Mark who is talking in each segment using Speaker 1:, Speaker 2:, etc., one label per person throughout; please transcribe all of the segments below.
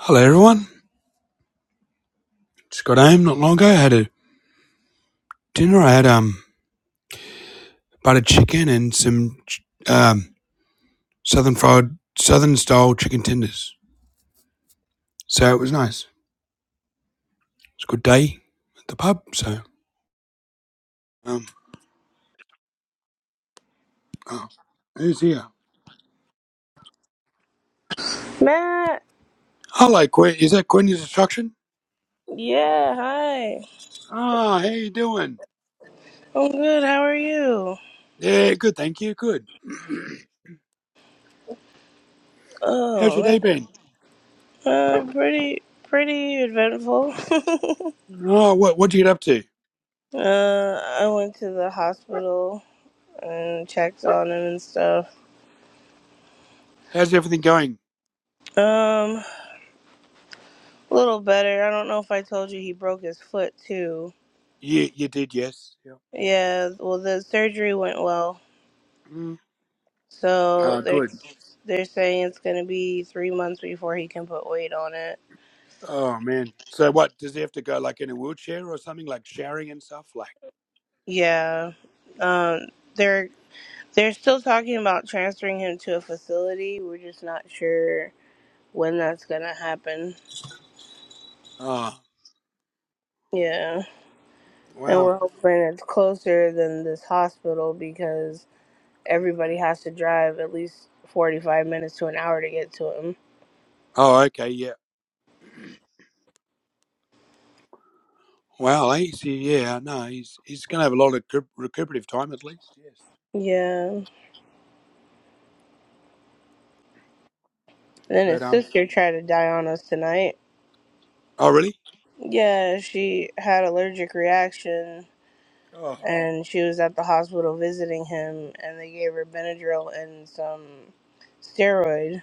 Speaker 1: Hello everyone. Just got home not long ago. I had a dinner. I had um buttered chicken and some um southern fried southern style chicken tenders. So it was nice. It's a good day at the pub. So um oh, who's here?
Speaker 2: Matt,
Speaker 1: Hello, Quinn. Is that Quinny's instruction?
Speaker 2: yeah, hi.
Speaker 1: Ah, how you doing?
Speaker 2: I'm good. How are you?
Speaker 1: Yeah, good. Thank you. Good. How's
Speaker 2: Oh
Speaker 1: your day
Speaker 2: man,
Speaker 1: been?
Speaker 2: uh, pretty, pretty eventful.
Speaker 1: Oh, what what did you get up to?
Speaker 2: uh, I went to the hospital and checked on him and stuff.
Speaker 1: How's everything going?
Speaker 2: Um, a little better. I don't know if I told you he broke his foot too.
Speaker 1: You you did yes. Yeah.
Speaker 2: Yeah, well, the surgery went well,
Speaker 1: Mm.
Speaker 2: so
Speaker 1: Ah,
Speaker 2: they're
Speaker 1: good.
Speaker 2: they're saying it's gonna be three months before he can put weight on it.
Speaker 1: Oh man. So what does he have to go like in a wheelchair or something like showering and stuff? Like
Speaker 2: Yeah, um, they're They're still talking about transferring him to a facility. We're just not sure when that's gonna happen.
Speaker 1: oh
Speaker 2: Yeah. And
Speaker 1: wow.
Speaker 2: we're hoping it's closer than this hospital because everybody has to drive at least 45 minutes to an hour to get to him.
Speaker 1: Oh okay yeah. Wow. He's yeah. No, he's he's gonna have a lot of recu- recuperative time at least. Yes.
Speaker 2: Yeah. And then
Speaker 1: But
Speaker 2: his
Speaker 1: um.
Speaker 2: sister tried to die on us tonight.
Speaker 1: Oh really?
Speaker 2: Yeah, she had allergic reaction
Speaker 1: Oh
Speaker 2: and she was at the hospital visiting him and they gave her Benadryl and some steroids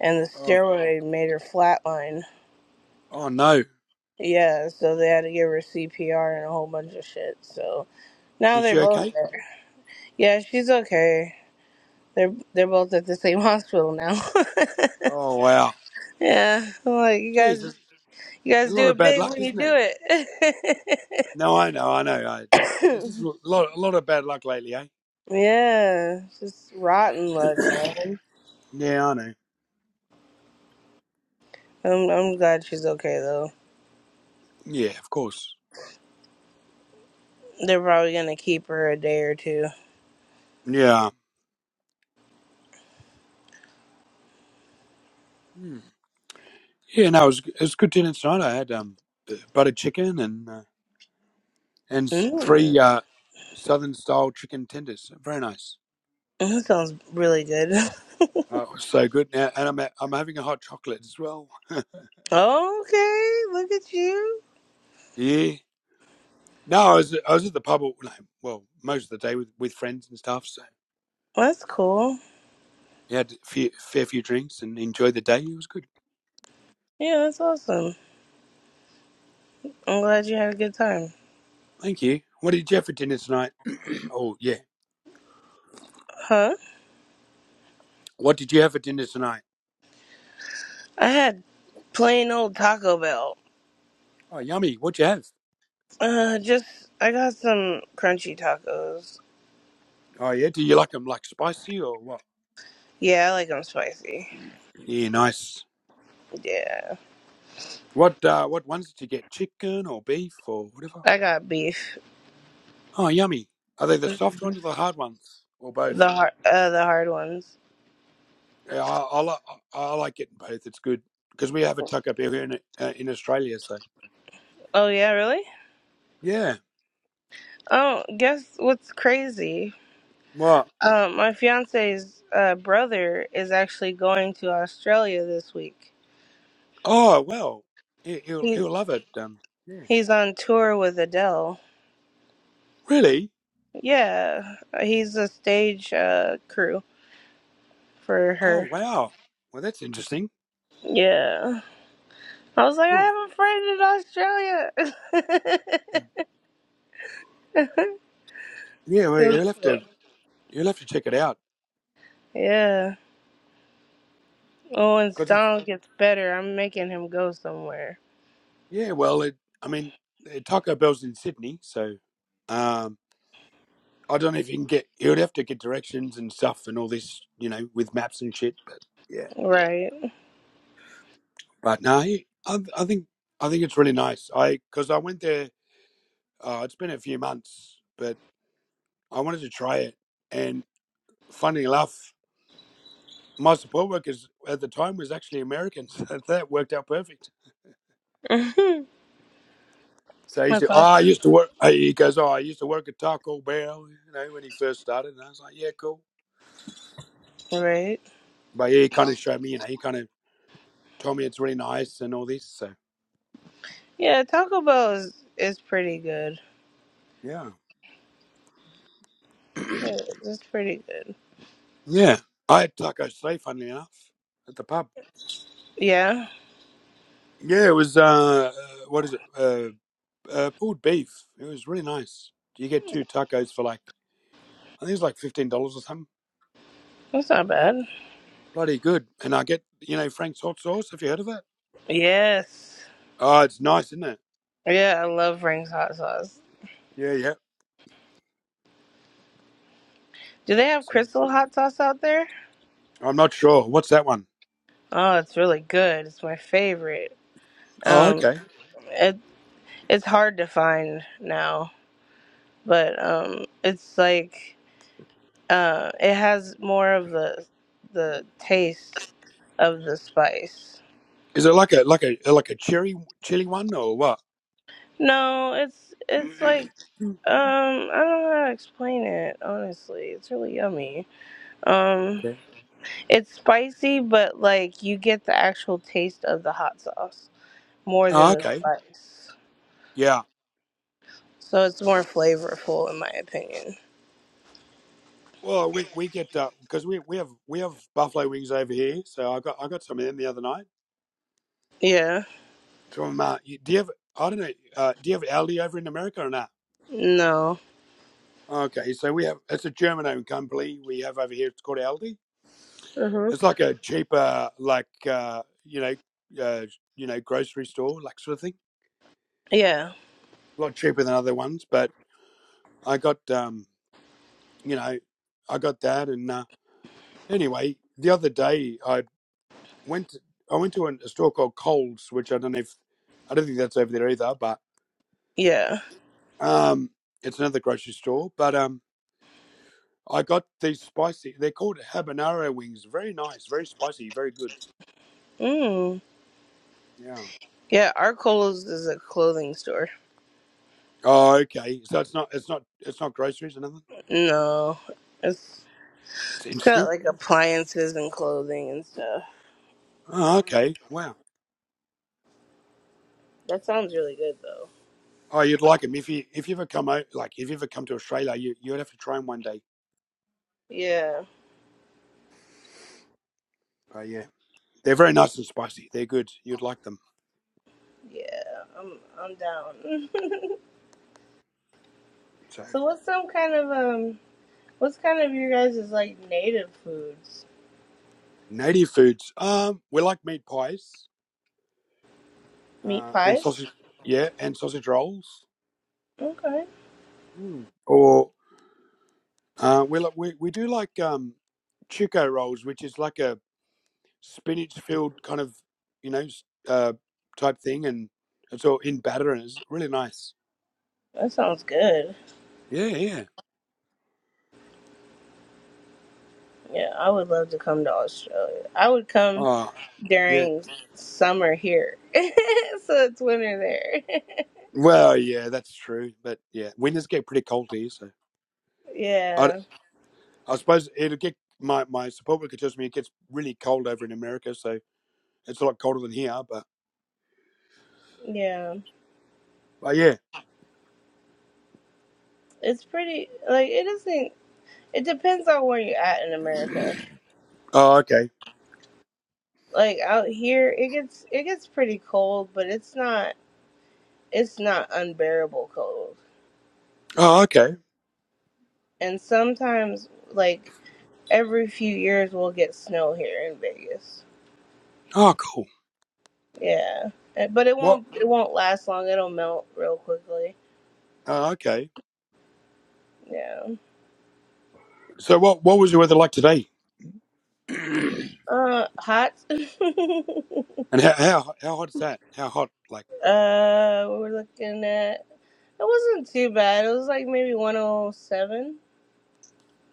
Speaker 2: and the
Speaker 1: oh
Speaker 2: steroid made her flatline.
Speaker 1: oh no.
Speaker 2: Yeah, so they had to give her CPR and a whole bunch of shit. So now
Speaker 1: Is
Speaker 2: they're
Speaker 1: she
Speaker 2: both
Speaker 1: okay?
Speaker 2: there. Yeah, she's okay. They're they're both at the same hospital now.
Speaker 1: Oh wow.
Speaker 2: yeah, I'm like you
Speaker 1: Jeez,
Speaker 2: guys,
Speaker 1: there's
Speaker 2: you
Speaker 1: a
Speaker 2: guys
Speaker 1: lot
Speaker 2: do
Speaker 1: of
Speaker 2: it
Speaker 1: bad
Speaker 2: big
Speaker 1: luck,
Speaker 2: when you
Speaker 1: isn't
Speaker 2: do
Speaker 1: there?
Speaker 2: it.
Speaker 1: No, I know, I know. I, it's just a lot a lot of bad luck lately, eh?
Speaker 2: yeah, just rotten luck, man.
Speaker 1: Yeah, I know.
Speaker 2: I'm I'm glad she's okay though.
Speaker 1: Yeah, of course.
Speaker 2: They're probably gonna keep her a day or two.
Speaker 1: Yeah. Hmm. Yeah, no, it was, it was a good dinner tonight. I had um, buttered chicken and uh, and s-
Speaker 2: Mm,
Speaker 1: three uh, southern style chicken tenders. Very nice.
Speaker 2: that sounds really good.
Speaker 1: Oh, it was so good. Now, and I'm I'm having a hot chocolate as well.
Speaker 2: Okay, look at you.
Speaker 1: Yeah. No, I was I was at the pub. All, no, well, most of the day with, with friends and stuff. So
Speaker 2: Well, that's cool.
Speaker 1: we had a few, fair few drinks and enjoyed the day. It was good.
Speaker 2: Yeah, that's awesome. I'm glad you had a good time.
Speaker 1: Thank you. What did you have for dinner tonight? oh yeah.
Speaker 2: Huh?
Speaker 1: What did you have for dinner tonight?
Speaker 2: I had plain old Taco Bell.
Speaker 1: Oh, yummy. What'd you have?
Speaker 2: Uh, just I got some crunchy tacos.
Speaker 1: Oh yeah. Do you like them like spicy or what?
Speaker 2: Yeah, I like them spicy.
Speaker 1: Yeah, nice.
Speaker 2: Yeah,
Speaker 1: What uh, what ones did you get? Chicken or beef or whatever?
Speaker 2: I got beef.
Speaker 1: Oh, yummy. Are they the soft ones or the hard ones or
Speaker 2: The
Speaker 1: both?
Speaker 2: hard, uh, the hard ones.
Speaker 1: Yeah, I, I, li- I, I like getting both. It's good because we have a tuck up here in uh, in Australia. So
Speaker 2: Oh yeah, really?
Speaker 1: yeah.
Speaker 2: Oh, guess what's crazy?
Speaker 1: What?
Speaker 2: Um, my fiance's uh, brother is actually going to Australia this week.
Speaker 1: Oh well, he, he'll
Speaker 2: He
Speaker 1: he'll love it. Um, yeah.
Speaker 2: he's on tour with Adele.
Speaker 1: Really?
Speaker 2: Yeah, he's a stage uh, crew. for
Speaker 1: Oh
Speaker 2: her.
Speaker 1: wow. Well, that's interesting.
Speaker 2: Yeah. I was like,
Speaker 1: Cool.
Speaker 2: I have a friend in Australia.
Speaker 1: Yeah, well, you'll have to you'll have to check it out
Speaker 2: yeah. Oh, when
Speaker 1: because it's
Speaker 2: Donald gets better, I'm making him go somewhere.
Speaker 1: yeah. Well, it I mean, eh, Taco Bell's in Sydney, so um, I don't know if you can get. You'd have to get directions and stuff and all this, you know, with maps and shit. But yeah,
Speaker 2: Right.
Speaker 1: but no, I, I think I think it's really nice. I because I went there. Uh, it's been a few months, but I wanted to try it. And funny enough, my support workers at the time was actually American, so that worked out perfect.
Speaker 2: That's
Speaker 1: So he said, "Oh,
Speaker 2: awesome,
Speaker 1: I used to work." uh, He goes, "Oh, I used to work at Taco Bell," you know, when he first started. And I was like, "Yeah, cool."
Speaker 2: right?
Speaker 1: But yeah, he kind of showed me, you know, he kind of told me it's really nice and all this. So
Speaker 2: Yeah, Taco Bell is, is pretty good.
Speaker 1: yeah.
Speaker 2: Yeah, it's pretty good.
Speaker 1: Yeah, I had taco today, funnily enough, at the pub.
Speaker 2: Yeah,
Speaker 1: Yeah, it was uh, uh, what is it? Uh, uh, pulled beef. It was really nice. You get two tacos for like I think it's like fifteen dollars or something.
Speaker 2: that's not bad.
Speaker 1: Bloody good. And I get you know Frank's hot sauce. Have you heard of it?
Speaker 2: Yes.
Speaker 1: Oh, it's nice, isn't it?
Speaker 2: Yeah, I love Frank's hot sauce.
Speaker 1: Yeah, yeah.
Speaker 2: Do they have
Speaker 1: So,
Speaker 2: crystal hot sauce out there?
Speaker 1: I'm not sure. What's that one?
Speaker 2: Oh, it's really good. It's my favorite.
Speaker 1: Oh,
Speaker 2: Um,
Speaker 1: okay.
Speaker 2: it, it's hard to find now, but um, it's like uh, it has more of the the taste of the spice.
Speaker 1: Is it like a like a like a cherry chili one or what?
Speaker 2: No, it's it's like um, I don't know how to explain it. Honestly, it's really yummy. Um,
Speaker 1: Okay.
Speaker 2: it's spicy, but like you get the actual taste of the hot sauce more than
Speaker 1: Oh,
Speaker 2: the
Speaker 1: okay.
Speaker 2: spice,
Speaker 1: Yeah,
Speaker 2: so it's more flavorful in my opinion.
Speaker 1: Well, we we get because we we have we have buffalo wings over here, so I got I got some of them the other night.
Speaker 2: Yeah.
Speaker 1: From uh, you- do you have I don't know uh, do you have Aldi over in America or not?
Speaker 2: No.
Speaker 1: Okay, so we have it's a German owned company we have over here. It's called Aldi.
Speaker 2: Mhm.
Speaker 1: It's like a cheaper like uh, you know uh, you know grocery store like sort of thing.
Speaker 2: Yeah.
Speaker 1: A lot cheaper than other ones, but I got um you know I got that and uh, anyway the other day I went to, I went to an, a store called Coles, which I don't know if I don't think that's over there either, but
Speaker 2: Yeah.
Speaker 1: um, it's another grocery store. But um, I got these spicy. They're called habanero wings. Very nice, very spicy, very good.
Speaker 2: Mm.
Speaker 1: Yeah.
Speaker 2: Yeah, Arcolo's is a clothing store.
Speaker 1: Oh, okay. So it's not it's not it's not groceries or nothing.
Speaker 2: No, it's
Speaker 1: Well, that's
Speaker 2: it's
Speaker 1: interesting.
Speaker 2: got like appliances and clothing and stuff.
Speaker 1: Oh, okay. Wow.
Speaker 2: That sounds really good though.
Speaker 1: Oh, you'd like them if you if you ever come out like if you ever come to Australia, you you'd have to try them one day.
Speaker 2: Yeah,
Speaker 1: Oh, yeah. They're very nice and spicy. They're good. You'd like them.
Speaker 2: yeah, I'm I'm down.
Speaker 1: So
Speaker 2: so what's some kind of um what's kind of your guys' like native foods?
Speaker 1: native foods. Um, we like meat pies.
Speaker 2: Meat
Speaker 1: uh, and
Speaker 2: pies?
Speaker 1: sausage. Yeah, and sausage rolls.
Speaker 2: Okay.
Speaker 1: Mm. Or uh, we like we we do like um, chico rolls, which is like a spinach filled kind of you know s- uh, type thing, and it's all in batter, and it's really nice.
Speaker 2: That sounds good.
Speaker 1: Yeah, yeah.
Speaker 2: Yeah, I would love to come to Australia. I would come
Speaker 1: Oh, yeah.
Speaker 2: during summer here. so it's winter there.
Speaker 1: Well, yeah, that's true. But yeah, winters get pretty cold here, so I,
Speaker 2: yeah.
Speaker 1: I suppose it'll get my my support worker tells me it gets really cold over in America, so it's a lot colder than here. But
Speaker 2: Yeah.
Speaker 1: but yeah.
Speaker 2: it's pretty like it isn't it depends on where you're at in america
Speaker 1: Oh, okay.
Speaker 2: like out here it gets it gets pretty cold but it's not it's not unbearable cold
Speaker 1: Oh, okay.
Speaker 2: and sometimes like every few years we'll get snow here in vegas
Speaker 1: Oh, cool.
Speaker 2: yeah Uh, but it
Speaker 1: What?
Speaker 2: won't it won't last long it'll melt real quickly
Speaker 1: Uh, okay.
Speaker 2: yeah
Speaker 1: So what? What was your weather like today? and
Speaker 2: uh hot uh
Speaker 1: how, how how hot is that? How hot? Like
Speaker 2: we we're looking at it wasn't too bad it was like maybe 107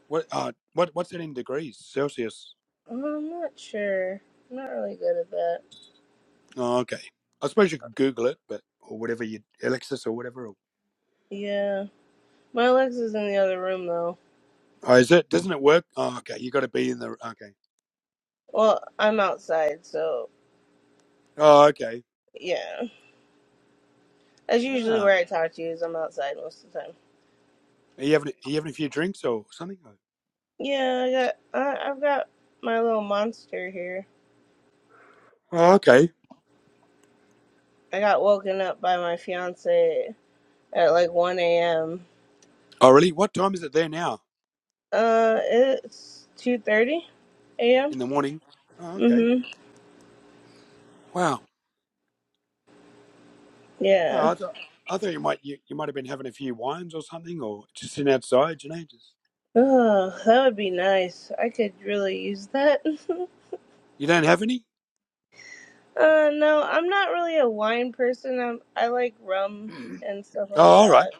Speaker 1: what? Uh, what? What's it in degrees Celsius?
Speaker 2: Oh, I'm not sure. I'm not really good at that.
Speaker 1: Oh, okay. I suppose you could Google it, but or whatever you Alexis or whatever. Or,
Speaker 2: Yeah. My Alexa's in the other room though.
Speaker 1: Oh, is it? Doesn't it work? Oh, okay. You got to be in the. Okay.
Speaker 2: Well, I'm outside, so
Speaker 1: Oh, okay.
Speaker 2: yeah. That's usually
Speaker 1: Ah,
Speaker 2: where I talk to you is I'm outside most of the time.
Speaker 1: are you having are you having a few drinks or something?
Speaker 2: Yeah, I got I, I've got my little monster here.
Speaker 1: Oh, okay.
Speaker 2: I got woken up by my fiance at like 1 a.m.
Speaker 1: Oh, really? What time is it there now?
Speaker 2: Uh, it's 2:30 a.m.
Speaker 1: In the morning. Oh, okay.
Speaker 2: Mhm.
Speaker 1: Wow.
Speaker 2: Yeah.
Speaker 1: Oh, I, th- I thought you might you, you might have been having a few wines or something, or just sitting outside, you know. Just
Speaker 2: Oh, that would be nice. I could really use that.
Speaker 1: you don't have any.
Speaker 2: Uh, no, I'm not really a wine person. I'm, I like rum
Speaker 1: Mm.
Speaker 2: and stuff
Speaker 1: Oh,
Speaker 2: like
Speaker 1: all right.
Speaker 2: that.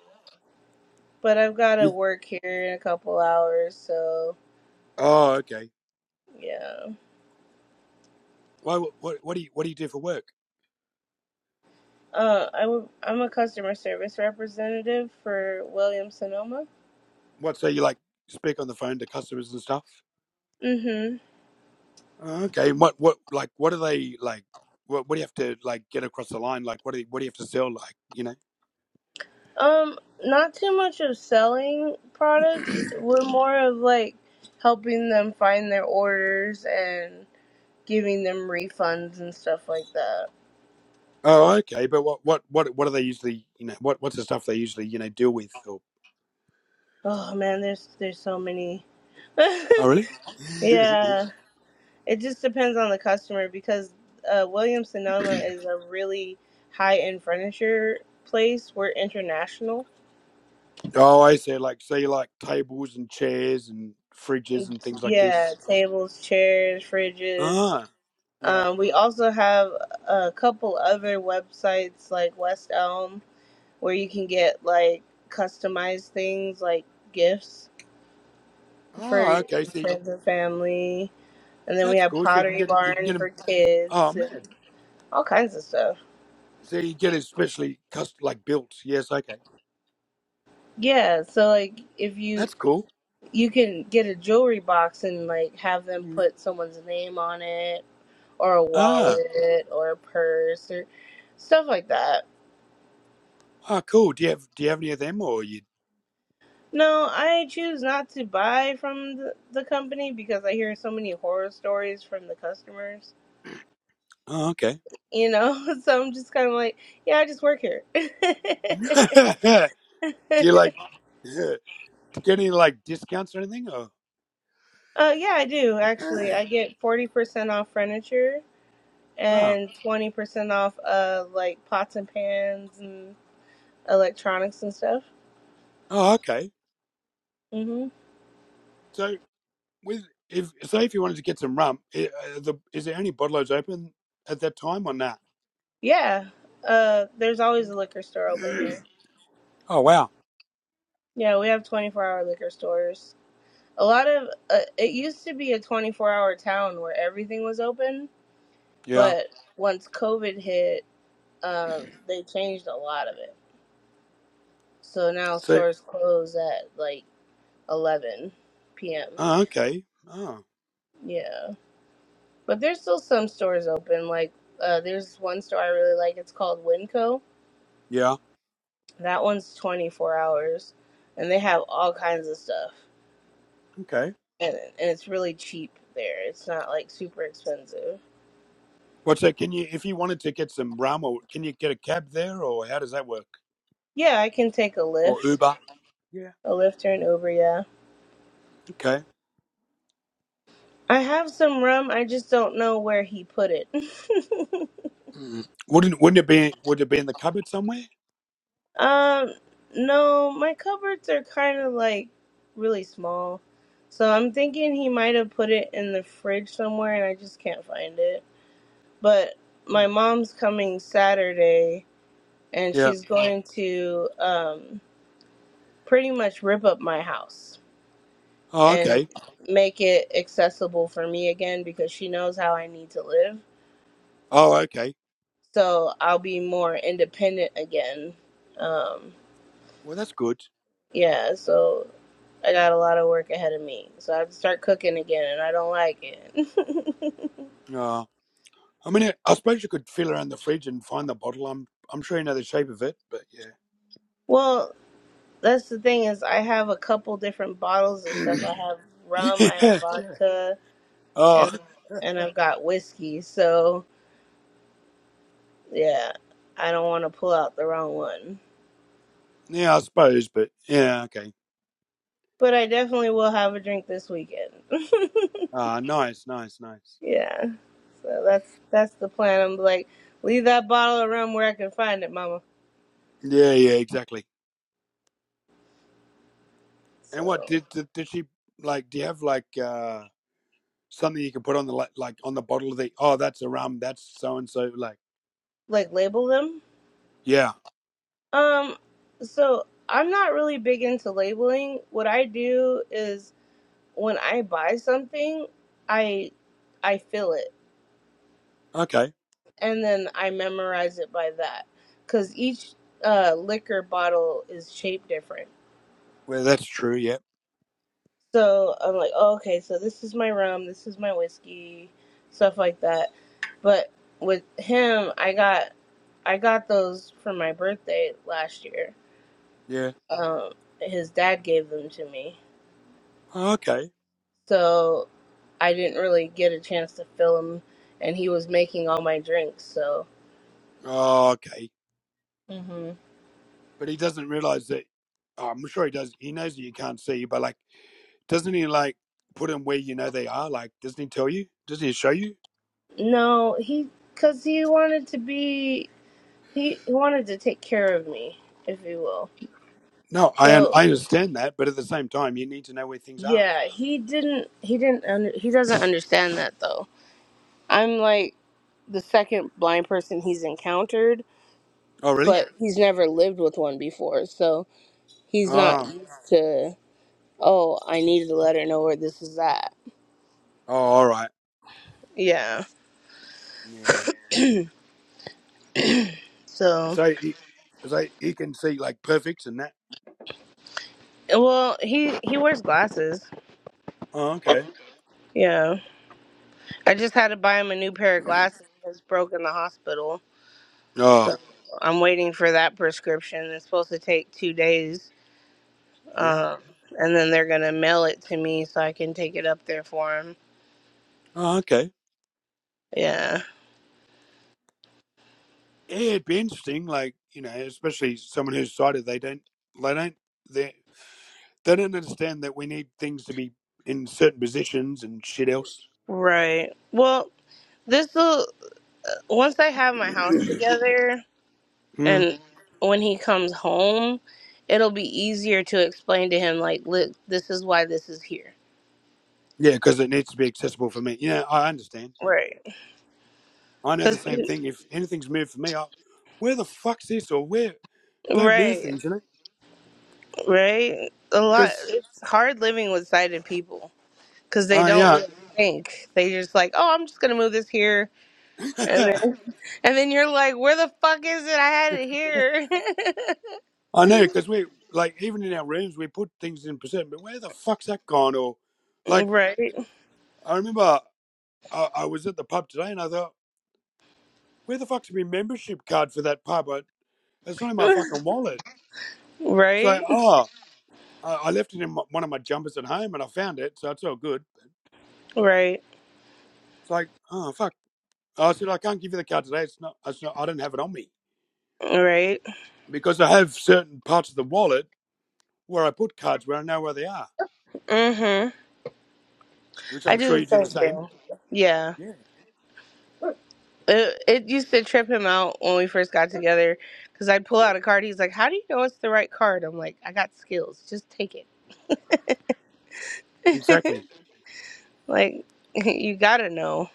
Speaker 2: But I've got to
Speaker 1: You-
Speaker 2: work here in a couple hours, so
Speaker 1: Oh, okay.
Speaker 2: yeah.
Speaker 1: Well, wh- what what do you what do you do for work?
Speaker 2: Uh, I w- I'm a customer service representative for Williams Sonoma.
Speaker 1: What so you like speak on the phone to customers and stuff?
Speaker 2: Mm-hmm.
Speaker 1: Oh, Okay. And What what like what are they like? What what do you have to like get across the line? Like what do you, what do you have to sell? Like you know.
Speaker 2: Um, not too much of selling products. We're more of like helping them find their orders and giving them refunds and stuff like that.
Speaker 1: Oh, okay. But what what what what are they usually? You know what what's the stuff they usually you know deal with? Or
Speaker 2: Oh man, there's there's so many.
Speaker 1: oh, really?
Speaker 2: yeah. It just depends on the customer because uh, Williams Sonoma is a really high end furniture place. We're international.
Speaker 1: Oh, I see. like say like tables and chairs and fridges and things like
Speaker 2: Yeah,
Speaker 1: this.
Speaker 2: tables, chairs, fridges.
Speaker 1: Ah, yeah.
Speaker 2: Um, we also have a couple other websites like West Elm where you can get like customized things like gifts for
Speaker 1: Ah, okay. See,
Speaker 2: friends and family. And then we
Speaker 1: that's
Speaker 2: have
Speaker 1: cool. So you can
Speaker 2: Pottery
Speaker 1: get you can get
Speaker 2: Barn
Speaker 1: them.
Speaker 2: for
Speaker 1: Oh
Speaker 2: kids and
Speaker 1: man.
Speaker 2: all kinds of stuff.
Speaker 1: So you get it specially custom like built. Yes. Okay.
Speaker 2: Yeah, so like if you
Speaker 1: That's cool.
Speaker 2: you can get a jewelry box and like have them
Speaker 1: Mm.
Speaker 2: put someone's name on it or a
Speaker 1: Ah.
Speaker 2: wallet or a purse or stuff like that.
Speaker 1: Ah, cool. Do you have Do you have any of them or you?
Speaker 2: No, I choose not to buy from the, the company because I hear so many horror stories from the customers.
Speaker 1: Oh, okay.
Speaker 2: You know, so I'm just kind of like, yeah, I just work here. uh,
Speaker 1: do
Speaker 2: yeah,
Speaker 1: you like do you get any like discounts or anything or?
Speaker 2: I do actually. I get forty percent off furniture
Speaker 1: Ah.
Speaker 2: and twenty percent off uh like pots and pans and electronics and stuff.
Speaker 1: Oh, okay.
Speaker 2: Mm-hmm.
Speaker 1: So. with if say if you wanted to get some rum, i- uh, the, is there any bottlers open at that time or not?
Speaker 2: Yeah. Uh, there's always a liquor store open
Speaker 1: Nah?
Speaker 2: here.
Speaker 1: Oh wow,
Speaker 2: Yeah, we have 24 hour liquor stores. A lot of uh, it used to be a 24 hour town where everything was open,
Speaker 1: yeah.
Speaker 2: but once COVID hit, um, they changed a lot of it. So now
Speaker 1: So
Speaker 2: stores close at like 11 p.m.
Speaker 1: oh, okay, oh
Speaker 2: Yeah, but there's still some stores open. Like uh, there's one store I really like. It's called Winco.
Speaker 1: yeah,
Speaker 2: That one's 24 hours, and they have all kinds of stuff.
Speaker 1: okay.
Speaker 2: and, and it's really cheap there. It's not like super expensive.
Speaker 1: What's that? Can you if you wanted to get some rum, or can you get a cab there, or how does that work?
Speaker 2: Yeah, I can take a
Speaker 1: Or
Speaker 2: lift,
Speaker 1: Uber? Yeah.
Speaker 2: a lift or an Uber. Yeah,
Speaker 1: Okay.
Speaker 2: I have some rum. I just don't know where he put it.
Speaker 1: Mm. Wouldn't wouldn't it be would it be in the cupboard somewhere?
Speaker 2: um, no, my cupboards are kind of like really small, so I'm thinking he might have put it in the fridge somewhere, and I just can't find it. But
Speaker 1: Mm.
Speaker 2: my mom's coming Saturday, and
Speaker 1: Yeah.
Speaker 2: she's going to um pretty much rip up my house.
Speaker 1: Oh
Speaker 2: and
Speaker 1: okay.
Speaker 2: make it accessible for me again because she knows how I need to live.
Speaker 1: Oh okay.
Speaker 2: So I'll be more independent again. Um,
Speaker 1: Well that's good.
Speaker 2: yeah, so I got a lot of work ahead of me. So I have to start cooking again and I don't like it.
Speaker 1: Uh, I mean, I suppose you could feel around the fridge and find the bottle. I'm I'm sure you know the shape of it, but yeah.
Speaker 2: well, that's the thing is I have a couple different bottles of stuff. I have rum, I have
Speaker 1: yeah.
Speaker 2: vodka,
Speaker 1: Oh,
Speaker 2: and and I've got whiskey. So, yeah, I don't want to pull out the wrong one.
Speaker 1: yeah, I suppose, but yeah, okay.
Speaker 2: but I definitely will have a drink this weekend.
Speaker 1: Ah, nice, nice, nice.
Speaker 2: yeah. So that's that's the plan. I'm like, leave that bottle of rum where I can find it, mama.
Speaker 1: Yeah, yeah, exactly. And what
Speaker 2: So
Speaker 1: did, did did she like? Do you have like uh something you can put on the like, like on the bottle of the? Oh, that's a rum. That's so and so. Like,
Speaker 2: like label them.
Speaker 1: yeah,
Speaker 2: Um so I'm not really big into labeling. What I do is when I buy something, I I fill it
Speaker 1: okay.
Speaker 2: and then I memorize it by that cuz each uh, liquor bottle is shaped different.
Speaker 1: Well, that's true. Yeah,
Speaker 2: So I'm like, oh, okay, so this is my rum, this is my whiskey, stuff like that. But with him, I got I got those for my birthday last year.
Speaker 1: Yeah.
Speaker 2: Um, his dad gave them to me,
Speaker 1: Oh, Okay.
Speaker 2: so I didn't really get a chance to fill him, and he was making all my drinks. So
Speaker 1: Oh, okay.
Speaker 2: hmm
Speaker 1: But he doesn't realize that. oh, I'm sure he does. He knows that you can't see, but like, doesn't he like put them where you know they are? Like, doesn't he tell you? Doesn't he show you?
Speaker 2: no, he because he wanted to be he, he wanted to take care of me, if you will.
Speaker 1: No, I un-
Speaker 2: So
Speaker 1: I understand that, but at the same time, you need to know where things are.
Speaker 2: Yeah, he didn't. He didn't. Under, he doesn't understand that though. I'm like the second blind person he's encountered,
Speaker 1: Oh, really?
Speaker 2: but he's never lived with one before, so he's not
Speaker 1: Oh,
Speaker 2: used to. Oh, I needed to let her know where this is at.
Speaker 1: oh, all right.
Speaker 2: Yeah.
Speaker 1: Yeah.
Speaker 2: So,
Speaker 1: So, you, so you can see like perfects and that.
Speaker 2: well, he he wears glasses.
Speaker 1: Oh, okay.
Speaker 2: Yeah. I just had to buy him a new pair of glasses. It's broke in the hospital,
Speaker 1: Oh,
Speaker 2: so I'm waiting for that prescription. It's supposed to take two days
Speaker 1: yeah.
Speaker 2: Um, and then they're gonna mail it to me so I can take it up there for him.
Speaker 1: Oh, okay.
Speaker 2: Yeah,
Speaker 1: Yeah, it'd be interesting. Like you know, especially someone who's sighted, they don't, they don't, they they don't understand that we need things to be in certain positions and shit else.
Speaker 2: right. Well, this will once I have my house
Speaker 1: mm.
Speaker 2: together and when he comes home, it'll be easier to explain to him like, look, this is why this is here.
Speaker 1: Yeah, because it needs to be accessible for me. Yeah, I understand. Yeah.
Speaker 2: Right.
Speaker 1: I know
Speaker 2: Cause
Speaker 1: the same
Speaker 2: he,
Speaker 1: thing. If anything's moved for me, I, where the fuck's this or where? Don't move
Speaker 2: right,
Speaker 1: things, you know?
Speaker 2: right. A lot.
Speaker 1: Because,
Speaker 2: It's hard living with sighted people because they
Speaker 1: I,
Speaker 2: don't
Speaker 1: uh,
Speaker 2: really think. They just like, oh, I'm just gonna move this here And
Speaker 1: yeah,
Speaker 2: then, and then you're like, where the fuck is it? I had it here.
Speaker 1: I know, because we, like, even in our rooms, we put things in percent, but where the fuck's that gone? Or, like,
Speaker 2: right.
Speaker 1: I remember I, I was at the pub today and I thought, where the fuck's my membership card for that pub? I, it's not in my fucking wallet. So,
Speaker 2: Right.
Speaker 1: oh, I, I left it in my, one of my jumpers at home and I found it, so it's all good.
Speaker 2: Right.
Speaker 1: It's like, oh, fuck. I said, I can't give you the card today. It's not, it's not I don't have it on me.
Speaker 2: Right.
Speaker 1: because I have certain parts of the wallet where I put cards where I know where they are,
Speaker 2: hmm
Speaker 1: which
Speaker 2: I
Speaker 1: I'm
Speaker 2: do
Speaker 1: sure
Speaker 2: the
Speaker 1: you do
Speaker 2: same
Speaker 1: the same.
Speaker 2: thing. Yeah.
Speaker 1: Yeah,
Speaker 2: It, it used to trip him out when we first got together because I'd pull out a card. He's like, how do you know it's the right card? I'm like, I got skills. Just take it.
Speaker 1: exactly.
Speaker 2: Like, you gotta know.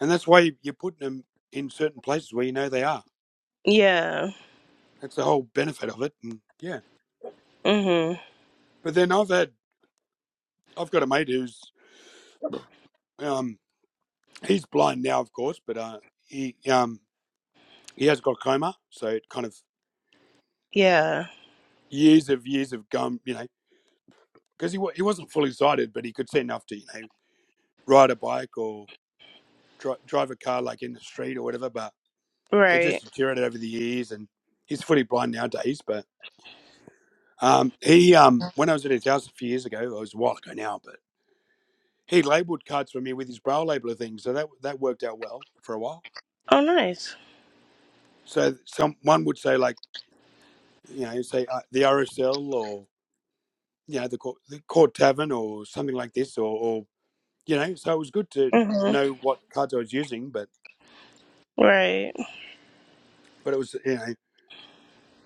Speaker 1: And that's why you- you're putting them in certain places where you know they are.
Speaker 2: Yeah.
Speaker 1: That's the whole benefit of it. And yeah,
Speaker 2: hmm
Speaker 1: but then I've had I've got a mate who's um he's blind now, of course, but uh he um he has got coma, so it kind of
Speaker 2: Yeah.
Speaker 1: years of years of gum, you know, because he he wasn't fully sighted, but he could see enough to you know ride a bike or dri- drive a car like in the street or whatever, but it just
Speaker 2: Right.
Speaker 1: deteriorated over the years, and he's fully blind nowadays. But um, he, um, when I was at his house a few years ago, it was a while ago now, but he labelled cards for me with his braille labeler thing, so that that worked out well for a while.
Speaker 2: Oh, nice.
Speaker 1: So some one would say like you know say uh, the RSL or you know the court, the court tavern or something like this, or, or you know, so it was good to
Speaker 2: hmm
Speaker 1: know what cards I was using, but
Speaker 2: Right.
Speaker 1: but it was you know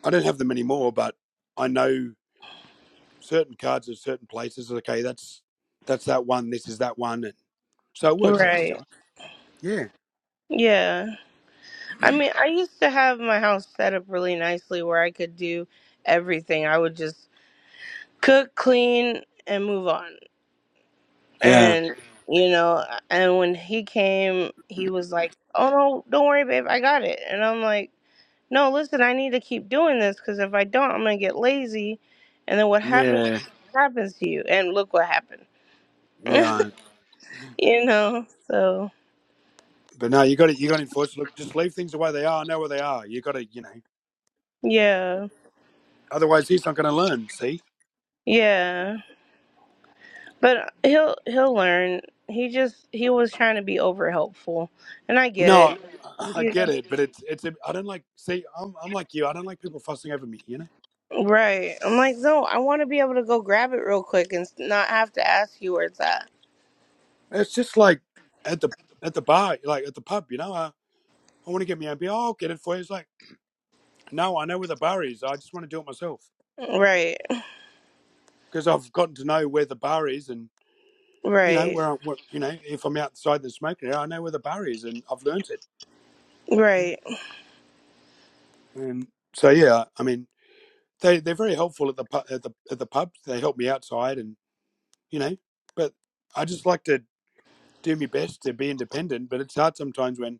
Speaker 1: I don't have them anymore, but I know. certain cards at certain places. Okay, that's that's that one. This is that one, and so it works out
Speaker 2: Right.
Speaker 1: still. Yeah,
Speaker 2: Yeah. I mean, I used to have my house set up really nicely where I could do everything. I would just cook, clean, and move on.
Speaker 1: yeah,
Speaker 2: And, you know, and when he came, he was like, oh, no, don't worry, babe, I got it. And I'm like, no, listen, I need to keep doing this because if I don't, I'm going to get lazy. And then what happens
Speaker 1: yeah,
Speaker 2: happens to you. And look what happened,
Speaker 1: yeah. I-
Speaker 2: you know? So,
Speaker 1: But no, you got to You got to enforce. Look, just leave things the way they are. I know where they are. You got to, you know.
Speaker 2: yeah.
Speaker 1: Otherwise, he's not going to learn. See?
Speaker 2: Yeah. But he'll he'll learn. He just he was trying to be over helpful, and I get
Speaker 1: No,
Speaker 2: it.
Speaker 1: I I
Speaker 2: You
Speaker 1: get it, but it's it's. a- I don't like. See, I'm I'm like you. I don't like people fussing over me. You know,
Speaker 2: know, right? I'm like, no, I want to be able to go grab it real quick and not have to ask you where it's at.
Speaker 1: it's just like at the at the bar, like at the pub. You know, I I want to get me own beer. "Oh, I'll get it for you. It's like, no, I know where the bar is. I just want to do it myself.
Speaker 2: Right?
Speaker 1: because I've gotten to know where the bar is, and you know
Speaker 2: Right?
Speaker 1: where, I, where you know if I'm outside the smoking area, I know where the bar is, and I've learnt it.
Speaker 2: Right?
Speaker 1: And so yeah, I mean they they're very helpful at the at the at the pubs. They help me outside, and you know, but I just like to do my best to be independent. But it's hard sometimes when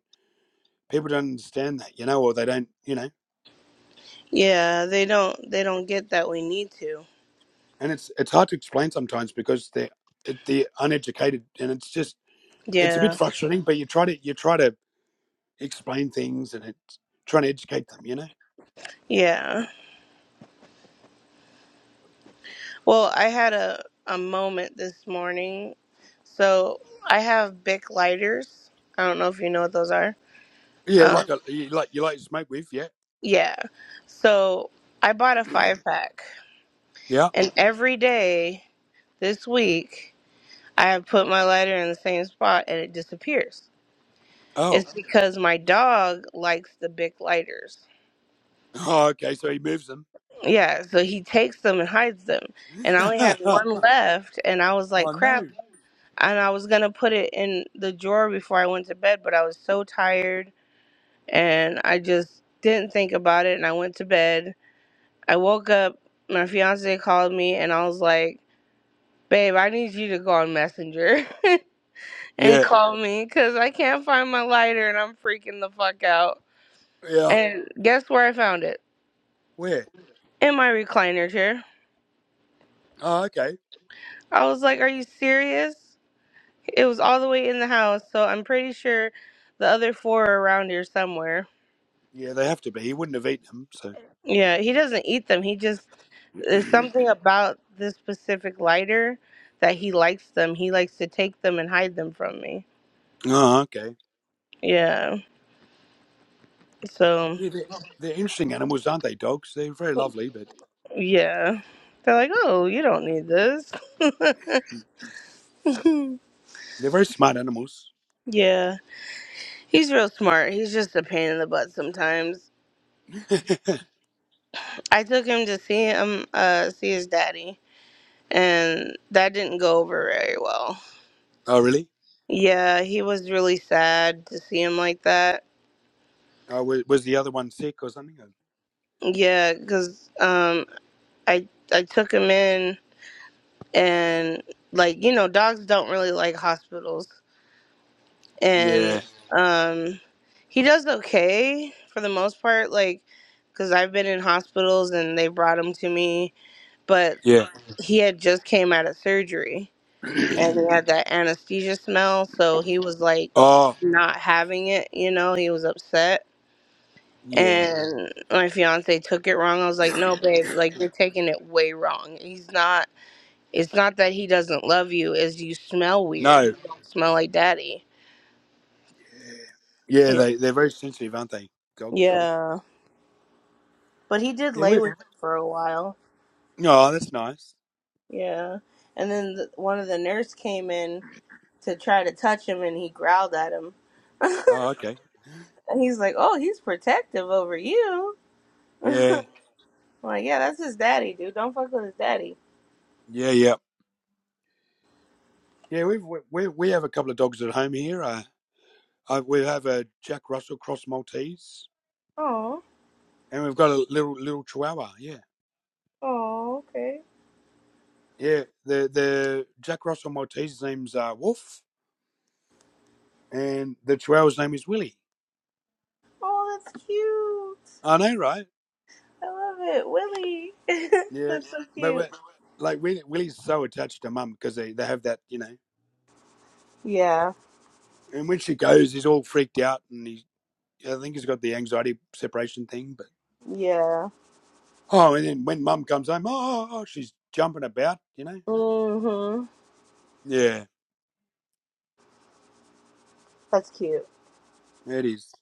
Speaker 1: people don't understand that, you know, or they don't, you know,
Speaker 2: Yeah, they don't they don't get that we need to.
Speaker 1: and it's it's hard to explain sometimes because they're they're uneducated, and it's just it's a bit
Speaker 2: Yeah,
Speaker 1: frustrating. But you try to you try to explain things, and it's trying to educate them, you know.
Speaker 2: yeah. Well, I had a a moment this morning, so I have Bic lighters. I don't know if you know what those are.
Speaker 1: Yeah,
Speaker 2: Um,
Speaker 1: like a you like you like to smoke with, yeah.
Speaker 2: yeah. So I bought a five pack.
Speaker 1: Yeah.
Speaker 2: And every day this week, I have put my lighter in the same spot and it disappears.
Speaker 1: Oh.
Speaker 2: It's because my dog likes the big lighters.
Speaker 1: Oh, okay, so he moves them.
Speaker 2: Yeah, so he takes them and hides them. And I only had
Speaker 1: oh
Speaker 2: one left, and I was like, crap.
Speaker 1: no.
Speaker 2: And I was going to put it in the drawer before I went to bed, but I was so tired and I just didn't think about it. And I went to bed. I woke up, my fiance called me, and I was like, babe, I need you to go on Messenger. and
Speaker 1: Yeah.
Speaker 2: call me because I can't find my lighter and I'm freaking the fuck out.
Speaker 1: Yeah.
Speaker 2: And guess where I found it?
Speaker 1: Where?
Speaker 2: In my recliner chair.
Speaker 1: Oh, okay.
Speaker 2: I was like, Are you serious? It was all the way in the house, so I'm pretty sure the other four are around here somewhere.
Speaker 1: Yeah, they have to be. He wouldn't have eaten them, so
Speaker 2: Yeah, he doesn't eat them. He just, there's something about this specific lighter that he likes them. He likes to take them and hide them from me.
Speaker 1: Oh, okay.
Speaker 2: Yeah, so,
Speaker 1: Yeah, they're, they're interesting animals, aren't they, dogs? They're very lovely, but
Speaker 2: yeah. They're like, Oh, you don't need this.
Speaker 1: mm, they're very smart animals.
Speaker 2: yeah. He's real smart. He's just a pain in the butt sometimes.
Speaker 1: oh
Speaker 2: I took him to see him uh see his daddy and that didn't go over very well.
Speaker 1: really?
Speaker 2: Yeah, he was really sad to see him like that.
Speaker 1: Oh was, was the other one sick or something?
Speaker 2: Yeah, cuz um I I took him in and like you know, dogs don't really like hospitals and
Speaker 1: Yeah.
Speaker 2: um he does okay for the most part like cuz I've been in hospitals and they brought him to me but.
Speaker 1: Yeah.
Speaker 2: he had just came out of surgery and he had that anesthesia smell so he was like
Speaker 1: Oh,
Speaker 2: not having it you know he was upset
Speaker 1: yeah.
Speaker 2: and my fiance took it wrong i was like no babe like you're taking it way wrong he's not it's not that he doesn't love you is you smell weird
Speaker 1: No.
Speaker 2: you don't smell like daddy
Speaker 1: Yeah,
Speaker 2: yeah
Speaker 1: they they're very sensitive, aren't they? Dogs.
Speaker 2: yeah but he did
Speaker 1: Yeah,
Speaker 2: lay
Speaker 1: we,
Speaker 2: with me for a while
Speaker 1: Oh, that's nice.
Speaker 2: yeah and then the, one of the nurse came in to try to touch him and he growled at him
Speaker 1: Oh, okay.
Speaker 2: And he's like, oh, he's protective over you.
Speaker 1: Yeah,
Speaker 2: I'm like, yeah, that's his daddy, dude. Don't fuck with his daddy.
Speaker 1: yeah, yeah, yeah. We've we we we have a couple of dogs at home here. Uh, I, we have a Jack Russell Cross Maltese,
Speaker 2: Oh,
Speaker 1: and we've got a little little Chihuahua. Yeah,
Speaker 2: oh, okay.
Speaker 1: yeah. The the Jack Russell Maltese's name's uh, Wolf, and the Chihuahua's name is Willie.
Speaker 2: Oh, that's cute.
Speaker 1: I know, right?
Speaker 2: I love it, Willie.
Speaker 1: Yeah,
Speaker 2: that's so
Speaker 1: but
Speaker 2: cute.
Speaker 1: we're, like Willie, Willie's so attached to Mum because they they have that, you know.
Speaker 2: Yeah,
Speaker 1: And when she goes, he's all freaked out, and he I think he's got the anxiety separation thing, but.
Speaker 2: yeah.
Speaker 1: Oh, and then when mum comes home, oh, oh, oh, she's jumping about, you know?
Speaker 2: Mhm.
Speaker 1: Yeah,
Speaker 2: That's cute.
Speaker 1: it is.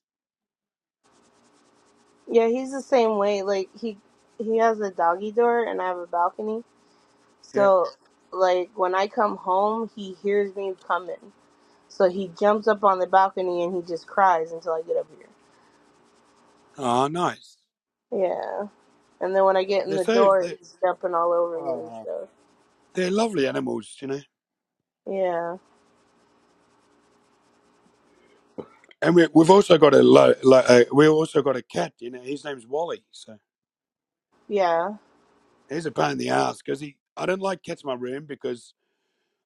Speaker 2: Yeah, he's the same way. Like he he has a doggy door, and I have a balcony.
Speaker 1: Yeah.
Speaker 2: So, like when I come home, he hears me coming. So he jumps up on the balcony and he just cries until I get up
Speaker 1: Oh, nice.
Speaker 2: here. Yeah. And then when I get in
Speaker 1: They're
Speaker 2: the
Speaker 1: so,
Speaker 2: door,
Speaker 1: they're,
Speaker 2: he's jumping all over me and
Speaker 1: oh,
Speaker 2: stuff.
Speaker 1: they're lovely animals, you know?
Speaker 2: Yeah,
Speaker 1: And we, we've also got a lo, lo, uh, we also got a cat, you know, his name's Wally. So
Speaker 2: yeah,
Speaker 1: he's a pain in the ass because he, I don't like cats in my room because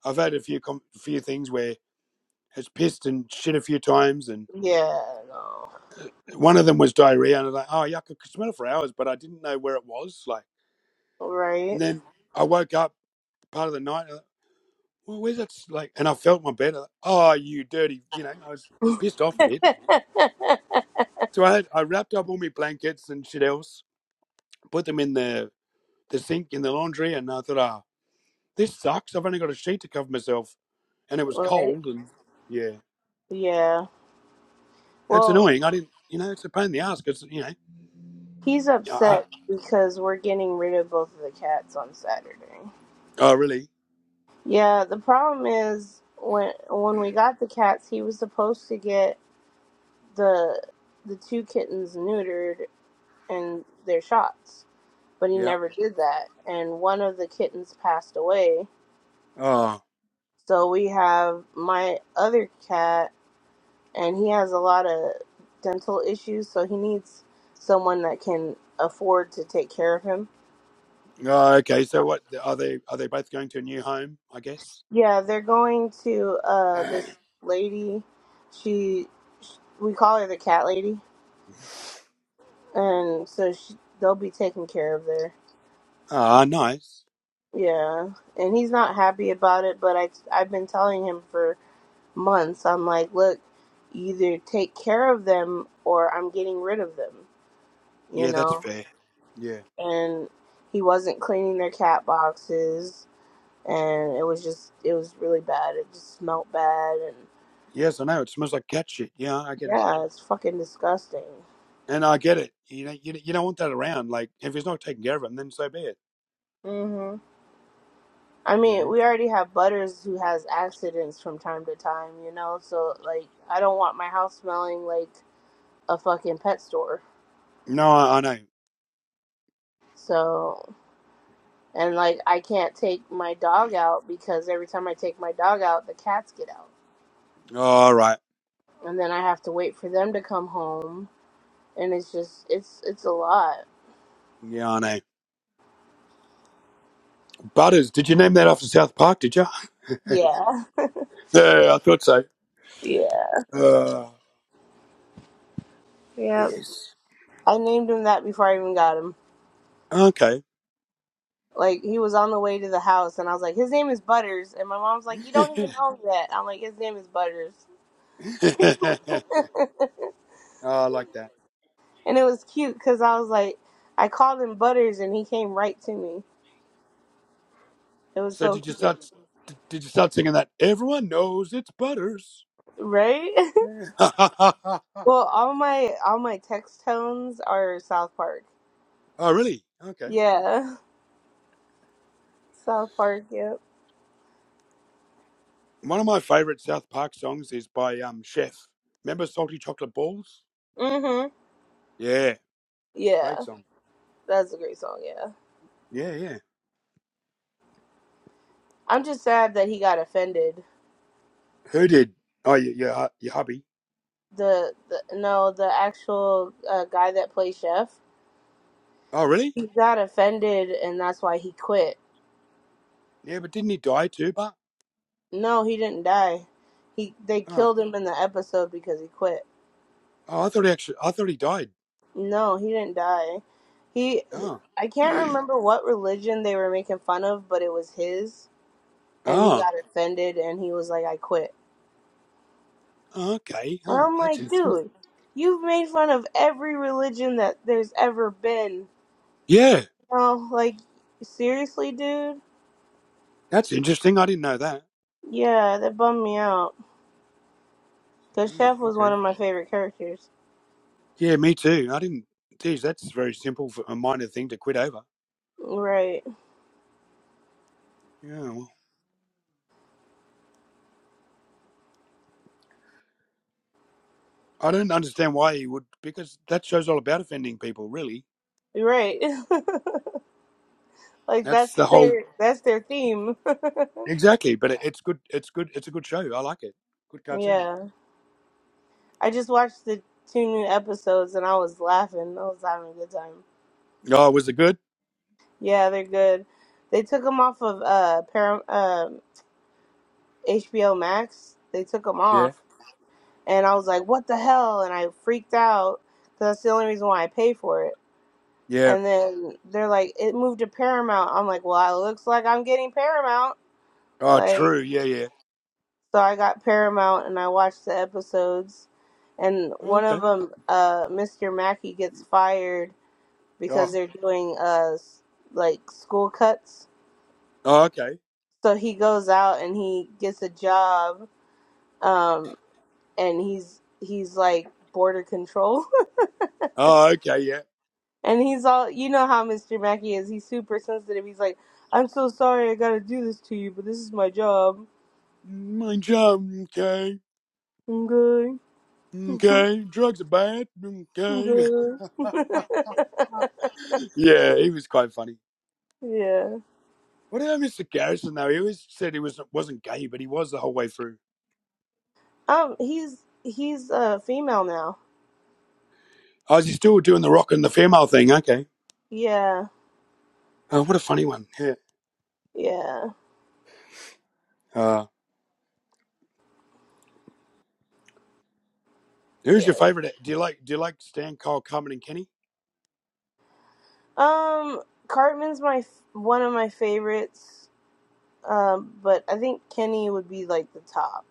Speaker 1: I've had a few, com, few things where it's pissed and shit a few times. And
Speaker 2: yeah, no.
Speaker 1: one of them was diarrhea. And I was like, oh, yuck, I could smell it for hours, but I didn't know where it was. Like,
Speaker 2: Right?
Speaker 1: and then I woke up part of the night. well, where's that? Like, and I felt my bed. uh, Oh, you dirty! You know, I was pissed off a bit. So I had, I wrapped up all my blankets and shit else, put them in the the sink in the laundry, and I thought, ah, oh, this sucks. I've only got a sheet to cover myself, and it was
Speaker 2: right?
Speaker 1: cold, and yeah,
Speaker 2: Yeah.
Speaker 1: it's
Speaker 2: Well,
Speaker 1: annoying. I didn't, you know, it's a pain in the ass because you know,
Speaker 2: he's
Speaker 1: I,
Speaker 2: upset because we're getting rid of both of the cats on Saturday.
Speaker 1: oh really?
Speaker 2: Yeah, the problem is when when we got the cats, he was supposed to get the the two kittens neutered and their shots, but he
Speaker 1: Yeah.
Speaker 2: never did that. And one of the kittens passed away,
Speaker 1: Oh,
Speaker 2: So we have my other cat, and he has a lot of dental issues, so he needs someone that can afford to take care of him.
Speaker 1: oh, okay. So what are they? Are they both going to a new home? I guess.
Speaker 2: Yeah, they're going to uh this lady. She, sh we call her the cat lady, and so she, they'll be taken care of there.
Speaker 1: Ah, nice.
Speaker 2: Yeah, and he's not happy about it, but I I've been telling him for months. I'm like, look, either take care of them or I'm getting rid of them, you
Speaker 1: Yeah,
Speaker 2: know.
Speaker 1: that's fair. Yeah.
Speaker 2: and he wasn't cleaning their cat boxes and it was just it was really bad it just smelled bad and
Speaker 1: Yes, I know. It smells like cat shit. Yeah, I get it.
Speaker 2: yeah it's fucking disgusting
Speaker 1: And I get it. You know, you, you don't want that around. Like, if it's not taken care of him, then so be it.
Speaker 2: mhm i
Speaker 1: You
Speaker 2: mean
Speaker 1: know?
Speaker 2: we already have butters who has accidents from time to time you know so like i don't want my house smelling like a fucking pet store
Speaker 1: No, I, I know.
Speaker 2: so and like i can't take my dog out because every time i take my dog out the cats get out
Speaker 1: All right.
Speaker 2: and then i have to wait for them to come home and it's just it's it's a lot
Speaker 1: Yeah, I know. Butters. Did you name that after South Park? Did you?
Speaker 2: Yeah.
Speaker 1: Yeah, I thought so.
Speaker 2: Yeah.
Speaker 1: Uh,
Speaker 2: Yep.
Speaker 1: yes.
Speaker 2: I named him that before I even got him.
Speaker 1: Okay.
Speaker 2: Like he was on the way to the house and I was like, His name is Butters and my mom's like, You
Speaker 1: oh,
Speaker 2: don't even know that. I'm like, His name is Butters.
Speaker 1: I like that.
Speaker 2: And it was cute because I was like, I called him Butters and he came right to me. It was
Speaker 1: So,
Speaker 2: so
Speaker 1: did you
Speaker 2: cute.
Speaker 1: start? Did did you start singing that? Everyone knows it's Butters.
Speaker 2: Right?
Speaker 1: Yeah. oh,
Speaker 2: well, all my all my text tones are South Park.
Speaker 1: really? Okay.
Speaker 2: Yeah. South Park, yep.
Speaker 1: One of my favourite South Park songs is by um Chef. Remember Salty Chocolate Balls?
Speaker 2: hmm
Speaker 1: Yeah, great
Speaker 2: Yeah.
Speaker 1: song.
Speaker 2: That's a great song, yeah.
Speaker 1: Yeah, yeah.
Speaker 2: I'm just sad that he got offended
Speaker 1: Who did? Oh, your your, uh, your hubby.
Speaker 2: the, the no the actual uh, guy that plays chef
Speaker 1: Oh, really?
Speaker 2: he got offended and that's why he quit
Speaker 1: Yeah, but didn't he die too? But
Speaker 2: no he didn't die he they
Speaker 1: oh,
Speaker 2: killed him in the episode because he quit
Speaker 1: oh I thought he actually, I thought he died.
Speaker 2: no he didn't die he
Speaker 1: Oh,
Speaker 2: i can't
Speaker 1: oh,
Speaker 2: remember what religion they were making fun of but it was his and he
Speaker 1: oh,
Speaker 2: got offended and he was like i quit
Speaker 1: okay.
Speaker 2: and
Speaker 1: Oh,
Speaker 2: i'm
Speaker 1: that's
Speaker 2: like
Speaker 1: interesting.
Speaker 2: dude you've made fun of every religion that there's ever been
Speaker 1: Yeah,
Speaker 2: no like seriously dude
Speaker 1: that's interesting. I didn't know that.
Speaker 2: yeah that bummed me out The
Speaker 1: Oh,
Speaker 2: chef was one
Speaker 1: okay.
Speaker 2: of my favorite characters.
Speaker 1: Yeah, me too. I didn't. Geez, that's very simple for a minor thing to quit over.
Speaker 2: Right.
Speaker 1: Yeah. Well, I don't understand why he would, because that show's all about offending people, really
Speaker 2: Right. like
Speaker 1: That's
Speaker 2: that's
Speaker 1: the whole
Speaker 2: their that's their theme.
Speaker 1: exactly. But it, it's good. It's good. It's a good show. I like it. Good cartoon.
Speaker 2: yeah. I just watched the two new episodes and I was laughing. I was having a good time.
Speaker 1: Oh, was it good?
Speaker 2: Yeah, they're good. They took them off of uh Param- um HBO Max. They took them
Speaker 1: Yeah.
Speaker 2: off and I was like, "What the hell?" and I freaked out cuz that's the only reason why I pay for it.
Speaker 1: Yeah.
Speaker 2: And then they're like, "It moved to Paramount." I'm like, "Well, it looks like I'm getting Paramount."
Speaker 1: Oh,
Speaker 2: Like
Speaker 1: true. Yeah. Yeah.
Speaker 2: So I got Paramount and I watched the episodes. And
Speaker 1: Oh,
Speaker 2: one of
Speaker 1: okay.
Speaker 2: them, uh, Mr. Mackey gets fired because
Speaker 1: Oh.
Speaker 2: they're doing uh s- like school cuts.
Speaker 1: oh. Okay.
Speaker 2: So he goes out and he gets a job. Um, and he's he's like border control.
Speaker 1: Oh, okay. Yeah.
Speaker 2: and he's all you know how Mr. Mackey is. He's super sensitive. He's like, I'm so sorry I gotta do this to you, but this is my job.
Speaker 1: My job. Okay.
Speaker 2: I'm good.
Speaker 1: Okay. Drugs are bad.
Speaker 2: I'm
Speaker 1: Okay.
Speaker 2: good.
Speaker 1: yeah, he was quite funny.
Speaker 2: yeah.
Speaker 1: What about Mr. Garrison though? He always said he was wasn't gay, but he was the whole way through.
Speaker 2: Um, he's he's uh female now.
Speaker 1: Oh, is he still doing the rock and the female thing? Okay.
Speaker 2: Yeah,
Speaker 1: Oh, what a funny one. Yeah.
Speaker 2: yeah,
Speaker 1: Oh. Who's your
Speaker 2: yes.
Speaker 1: favorite? Do you like Do you like Stan Kyle, Carmen, and Kenny?
Speaker 2: Um, Cartman's my f- one of my favorites. Um, but I think Kenny would be like the top.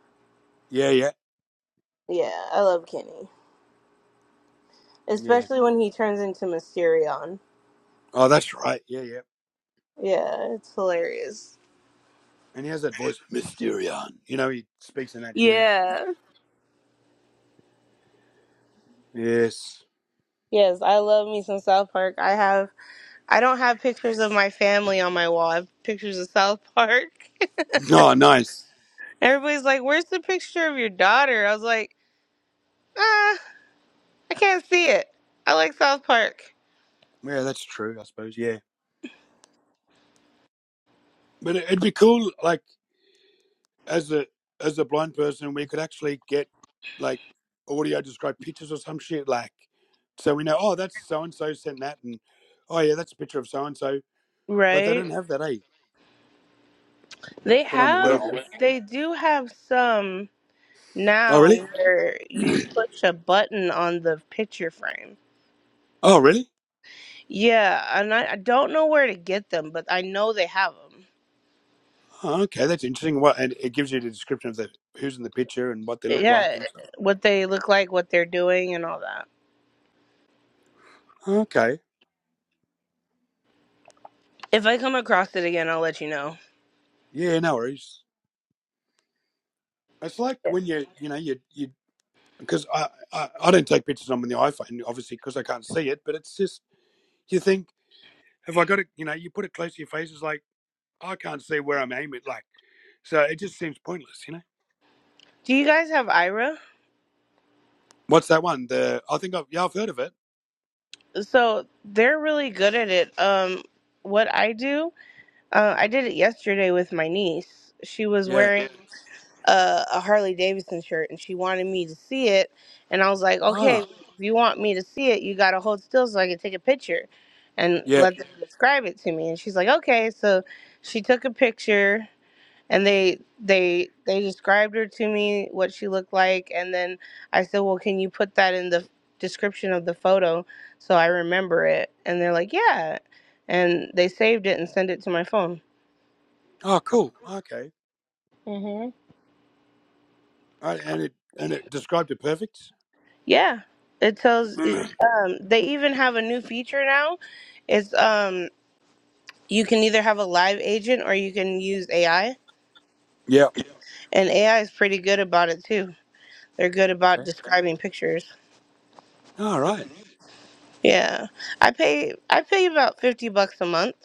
Speaker 1: Yeah, yeah,
Speaker 2: Yeah, I love Kenny,
Speaker 1: yeah.
Speaker 2: especially when he turns into Mysterion.
Speaker 1: Oh, that's right. Yeah, yeah.
Speaker 2: Yeah, it's hilarious.
Speaker 1: And he has that voice, Mysterion. You know, he speaks in that. You know.
Speaker 2: Yeah.
Speaker 1: Yes.
Speaker 2: Yes, I love me some South Park. I have I don't have pictures of my family on my wall. I have pictures of South Park.
Speaker 1: Oh, nice.
Speaker 2: Everybody's like, "Where's the picture of your daughter?" I was like. "Ah, I can't see it. I like South Park.
Speaker 1: Yeah, that's true. I suppose. Yeah. But it- it'd be cool, like as a as a blind person, we could actually get like audio described pictures or some shit, like so we know. Oh, that's so and so sent that, and oh yeah, that's a picture of so and so. But they
Speaker 2: Right?
Speaker 1: don't have that, eh?
Speaker 2: They
Speaker 1: That I'm
Speaker 2: have,
Speaker 1: aware of.
Speaker 2: they do have some
Speaker 1: Oh, really?
Speaker 2: now where you push a button on the picture frame.
Speaker 1: Oh, really?
Speaker 2: Yeah, and I, I don't know where to get them, but I know they have them.
Speaker 1: Okay, that's interesting. What and it gives you the description of the who's in the picture and what they look like
Speaker 2: Yeah,
Speaker 1: and stuff.
Speaker 2: what they look like, what they're doing, and all that.
Speaker 1: Okay,
Speaker 2: If I come across it again, I'll let you know.
Speaker 1: yeah, no worries. It's like
Speaker 2: Yeah.
Speaker 1: when you you know you you because I, I I don't take pictures on the iPhone obviously because I can't see it, but it's just you think have I got it? You know, you put it close to your face. It's like I can't see where I'm aiming. Like so, it just seems pointless. You know,
Speaker 2: Do you guys have Ira?
Speaker 1: what's that one? The I think I've yeah I've heard of it.
Speaker 2: So they're really good at it. Um, what I do, uh, I did it yesterday with my niece. She was
Speaker 1: Yeah.
Speaker 2: wearing a, a Harley Davidson shirt and she wanted me to see it. And I was like, okay,
Speaker 1: Ah.
Speaker 2: if you want me to see it, you got to hold still so I can take a picture and
Speaker 1: Yeah.
Speaker 2: let them describe it to me. And she's like, okay. So she took a picture and they they they described her to me what she looked like and then I said, "Well, can you put that in the description of the photo so I remember it?" And they're like, "Yeah." And they saved it and sent it to my phone.
Speaker 1: Oh, cool. Okay. All right, and it and it described it perfect.
Speaker 2: Yeah, it tells. it-
Speaker 1: yeah.
Speaker 2: Um, they even have a new feature now. It's um, you can either have a live agent or you can use AI, and AI is pretty good about it too. They're good about
Speaker 1: Okay.
Speaker 2: describing pictures.
Speaker 1: All right.
Speaker 2: Yeah, I pay I pay about fifty bucks a month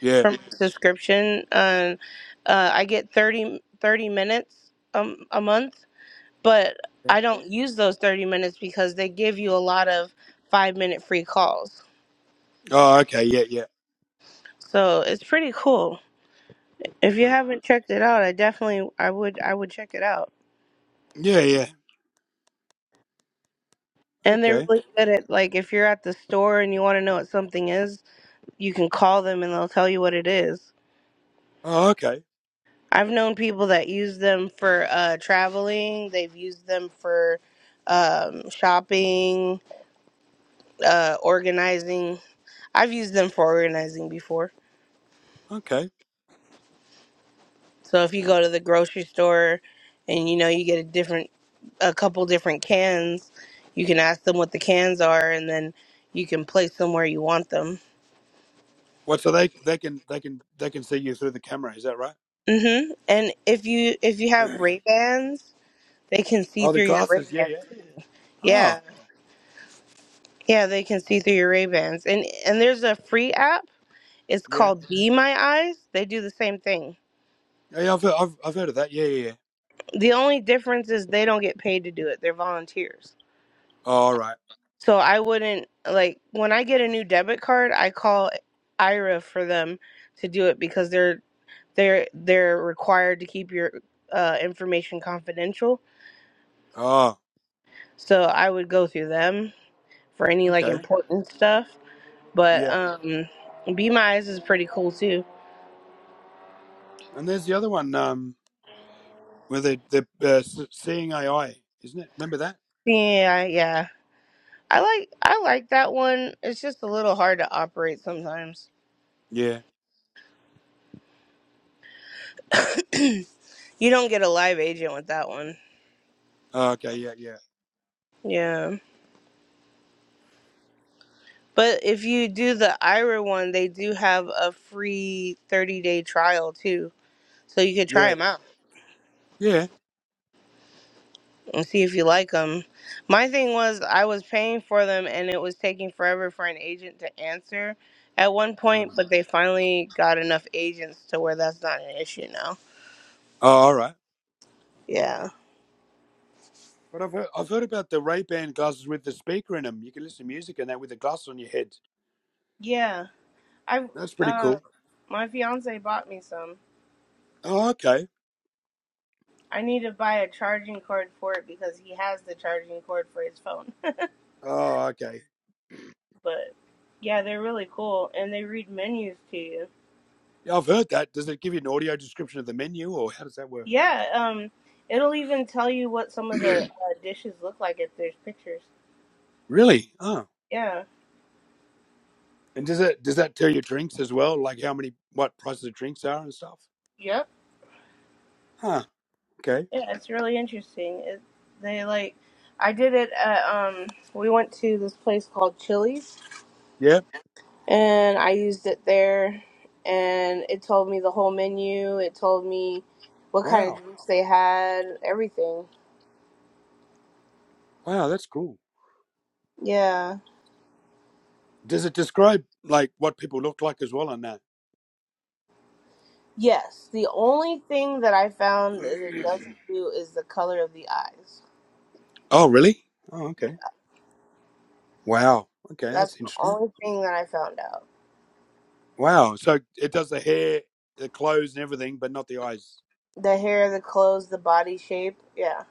Speaker 1: Yeah.
Speaker 2: for my subscription, and uh, I get 30 30 minutes um, a month. But I don't use those thirty minutes because they give you a lot of five minute free calls.
Speaker 1: Oh, okay. Yeah, yeah.
Speaker 2: So it's pretty cool. If you haven't checked it out, I definitely I would I would check it out.
Speaker 1: Yeah, yeah.
Speaker 2: And they're
Speaker 1: Okay.
Speaker 2: really good at like if you're at the store and you want to know what something is, you can call them and they'll tell you what it is.
Speaker 1: Oh, okay.
Speaker 2: I've known people that use them for uh, traveling. They've used them for um, shopping, uh, organizing. I've used them for organizing before.
Speaker 1: Okay.
Speaker 2: So if you go to the grocery store and you know you get a different a couple different cans, you can ask them what the cans are and then you can place them where you want them.
Speaker 1: What? So they they can they can they can see you through the camera. Is that right?
Speaker 2: Mhm. And if you if you have Ray-Bans, they can see
Speaker 1: oh, the
Speaker 2: through your
Speaker 1: glasses. Yeah,
Speaker 2: Ray-Bans.
Speaker 1: yeah. Oh,
Speaker 2: Yeah. Yeah, they can see through your Ray-Bans. And and there's a free app. It's
Speaker 1: yeah.
Speaker 2: called Be My Eyes. They do the same thing.
Speaker 1: Yeah, I've heard, I've I've heard of that. Yeah, yeah. yeah.
Speaker 2: The only difference is they don't get paid to do it. They're volunteers.
Speaker 1: Oh, all right.
Speaker 2: So I wouldn't like when I get a new debit card, I call IRA for them to do it because they're they're they're required to keep your uh, information confidential.
Speaker 1: Oh,
Speaker 2: So I would go through them for any like
Speaker 1: okay.
Speaker 2: important stuff. But
Speaker 1: Yeah.
Speaker 2: um, Be My Eyes is pretty cool too.
Speaker 1: And there's the other one. Um, where they they uh, s- seeing AI, isn't it? Remember that?
Speaker 2: Yeah, yeah. I like I like that one. It's just a little hard to operate sometimes.
Speaker 1: Yeah.
Speaker 2: you don't get a live agent with that one.
Speaker 1: Oh, okay. Yeah, yeah,
Speaker 2: Yeah. But if you do the Ira one, they do have a free 30 day trial too. So you could try
Speaker 1: yeah,
Speaker 2: them out
Speaker 1: yeah.
Speaker 2: and see if you like them. My thing was, I was paying for them and it was taking forever for an agent to answer at one point,
Speaker 1: Oh,
Speaker 2: but they finally got enough agents to where that's not an issue now.
Speaker 1: all right.
Speaker 2: Yeah.
Speaker 1: But I've heard, I've heard about the Ray Ban glasses with the speaker in them. You can listen to music and that with the glasses on your head.
Speaker 2: Yeah. I,
Speaker 1: That's pretty
Speaker 2: uh,
Speaker 1: cool.
Speaker 2: my fiance bought me some.
Speaker 1: Oh, okay.
Speaker 2: I need to buy a charging cord for it because he has the charging cord for his phone.
Speaker 1: Oh, okay.
Speaker 2: But yeah, they're really cool and they read menus to you.
Speaker 1: Yeah, I've heard that. Does it give you an audio description of the menu, or how does that work?
Speaker 2: Yeah, um, it'll even tell you what some of the uh, dishes look like if there's pictures.
Speaker 1: really? Oh,
Speaker 2: Yeah.
Speaker 1: and does it does that tell you drinks as well, like how many what prices of drinks are and stuff?
Speaker 2: Yep.
Speaker 1: Huh. Okay.
Speaker 2: Yeah, it's really interesting. It, they like, I did it at, um, we went to this place called Chili's
Speaker 1: Yeah.
Speaker 2: and I used it there and it told me the whole menu. It told me what kind
Speaker 1: Wow.
Speaker 2: of drinks they had, everything.
Speaker 1: Wow, that's cool.
Speaker 2: Yeah.
Speaker 1: Does it describe like what people look like as well on that?
Speaker 2: Yes, the only thing that I found that it doesn't do is the color of the eyes.
Speaker 1: oh, really? Oh, okay.
Speaker 2: Yeah,
Speaker 1: Wow. Okay,
Speaker 2: that's
Speaker 1: that's
Speaker 2: the
Speaker 1: interesting.
Speaker 2: only thing that I found out.
Speaker 1: Wow. So it does the hair, the clothes, and everything, but not the eyes.
Speaker 2: The hair, the clothes, the body shape. Yeah,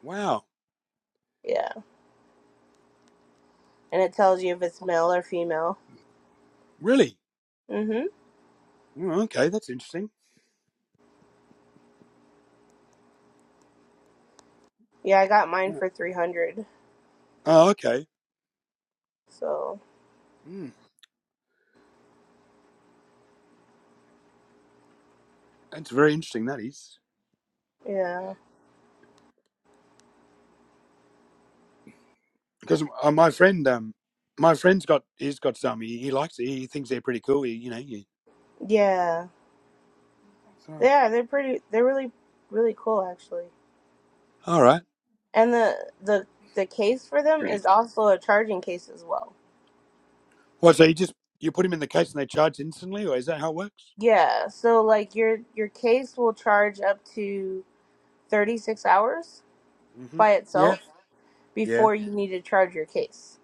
Speaker 1: Wow.
Speaker 2: yeah, and it tells you if it's male or female.
Speaker 1: Really?
Speaker 2: Mhm.
Speaker 1: Oh, okay, that's interesting.
Speaker 2: Yeah, I got mine
Speaker 1: Yeah.
Speaker 2: for three hundred.
Speaker 1: Oh, okay.
Speaker 2: So
Speaker 1: Mm, that's very interesting. That is
Speaker 2: yeah,
Speaker 1: because uh, my friend, um, my friend's got he's got some. He, he likes it. He thinks they're pretty cool. He, you know. You,
Speaker 2: yeah,
Speaker 1: oh,
Speaker 2: yeah. They're pretty. They're really, really cool actually.
Speaker 1: all right.
Speaker 2: And the the the case for them is also a charging case as well.
Speaker 1: Well, so you just you put him in the case and they charge instantly, or is that how it works?
Speaker 2: Yeah. So like your your case will charge up to 36 hours
Speaker 1: hmm
Speaker 2: by
Speaker 1: Yeah.
Speaker 2: itself
Speaker 1: Yeah.
Speaker 2: before you need to charge your case.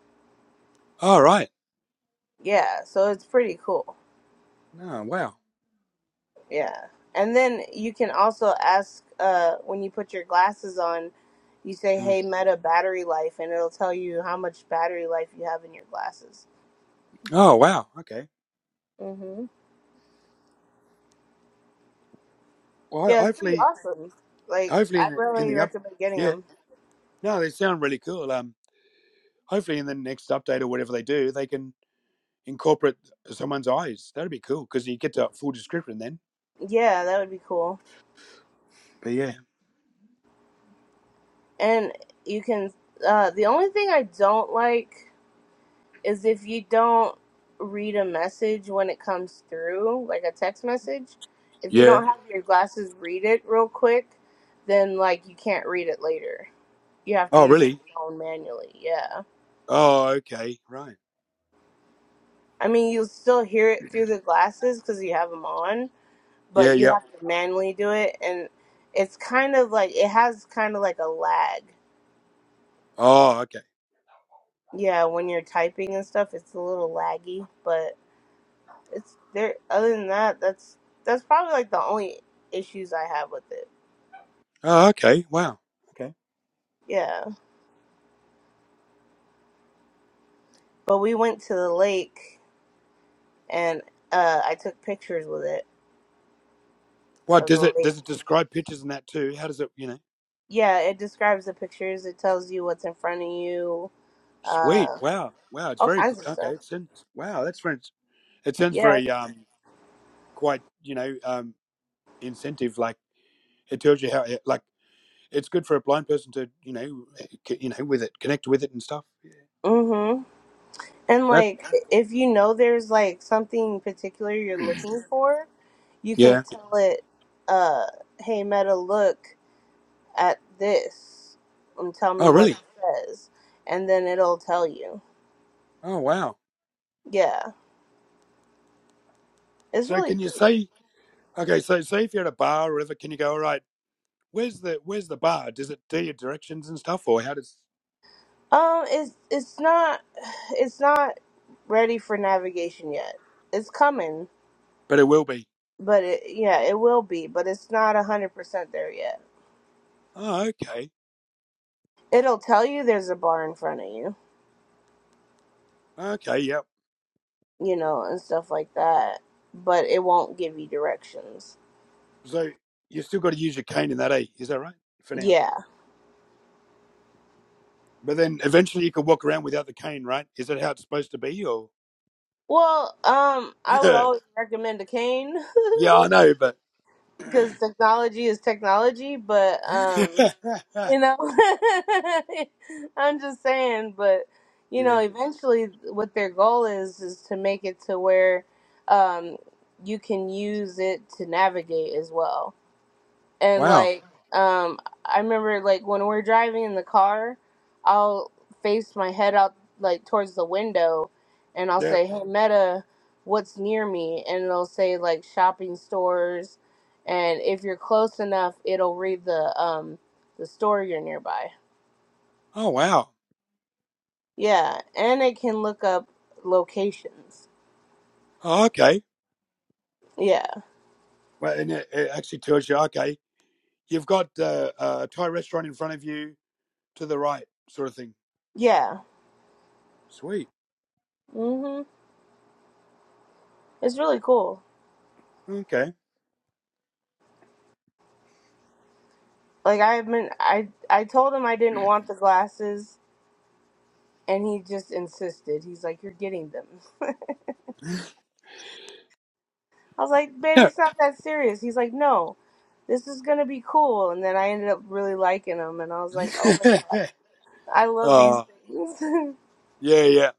Speaker 1: All right.
Speaker 2: Yeah, so it's pretty cool.
Speaker 1: No. Wow.
Speaker 2: Yeah. And then you can also ask uh, when you put your glasses on, you say,
Speaker 1: Mm.
Speaker 2: hey, Meta battery life, and it'll tell you how much battery life you have in your glasses.
Speaker 1: Oh, wow. Okay.
Speaker 2: hmm
Speaker 1: Well,
Speaker 2: Yeah,
Speaker 1: ho-
Speaker 2: it's pretty
Speaker 1: hopefully,
Speaker 2: awesome. Like,
Speaker 1: hopefully
Speaker 2: I
Speaker 1: in the in
Speaker 2: really
Speaker 1: the up.
Speaker 2: recommend getting
Speaker 1: Yeah.
Speaker 2: them.
Speaker 1: No, they sound really cool. Um, hopefully in the next update or whatever they do, they can incorporate someone's eyes. That'd be cool because you get to full description then.
Speaker 2: Yeah, that would be cool.
Speaker 1: But yeah,
Speaker 2: And you can, uh, the only thing I don't like is if you don't read a message when it comes through, like a text message, if you
Speaker 1: yeah.
Speaker 2: don't have your glasses read it real quick, then like you can't read it later. You have to
Speaker 1: Oh,
Speaker 2: use your
Speaker 1: really?
Speaker 2: phone manually. Yeah.
Speaker 1: Oh, okay, right.
Speaker 2: I mean, you'll still hear it through the glasses because you have them on,
Speaker 1: Yeah,
Speaker 2: but you have
Speaker 1: yep.
Speaker 2: to manually do it. And it's kind of like, it has kind of like a lag.
Speaker 1: Oh, okay.
Speaker 2: Yeah, when you're typing and stuff, it's a little laggy, but. It's there. Other than that, that's that's probably like the only issues I have with it.
Speaker 1: Oh, okay. Wow. Okay.
Speaker 2: Yeah, but we went to the lake and uh, I took pictures with it
Speaker 1: What
Speaker 2: of
Speaker 1: does
Speaker 2: the
Speaker 1: it
Speaker 2: lake.
Speaker 1: does it describe pictures and that too? How does it? You know,
Speaker 2: Yeah, it describes the pictures. It tells you what's in front of you.
Speaker 1: sweet.
Speaker 2: Uh,
Speaker 1: Wow. Wow. It's
Speaker 2: all
Speaker 1: very good.
Speaker 2: kinds of
Speaker 1: Okay.
Speaker 2: stuff.
Speaker 1: It sounds, wow. That's very. It sounds
Speaker 2: Yes.
Speaker 1: very um quite you know um incentive like it tells you how like it's good for a blind person to you know you know with it connect with it and stuff
Speaker 2: Mhm. And
Speaker 1: that
Speaker 2: like, if you know there's like something particular you're looking for, you can
Speaker 1: yeah
Speaker 2: tell it, uh, "Hey Meta, look." at this and tell me
Speaker 1: oh
Speaker 2: what
Speaker 1: really
Speaker 2: it says and then it'll tell you
Speaker 1: oh wow
Speaker 2: yeah it's
Speaker 1: so
Speaker 2: really
Speaker 1: can you
Speaker 2: pretty
Speaker 1: say okay so say if you're at a bar or whatever can you go all right where's the where's the bar does it do your directions and stuff or how does
Speaker 2: um it's it's not it's not ready for navigation yet it's coming
Speaker 1: but it will be
Speaker 2: but it yeah it will be but it's not a hundred percent there yet
Speaker 1: oh okay
Speaker 2: it'll tell you there's a bar in front of you
Speaker 1: okay yeah
Speaker 2: you know and stuff like that but it won't give you directions
Speaker 1: so you still got to use your cane in that eh is that right for now
Speaker 2: yeah
Speaker 1: but then eventually you can walk around without the cane right is that how it's supposed to be or
Speaker 2: well um i would always recommend a cane
Speaker 1: yeah i know but
Speaker 2: because technology is technology, but um, you know, I'm just saying, but you
Speaker 1: yeah
Speaker 2: know, eventually, what their goal is is to make it to where um, you can use it to navigate as well and
Speaker 1: wow
Speaker 2: like um i remember like when we're driving in the car i'll face my head out like towards the window and i'll
Speaker 1: yeah
Speaker 2: say hey meta what's near me and it'll say like shopping stores and if you're close enough it'll read the um the store you're nearby
Speaker 1: Oh wow.
Speaker 2: yeah and it can look up locations
Speaker 1: Oh, okay.
Speaker 2: yeah
Speaker 1: Well, and it, it actually tells you, okay, you've got uh, a Thai restaurant in front of you to the right, sort of thing.
Speaker 2: yeah
Speaker 1: Sweet.
Speaker 2: mhm it's really cool
Speaker 1: Okay.
Speaker 2: like i've been i i told him i didn't want the glasses And he just insisted. He's like, You're getting them. I was like, Babe,
Speaker 1: Yeah.
Speaker 2: it's not that serious. He's like, No, this is going to be cool. And then I ended up really liking them. And I was like, Oh my God, I love these
Speaker 1: uh,
Speaker 2: things.
Speaker 1: yeah, yeah.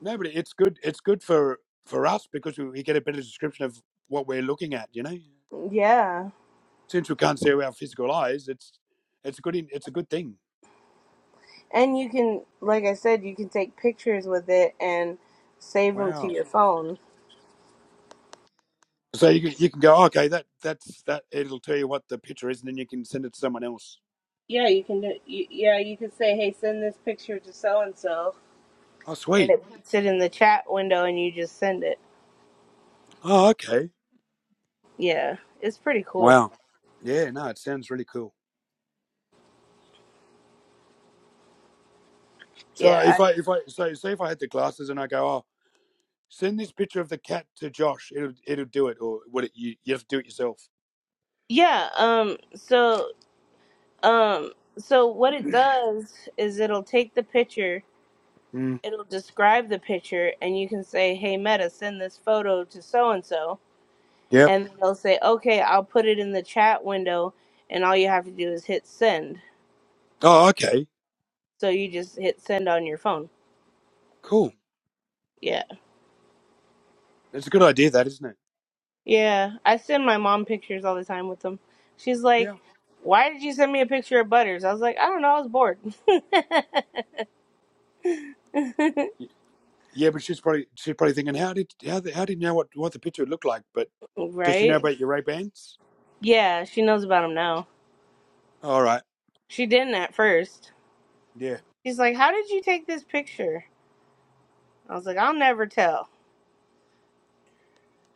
Speaker 1: No, but it's good. It's good for for us because we, we get a better description of what we're looking at. You know,
Speaker 2: yeah.
Speaker 1: since we can't see with our physical eyes, it's it's a good in, it's a good thing.
Speaker 2: And you can, like I said, you can take pictures with it and save them to
Speaker 1: Wow.
Speaker 2: your phone.
Speaker 1: So you can, you can go okay that that's that it'll tell you what the picture is and then you can send it to someone else.
Speaker 2: Yeah, you can. Do, y- yeah, you can say, "Hey, send this picture to so and so,"
Speaker 1: Oh
Speaker 2: and
Speaker 1: sweet.
Speaker 2: it puts it in the chat window, and you just send it.
Speaker 1: Oh okay.
Speaker 2: Yeah, it's pretty cool.
Speaker 1: Wow. Yeah, no, it sounds really cool. So
Speaker 2: Yeah,
Speaker 1: if
Speaker 2: I,
Speaker 1: I if I so say if I had the glasses and I go, oh, send this picture of the cat to Josh, it'll it'll do it, or would it? You you have to do it yourself.
Speaker 2: yeah. Um, so Um, so what it does is it'll take the picture,
Speaker 1: Mm,
Speaker 2: it'll describe the picture, and you can say, "Hey Meta, send this photo to so and so,"
Speaker 1: yep.
Speaker 2: and they'll say, "Okay, I'll put it in the chat window," and all you have to do is hit send.
Speaker 1: Oh, okay,
Speaker 2: So you just hit send on your phone.
Speaker 1: cool.
Speaker 2: Yeah,
Speaker 1: It's a good idea, that isn't it?
Speaker 2: yeah. I send my mom pictures all the time with them. She's like,
Speaker 1: Yeah,
Speaker 2: "Why did you send me a picture of Butters?" I was like, "I don't know. I was bored."
Speaker 1: yeah. But she's probably she's probably thinking, how did how the, how did you know what what the picture would look like? But does she know
Speaker 2: right?
Speaker 1: about your Ray Bans?
Speaker 2: Yeah, she knows about him now.
Speaker 1: All right,
Speaker 2: She didn't at first.
Speaker 1: yeah,
Speaker 2: She's like, "How did you take this picture?" I was like, I'll never tell.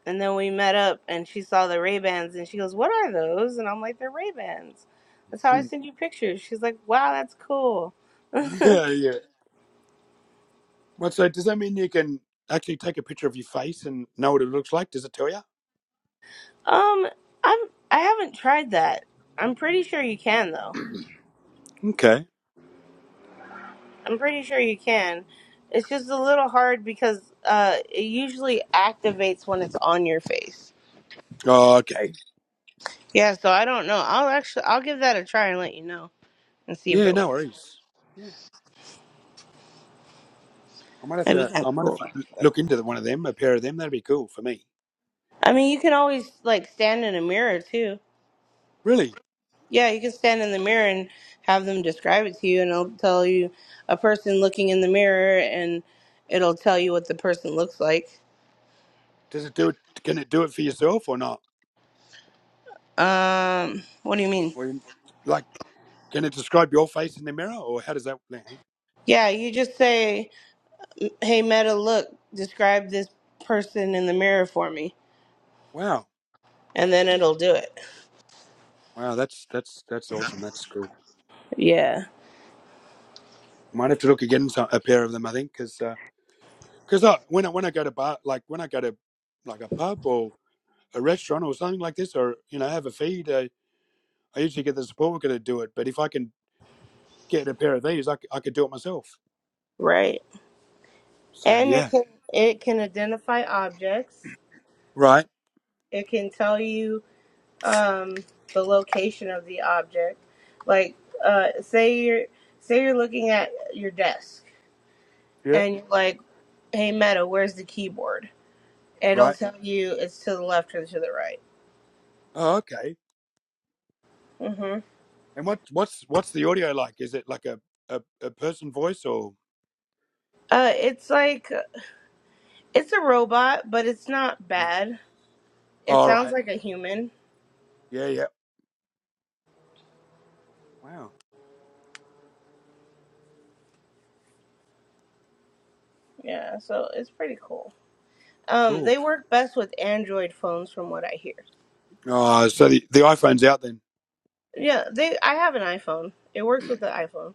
Speaker 2: And then we met up and she saw the Ray Bans and she goes, What are those? And I'm like, They're Ray Bans. That's how I send you pictures. She's like, Wow, that's cool.
Speaker 1: yeah, yeah. Well, so does that mean you can actually take a picture of your face and know what it looks like? Does it tell you?
Speaker 2: Um, I'm I haven't tried that. I'm pretty sure you can though.
Speaker 1: Okay.
Speaker 2: I'm pretty sure you can. It's just a little hard because uh it usually activates when it's on your face.
Speaker 1: Oh, okay.
Speaker 2: Yeah, so I don't know. I'll actually I'll give that a try and let you know and see if
Speaker 1: Yeah,
Speaker 2: it works.
Speaker 1: no worries. Yeah, I might have
Speaker 2: That'd be
Speaker 1: to.
Speaker 2: kind
Speaker 1: I
Speaker 2: of
Speaker 1: might have
Speaker 2: cool.
Speaker 1: to look into the, one of them, a pair of them. That'd be cool for me.
Speaker 2: I mean, you can always like stand in a mirror too.
Speaker 1: Really?
Speaker 2: Yeah, you can stand in the mirror and have them describe it to you, and it'll tell you a person looking in the mirror, and it'll tell you what the person looks like.
Speaker 1: Does it do it? Can it do it for yourself or not?
Speaker 2: Um, what do you mean?
Speaker 1: Or you- like, can it describe your face in the mirror, or how does that?
Speaker 2: Yeah, you just say, "Hey Meta, look, describe this person in the mirror for me,"
Speaker 1: Wow,
Speaker 2: and then it'll do it.
Speaker 1: wow, that's that's that's awesome. That's cool.
Speaker 2: Yeah,
Speaker 1: Might have to look again so- a pair of them. I think because because I when I when I go to bar like when I go to like a pub or a restaurant or something like this, or you know have a feed, I, I usually get the support worker to do it. But if I can get a pair of these, I, c- I could do it myself.
Speaker 2: right.
Speaker 1: So
Speaker 2: And
Speaker 1: yeah.
Speaker 2: it can it can identify objects.
Speaker 1: Right.
Speaker 2: It can tell you um the location of the object like uh say you're say you're looking at your desk
Speaker 1: Yeah.
Speaker 2: and you're like hey meta where's the keyboard it'll
Speaker 1: Right.
Speaker 2: tell you it's to the left or to the right
Speaker 1: Oh, okay.
Speaker 2: hmm
Speaker 1: And what what's what's the audio like? Is it like a a, a person voice or?
Speaker 2: uh it's like it's a robot but it's not bad it
Speaker 1: All
Speaker 2: sounds
Speaker 1: right.
Speaker 2: like a human
Speaker 1: Yeah. Yeah. Wow.
Speaker 2: yeah so it's pretty cool um
Speaker 1: Cool.
Speaker 2: they work best with android phones from what i hear
Speaker 1: Oh, so the, the iPhone's out then.
Speaker 2: yeah they i have an iphone it works with the iphone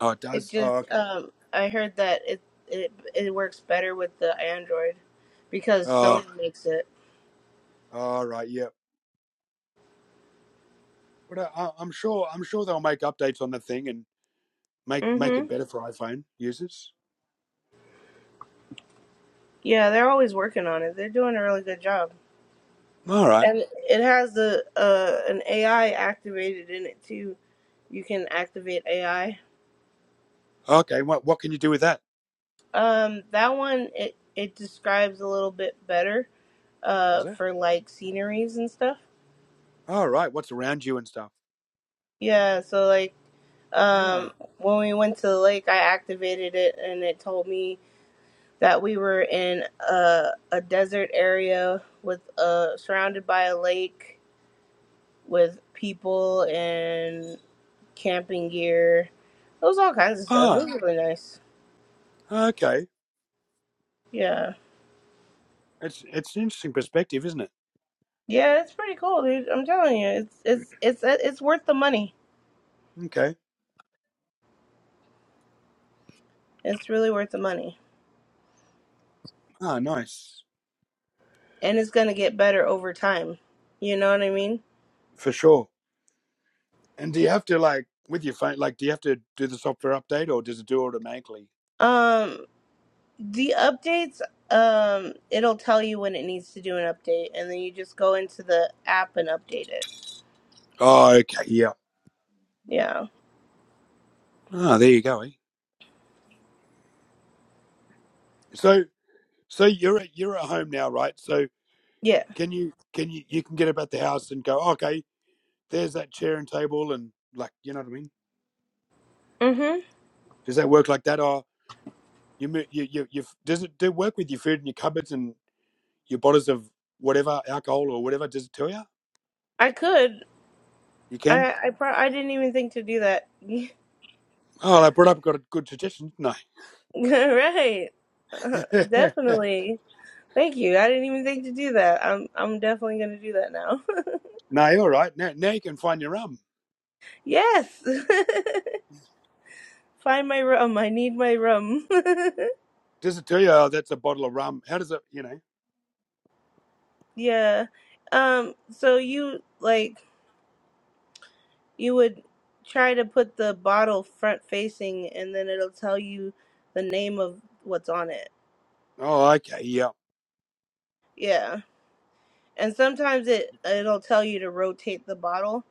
Speaker 1: Oh, it
Speaker 2: It's
Speaker 1: does. Oh,
Speaker 2: just
Speaker 1: okay.
Speaker 2: um, I heard that it it it works better with the Android because Sony
Speaker 1: Oh,
Speaker 2: makes it.
Speaker 1: all right. Yeah. But I, I- I'm sure I'm sure they'll make updates on the thing and make make it
Speaker 2: Mhm.
Speaker 1: better for iPhone users.
Speaker 2: Yeah, they're always working on it. They're doing a really good job,
Speaker 1: All right.
Speaker 2: and it has a uh, an AI activated in it too. You can activate AI.
Speaker 1: Okay. What what can you do with that?
Speaker 2: Um, that one it it describes a little bit better.
Speaker 1: Does
Speaker 2: Uh,
Speaker 1: it?
Speaker 2: for like sceneries and stuff.
Speaker 1: All right. What's around you and stuff?
Speaker 2: Yeah. So like um,
Speaker 1: Ah.
Speaker 2: when we went to the lake, I activated it, and it told me that we were in a, a desert area with uh surrounded by a lake with people and camping gear. It was all kinds of stuff. It
Speaker 1: Ah.
Speaker 2: was really nice.
Speaker 1: Okay.
Speaker 2: Yeah,
Speaker 1: It's it's an interesting perspective, isn't it?
Speaker 2: yeah, it's pretty cool, dude. I'm telling you, it's it's it's it's worth the money.
Speaker 1: Okay.
Speaker 2: It's really worth the money,
Speaker 1: Ah, nice.
Speaker 2: and it's gonna get better over time. You know what I mean?
Speaker 1: For sure. And do you have to like with your phone like do you have to do the software update or does it do automatically?
Speaker 2: Um, the updates. Um, it'll tell you when it needs to do an update, and then you just go into the app and update it.
Speaker 1: Oh, okay. Yeah.
Speaker 2: Yeah.
Speaker 1: Oh, there you go. Eh? So so you're at, you're at home now, right? So
Speaker 2: Yeah.
Speaker 1: can you can you you can get about the house and go, "Oh, "Okay, there's that chair and table and like, you know what I mean?
Speaker 2: Mhm.
Speaker 1: Does that work like that or you mo- you you you does it do it work with your food and your cupboards and your bottles of whatever alcohol or whatever does it tell you?
Speaker 2: I could.
Speaker 1: You can?
Speaker 2: I I pro- I didn't even think to do that.
Speaker 1: Oh, I brought up got a good suggestion, didn't
Speaker 2: right. Uh,
Speaker 1: I?
Speaker 2: definitely. Thank you. I didn't even think to do that. I'm I'm definitely gonna do that now.
Speaker 1: No, you're all right. Now, now you can find your rum.
Speaker 2: yes. Find my rum. I need my rum.
Speaker 1: Does it tell you, oh, that's a bottle of rum? How does it, you know?
Speaker 2: yeah. Um. So you like you would try to put the bottle front facing, and then it'll tell you the name of what's on it.
Speaker 1: Oh, okay. Yeah.
Speaker 2: Yeah. And sometimes it it'll tell you to rotate the bottle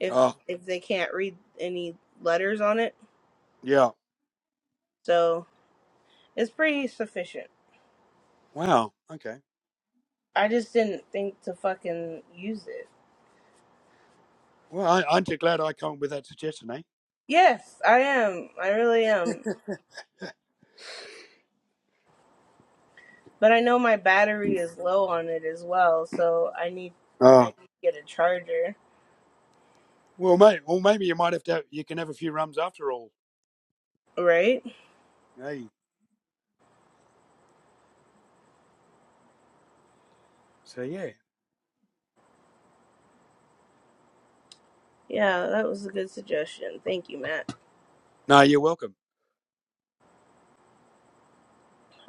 Speaker 2: if
Speaker 1: Oh,
Speaker 2: if they can't read any letters on it.
Speaker 1: yeah.
Speaker 2: So it's pretty sufficient.
Speaker 1: Wow. Okay.
Speaker 2: I just didn't think to fucking use it.
Speaker 1: Well, I- aren't you glad I come up with that suggestion, eh?
Speaker 2: Yes, I am. I really am. But I know my battery is low on it as well, so I need I need
Speaker 1: Oh,
Speaker 2: to get a charger.
Speaker 1: well, mate. Well, maybe you might have to. You can have a few rums after all.
Speaker 2: Right?
Speaker 1: Hey. So yeah.
Speaker 2: Yeah, that was a good suggestion. Thank you, Matt.
Speaker 1: No, you're welcome.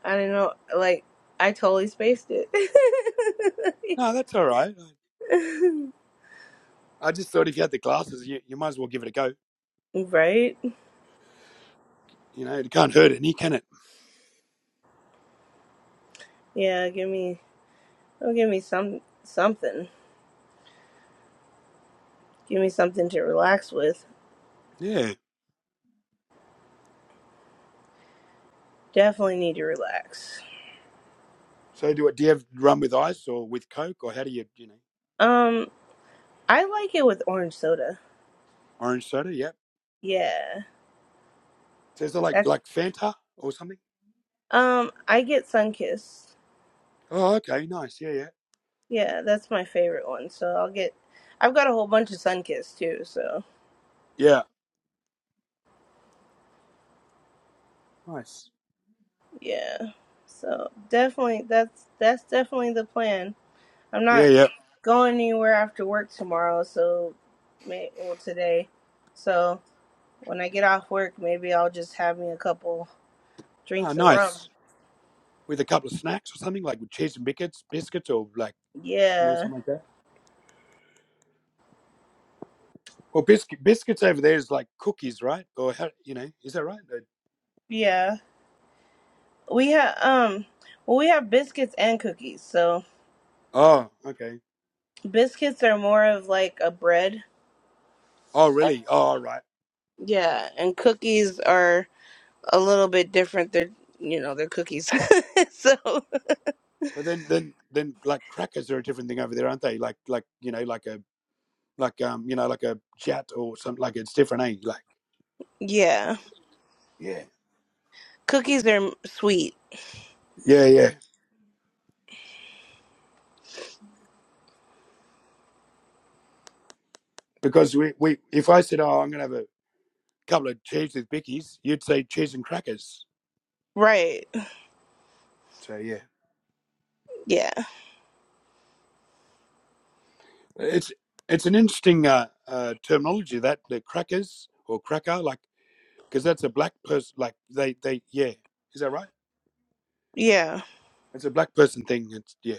Speaker 2: I don't know like I totally spaced it.
Speaker 1: No, that's all right. I I just thought if you had the glasses, you, you might as well give it a go.
Speaker 2: right?
Speaker 1: You know, it can't hurt any, can it?
Speaker 2: Yeah, give me oh give me some something. give me something to relax with.
Speaker 1: Yeah.
Speaker 2: Definitely need to relax.
Speaker 1: So do it. Do you have rum with ice or with Coke or how do you, you know,
Speaker 2: Um, I like it with orange soda.
Speaker 1: orange soda? Yeah.
Speaker 2: Yeah,
Speaker 1: So is it like
Speaker 2: that's
Speaker 1: like Fanta or something?
Speaker 2: um, I get Sunkist.
Speaker 1: Oh, okay, nice. Yeah, yeah,
Speaker 2: Yeah, that's my favorite one. So I'll get. I've got a whole bunch of Sunkist too. So
Speaker 1: yeah. Nice.
Speaker 2: yeah, so definitely that's that's definitely the plan. I'm
Speaker 1: Yeah,
Speaker 2: not
Speaker 1: yeah.
Speaker 2: going anywhere after work tomorrow. So, may well today. So when I get off work, maybe I'll just have me a couple
Speaker 1: Ah,
Speaker 2: drinks of rum.
Speaker 1: nice. With a couple of snacks or something like with cheese and biscuits, biscuits or like you know
Speaker 2: Yeah.
Speaker 1: something like that. Well, biscuit biscuits over there is like cookies, right? Or how, you know, is that right? They-
Speaker 2: Yeah. We have um well we have biscuits and cookies. So
Speaker 1: Oh, okay.
Speaker 2: biscuits are more of like a bread.
Speaker 1: Oh, really? Oh, right.
Speaker 2: Yeah, and cookies are a little bit different. They're you know, they're cookies. so
Speaker 1: But then then then like crackers are a different thing over there, aren't they? Like like you know like a like um you know like a chat or something like it's different, eh? Like
Speaker 2: yeah.
Speaker 1: yeah
Speaker 2: Cookies are sweet.
Speaker 1: yeah yeah. Because we we if I said oh I'm gonna have a couple of cheese with bickies, you'd say cheese and crackers.
Speaker 2: Right.
Speaker 1: So yeah,
Speaker 2: Yeah.
Speaker 1: it's it's an interesting uh, uh, terminology that the crackers or cracker, like because that's a black person. Like they they yeah, is that right?
Speaker 2: Yeah.
Speaker 1: It's a black person thing. It's yeah.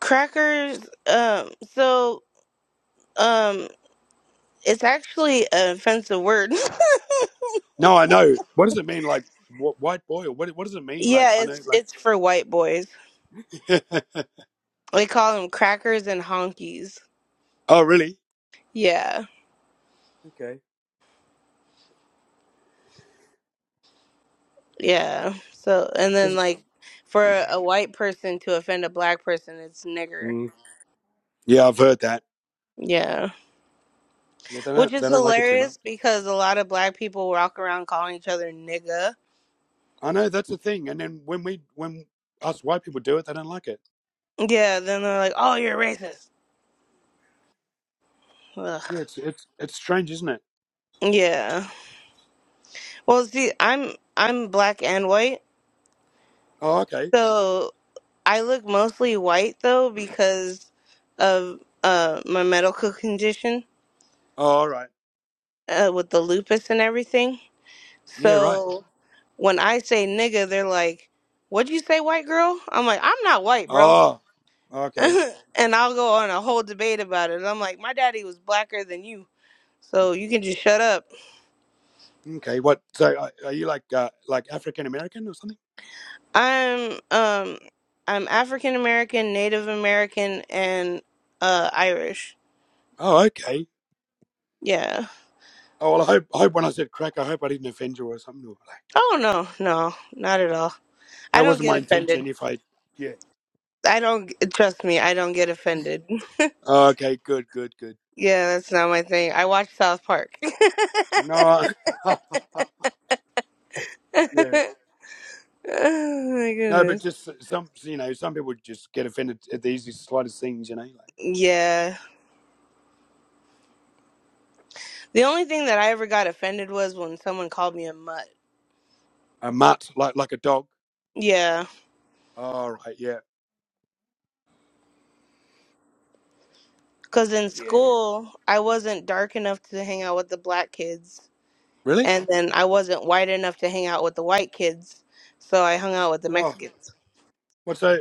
Speaker 2: Crackers um so um it's actually an offensive word.
Speaker 1: No, I know. What does it mean? Like wh- white boy, or what? What does it mean? Like
Speaker 2: yeah,
Speaker 1: I know.
Speaker 2: it's it's for white boys.
Speaker 1: Like
Speaker 2: They call them crackers and honkies.
Speaker 1: oh really?
Speaker 2: Yeah.
Speaker 1: Okay.
Speaker 2: Yeah. So, and then
Speaker 1: 'Cause-
Speaker 2: like for a white person to offend a black person, it's nigger.
Speaker 1: Mm. Yeah, I've heard that.
Speaker 2: Yeah.
Speaker 1: Yeah, they
Speaker 2: Which
Speaker 1: don't
Speaker 2: is
Speaker 1: they don't like it too much.
Speaker 2: hilarious because a lot of black people walk around calling each other nigga.
Speaker 1: I know that's a thing. And then when we when us white people do it, they don't like it.
Speaker 2: Yeah, then they're like, "Oh, you're racist." Ugh.
Speaker 1: Yeah, it's it's it's strange, isn't it?
Speaker 2: Yeah. Well, see, I'm I'm black and white.
Speaker 1: Oh okay.
Speaker 2: So, I look mostly white though because of uh my medical condition
Speaker 1: Oh all right.
Speaker 2: uh with the lupus and everything.
Speaker 1: Yeah right.
Speaker 2: So when I say nigga, they're like, "What'd you say, white girl?" I'm like, "I'm not white, bro."
Speaker 1: Oh, okay,
Speaker 2: and I'll go on a whole debate about it. I'm like, "My daddy was blacker than you, so you can just shut up."
Speaker 1: okay. What? So, are are you like uh, like African American or something?
Speaker 2: I'm um I'm African American, Native American, and uh Irish.
Speaker 1: Oh, okay.
Speaker 2: Yeah.
Speaker 1: Oh, well, I hope I hope when I said crack, I hope I didn't offend you or something. Or like
Speaker 2: Oh no, no, not at all. I
Speaker 1: that
Speaker 2: don't
Speaker 1: wasn't
Speaker 2: get
Speaker 1: my
Speaker 2: offended.
Speaker 1: intention. If I, yeah.
Speaker 2: I don't trust me. I don't get offended.
Speaker 1: Oh, okay, good, good, good.
Speaker 2: Yeah, that's not my thing. I watch South Park.
Speaker 1: No, yeah,
Speaker 2: Oh my
Speaker 1: no, but
Speaker 2: goodness.
Speaker 1: just some, you know, some people just get offended at the easiest, slightest things, you know, like
Speaker 2: Yeah. The only thing that I ever got offended was when someone called me a mutt.
Speaker 1: a mutt, like like a dog.
Speaker 2: Yeah.
Speaker 1: Oh, right, yeah,
Speaker 2: Because in
Speaker 1: yeah.
Speaker 2: school, I wasn't dark enough to hang out with the black kids.
Speaker 1: Really?
Speaker 2: And then I wasn't white enough to hang out with the white kids. So I hung out with the
Speaker 1: Oh,
Speaker 2: Mexicans.
Speaker 1: what's so?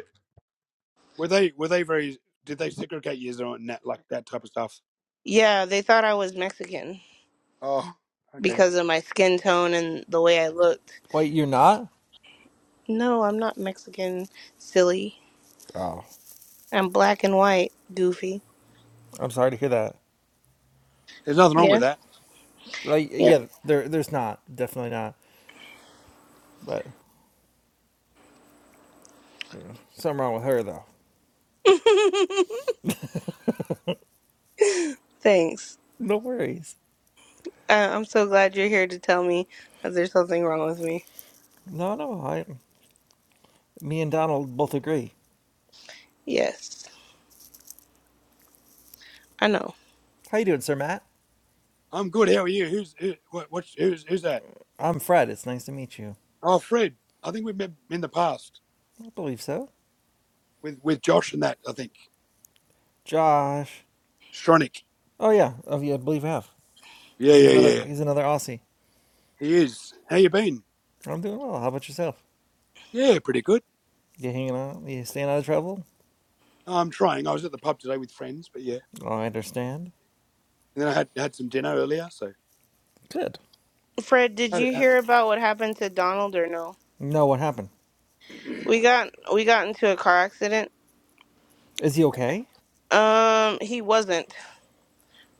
Speaker 1: Were they were they very? Did they segregate you on that like that type of stuff?
Speaker 2: Yeah, they thought I was Mexican
Speaker 1: Oh, okay.
Speaker 2: because of my skin tone and the way I looked.
Speaker 3: Wait, you're not?
Speaker 2: No, I'm not Mexican, silly.
Speaker 3: Oh,
Speaker 2: I'm black and white, goofy.
Speaker 3: I'm sorry to hear that.
Speaker 1: There's nothing wrong with
Speaker 2: Yeah.
Speaker 1: that.
Speaker 3: Like,
Speaker 2: Yep.
Speaker 3: yeah, there, there's not, definitely not. But something wrong with her though.
Speaker 2: Thanks.
Speaker 3: No worries.
Speaker 2: I- I'm so glad you're here to tell me that there's something wrong with me.
Speaker 3: No, no. I, me and Donald both agree.
Speaker 2: Yes, I know.
Speaker 3: How you doing, Sir Matt?
Speaker 1: I'm good. How are you? Who's who, what? What's who's who's that?
Speaker 3: I'm Fred. It's nice to meet you.
Speaker 1: Oh, Fred. I think we've met in the past
Speaker 3: I believe so.
Speaker 1: with with Josh and that. I think
Speaker 3: Josh.
Speaker 1: Stronach.
Speaker 3: Oh yeah. Oh yeah. I believe I have.
Speaker 1: Yeah,
Speaker 3: He's
Speaker 1: yeah,
Speaker 3: another.
Speaker 1: yeah.
Speaker 3: He's another Aussie.
Speaker 1: He is. How you been?
Speaker 3: I'm doing well. How about yourself?
Speaker 1: Yeah, pretty good.
Speaker 3: You hanging out? You staying out of trouble?
Speaker 1: I'm trying. I was at the pub today with friends, but yeah.
Speaker 3: Oh, I understand.
Speaker 1: And then I had had some dinner earlier, so
Speaker 3: Good.
Speaker 2: Fred, did
Speaker 1: had it.
Speaker 2: you
Speaker 1: Had,
Speaker 2: hear about what happened to Donald or no?
Speaker 3: No, what happened?
Speaker 2: We got we got into a car accident.
Speaker 3: Is he okay?
Speaker 2: Um, he wasn't,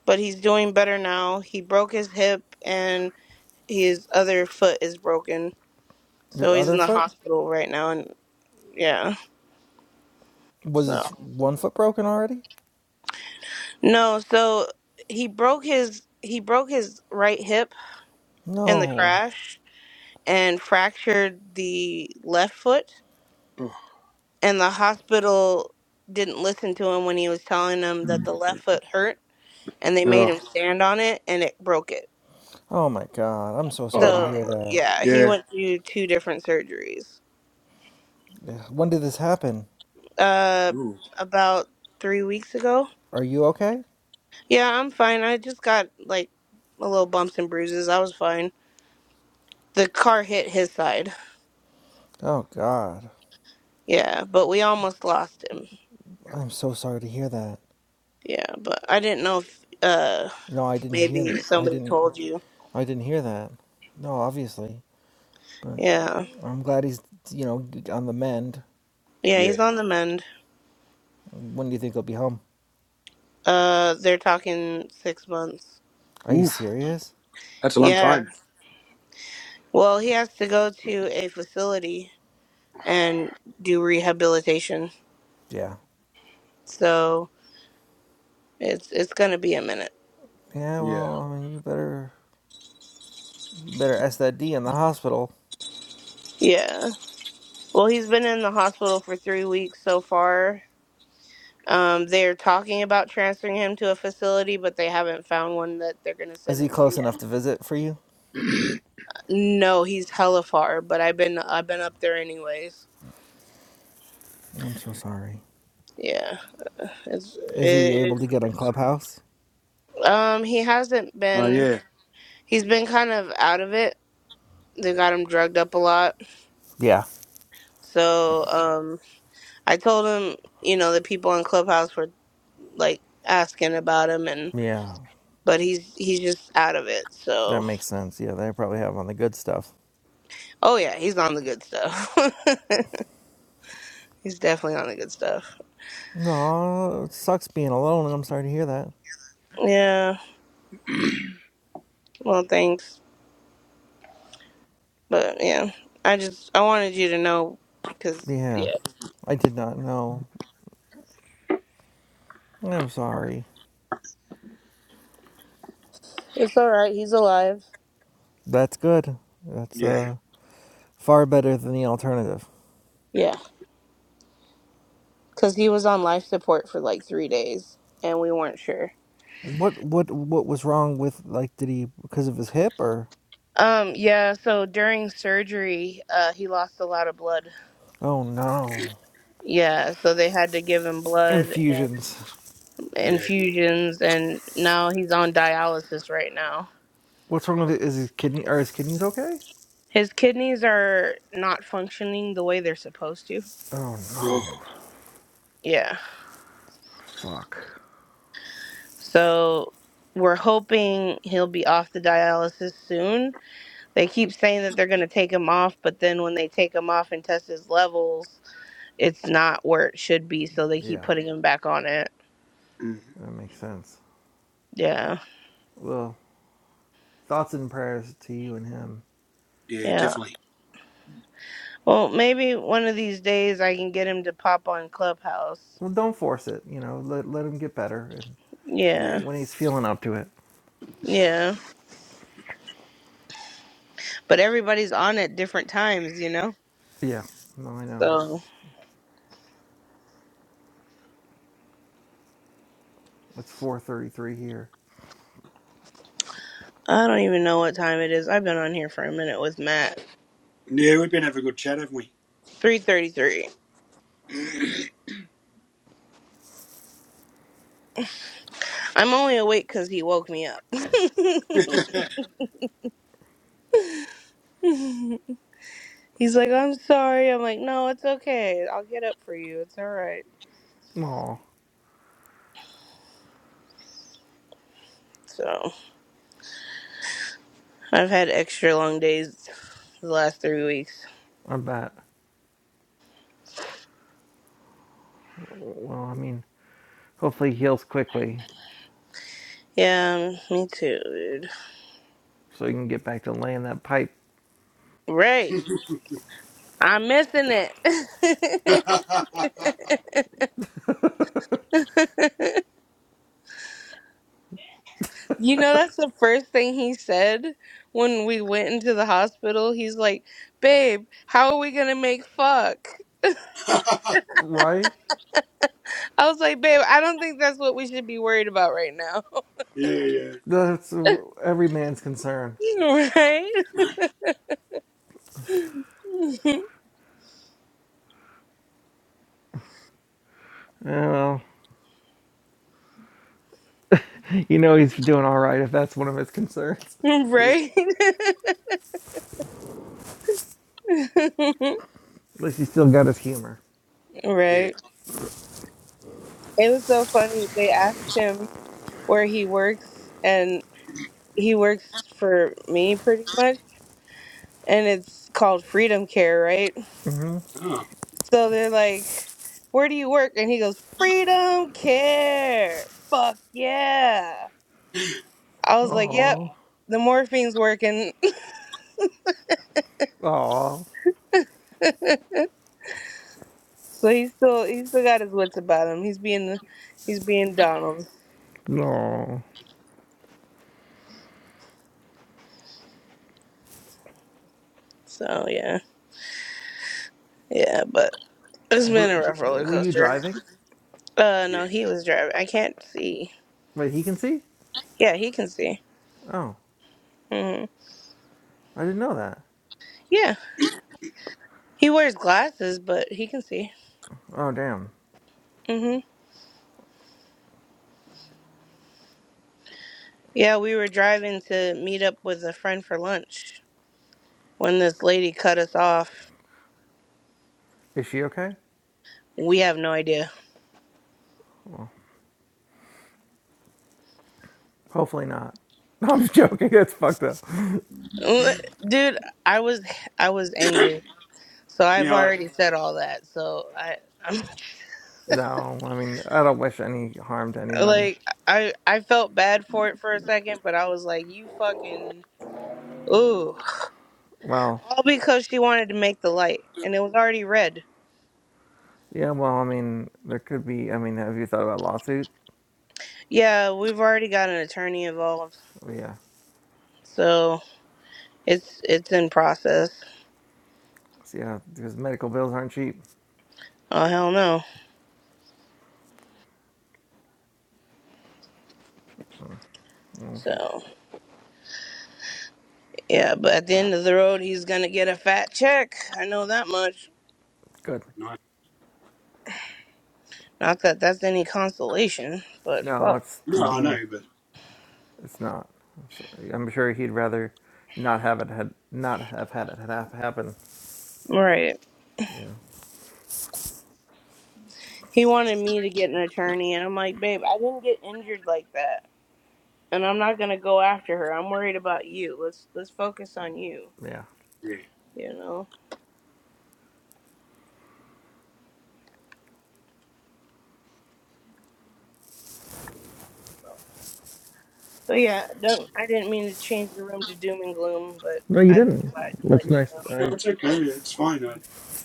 Speaker 2: but he's doing better now. He broke his hip and his other foot is broken,
Speaker 3: His
Speaker 2: so he's
Speaker 3: other
Speaker 2: in the
Speaker 3: foot
Speaker 2: hospital right now. And yeah,
Speaker 3: was his
Speaker 2: so
Speaker 3: one foot broken already?
Speaker 2: no, so he broke his he broke his right hip in the
Speaker 3: No.
Speaker 2: crash and fractured the left foot
Speaker 1: oh,
Speaker 2: and the hospital didn't listen to him when he was telling them that the left foot hurt and they made
Speaker 1: oh,
Speaker 2: him stand on it and it broke it
Speaker 3: Oh my God. I'm so sorry to
Speaker 1: oh,
Speaker 2: so
Speaker 3: hear that.
Speaker 2: yeah he
Speaker 1: yeah.
Speaker 2: went through two different surgeries
Speaker 3: Ugh, When did this happen?
Speaker 2: uh
Speaker 1: Ooh,
Speaker 2: about three weeks ago
Speaker 3: Are you okay?
Speaker 2: yeah i'm fine i just got like a little bumps and bruises i was fine the car hit his side
Speaker 3: Oh God.
Speaker 2: yeah but we almost lost him
Speaker 3: I'm so sorry to hear that.
Speaker 2: yeah but i didn't know if uh
Speaker 3: No, I didn't hear
Speaker 2: maybe
Speaker 3: that. I
Speaker 2: somebody
Speaker 3: didn't.
Speaker 2: told you
Speaker 3: I didn't hear that. No, obviously. But
Speaker 2: yeah
Speaker 3: I'm glad he's, you know, on the mend.
Speaker 2: yeah
Speaker 1: yeah.
Speaker 2: he's on the mend
Speaker 3: When do you think he'll be home?
Speaker 2: Uh, they're talking six months.
Speaker 3: Are you
Speaker 1: Oof.
Speaker 3: serious?
Speaker 1: That's a long
Speaker 2: Yeah.
Speaker 1: time.
Speaker 2: Well, he has to go to a facility and do rehabilitation,
Speaker 3: Yeah.
Speaker 2: so it's it's gonna be a minute.
Speaker 3: Yeah.
Speaker 1: Yeah.
Speaker 3: Well, I mean, you better, you better ask that D in the hospital.
Speaker 2: Yeah. Well, he's been in the hospital for three weeks so far. Um, they're talking about transferring him to a facility, but they haven't found one that they're gonna
Speaker 3: Is
Speaker 2: send
Speaker 3: he
Speaker 2: him to
Speaker 3: close enough
Speaker 2: yet.
Speaker 3: to visit for you?
Speaker 2: No, he's hella far, but I've been I've been up there anyways.
Speaker 3: I'm so sorry.
Speaker 2: Yeah. It's
Speaker 3: Is he
Speaker 2: it,
Speaker 3: able to get on Clubhouse?
Speaker 2: um he hasn't
Speaker 1: Oh
Speaker 2: been.
Speaker 1: yeah.
Speaker 2: He's been kind of out of it. They got him drugged up a lot.
Speaker 3: Yeah.
Speaker 2: So um, I told him, you know, the people in Clubhouse were like asking about him, and
Speaker 3: Yeah.
Speaker 2: but he's he's just out of it.
Speaker 3: That
Speaker 2: So
Speaker 3: makes sense. Yeah, they probably have on the good stuff.
Speaker 2: oh yeah, he's on the good stuff. he's definitely on the good stuff.
Speaker 3: No, it sucks being alone. and I'm sorry to hear that.
Speaker 2: Yeah. Well, thanks, but yeah, I just I wanted you to know because
Speaker 3: Yeah,
Speaker 2: yeah,
Speaker 3: I did not know. I'm sorry.
Speaker 2: it's all right. He's alive.
Speaker 3: That's good. That's
Speaker 1: Yeah.
Speaker 3: uh far better than the alternative.
Speaker 2: Yeah, because he was on life support for like three days, and we weren't sure.
Speaker 3: What what what was wrong with like did he because of his hip or?
Speaker 2: Um, yeah, so during surgery, uh, he lost a lot of blood.
Speaker 3: Oh no,
Speaker 2: Yeah, so they had to give him blood and
Speaker 3: infusions.
Speaker 1: Yeah.
Speaker 2: infusions, and now he's on dialysis right now.
Speaker 3: What's wrong with it? Is his kidney are his kidneys okay?
Speaker 2: His kidneys are not functioning the way they're supposed to.
Speaker 3: Oh
Speaker 1: Oh,
Speaker 3: no,
Speaker 2: Yeah,
Speaker 3: fuck.
Speaker 2: so we're hoping he'll be off the dialysis soon. They keep saying that they're going to take him off, but then when they take him off and test his levels, it's not where it should be, so they keep
Speaker 3: Yeah,
Speaker 2: putting him back on it.
Speaker 1: mm,
Speaker 3: that makes sense.
Speaker 2: Yeah.
Speaker 3: Well, thoughts and prayers to you and him.
Speaker 1: yeah.
Speaker 2: Yeah.
Speaker 1: Definitely.
Speaker 2: Well, maybe one of these days I can get him to pop on Clubhouse.
Speaker 3: Well, don't force it. You know, let let him get better and
Speaker 1: Yeah.
Speaker 2: Yeah,
Speaker 3: when he's feeling up to it.
Speaker 2: yeah. But everybody's on at different times, you know.
Speaker 3: Yeah. No, I know. It's
Speaker 2: So
Speaker 3: it's 4:33 here.
Speaker 2: I don't even know what time it is. I've been on here for a minute with Matt.
Speaker 1: Yeah, we've been having a good chat, haven't we?
Speaker 2: Three thirty-three. I'm only awake because he woke me up. He's like, "I'm sorry." I'm like, "No, it's okay. I'll get up for you. It's all right."
Speaker 3: Oh,
Speaker 2: So I've had extra long days the last three weeks.
Speaker 3: I bet. Well, I mean, hopefully he heals quickly
Speaker 2: Yeah, me too, dude.
Speaker 3: so he can get back to laying that pipe.
Speaker 2: Right. I'm missing it. you know, that's the first thing he said when we went into the hospital. He's like, Babe, how are we going to make fuck?
Speaker 3: Right.
Speaker 2: I was like, Babe, I don't think that's what we should be worried about right now.
Speaker 1: yeah, yeah,
Speaker 3: That's uh, every man's concern.
Speaker 2: right?
Speaker 3: Yeah, well, you know he's doing all right if that's one of his concerns.
Speaker 1: yeah,
Speaker 2: right?
Speaker 3: At least he's still got his humor.
Speaker 1: yeah.
Speaker 2: right. It was so funny. They asked him where he works, and he works for me pretty much. And it's called Freedom Care, right?
Speaker 1: Oh,
Speaker 2: So they're like, Where do you work? And he goes, Freedom Care. Fuck yeah. I was like, Yep,
Speaker 3: Oh.
Speaker 2: Wow. the morphine's working.
Speaker 3: Oh.
Speaker 2: so he's still he's still got his wits about him. He's being he's being Donald.
Speaker 3: No.
Speaker 2: So yeah. Yeah, but it's been
Speaker 3: Were,
Speaker 2: a rough roller
Speaker 3: were you
Speaker 2: coaster.
Speaker 3: driving?
Speaker 2: Uh
Speaker 1: yeah,
Speaker 2: no, he was driving. I can't see.
Speaker 3: Wait, he can see?
Speaker 2: Yeah, he can see.
Speaker 3: Oh.
Speaker 2: hmm
Speaker 3: I didn't know that.
Speaker 2: Yeah. He wears glasses, but he can see.
Speaker 3: Oh damn.
Speaker 2: hmm Yeah, we were driving to meet up with a friend for lunch when this lady cut us off
Speaker 3: Is she okay?
Speaker 2: we have no idea
Speaker 3: Hopefully not. No, I'm joking. It's fucked up.
Speaker 2: dude i was i was angry so i've
Speaker 1: yeah. I,
Speaker 2: already said all that so i i'm
Speaker 3: No, I mean I don't wish any harm to anybody.
Speaker 2: like i i felt bad for it for a second but i was like you fucking ooh
Speaker 3: Well,
Speaker 2: all because she wanted to make the light and it was already red
Speaker 3: yeah. Well, I mean there could be. I mean, have you thought about a lawsuit?
Speaker 2: yeah we've already got an attorney involved
Speaker 3: Oh, yeah.
Speaker 2: so it's it's in process
Speaker 3: So, yeah, because medical bills aren't cheap.
Speaker 2: oh hell no
Speaker 3: Mm,
Speaker 2: so yeah but at the end of the road he's gonna get a fat check i know that much
Speaker 3: Good.
Speaker 1: no,
Speaker 2: Not that that's any consolation, but
Speaker 3: No,
Speaker 2: fuck.
Speaker 3: it's
Speaker 1: no, I know,
Speaker 3: being.
Speaker 1: but
Speaker 3: It's not. So, I'm sure he'd rather not have it had not have had it ha- happen.
Speaker 2: Right.
Speaker 3: Yeah.
Speaker 2: He wanted me to get an attorney, and I'm like, babe, I didn't get injured like that, and I'm not gonna go after her. I'm worried about you. Let's let's focus on you.
Speaker 3: Yeah.
Speaker 1: yeah,
Speaker 2: You know. So yeah, don't. I didn't mean to change the room to doom and gloom, but
Speaker 3: No, you
Speaker 2: I
Speaker 3: didn't.
Speaker 2: think I'd
Speaker 3: That's
Speaker 2: let you
Speaker 3: nice.
Speaker 2: know.
Speaker 1: no,
Speaker 3: I
Speaker 1: it's okay. It's fine. I,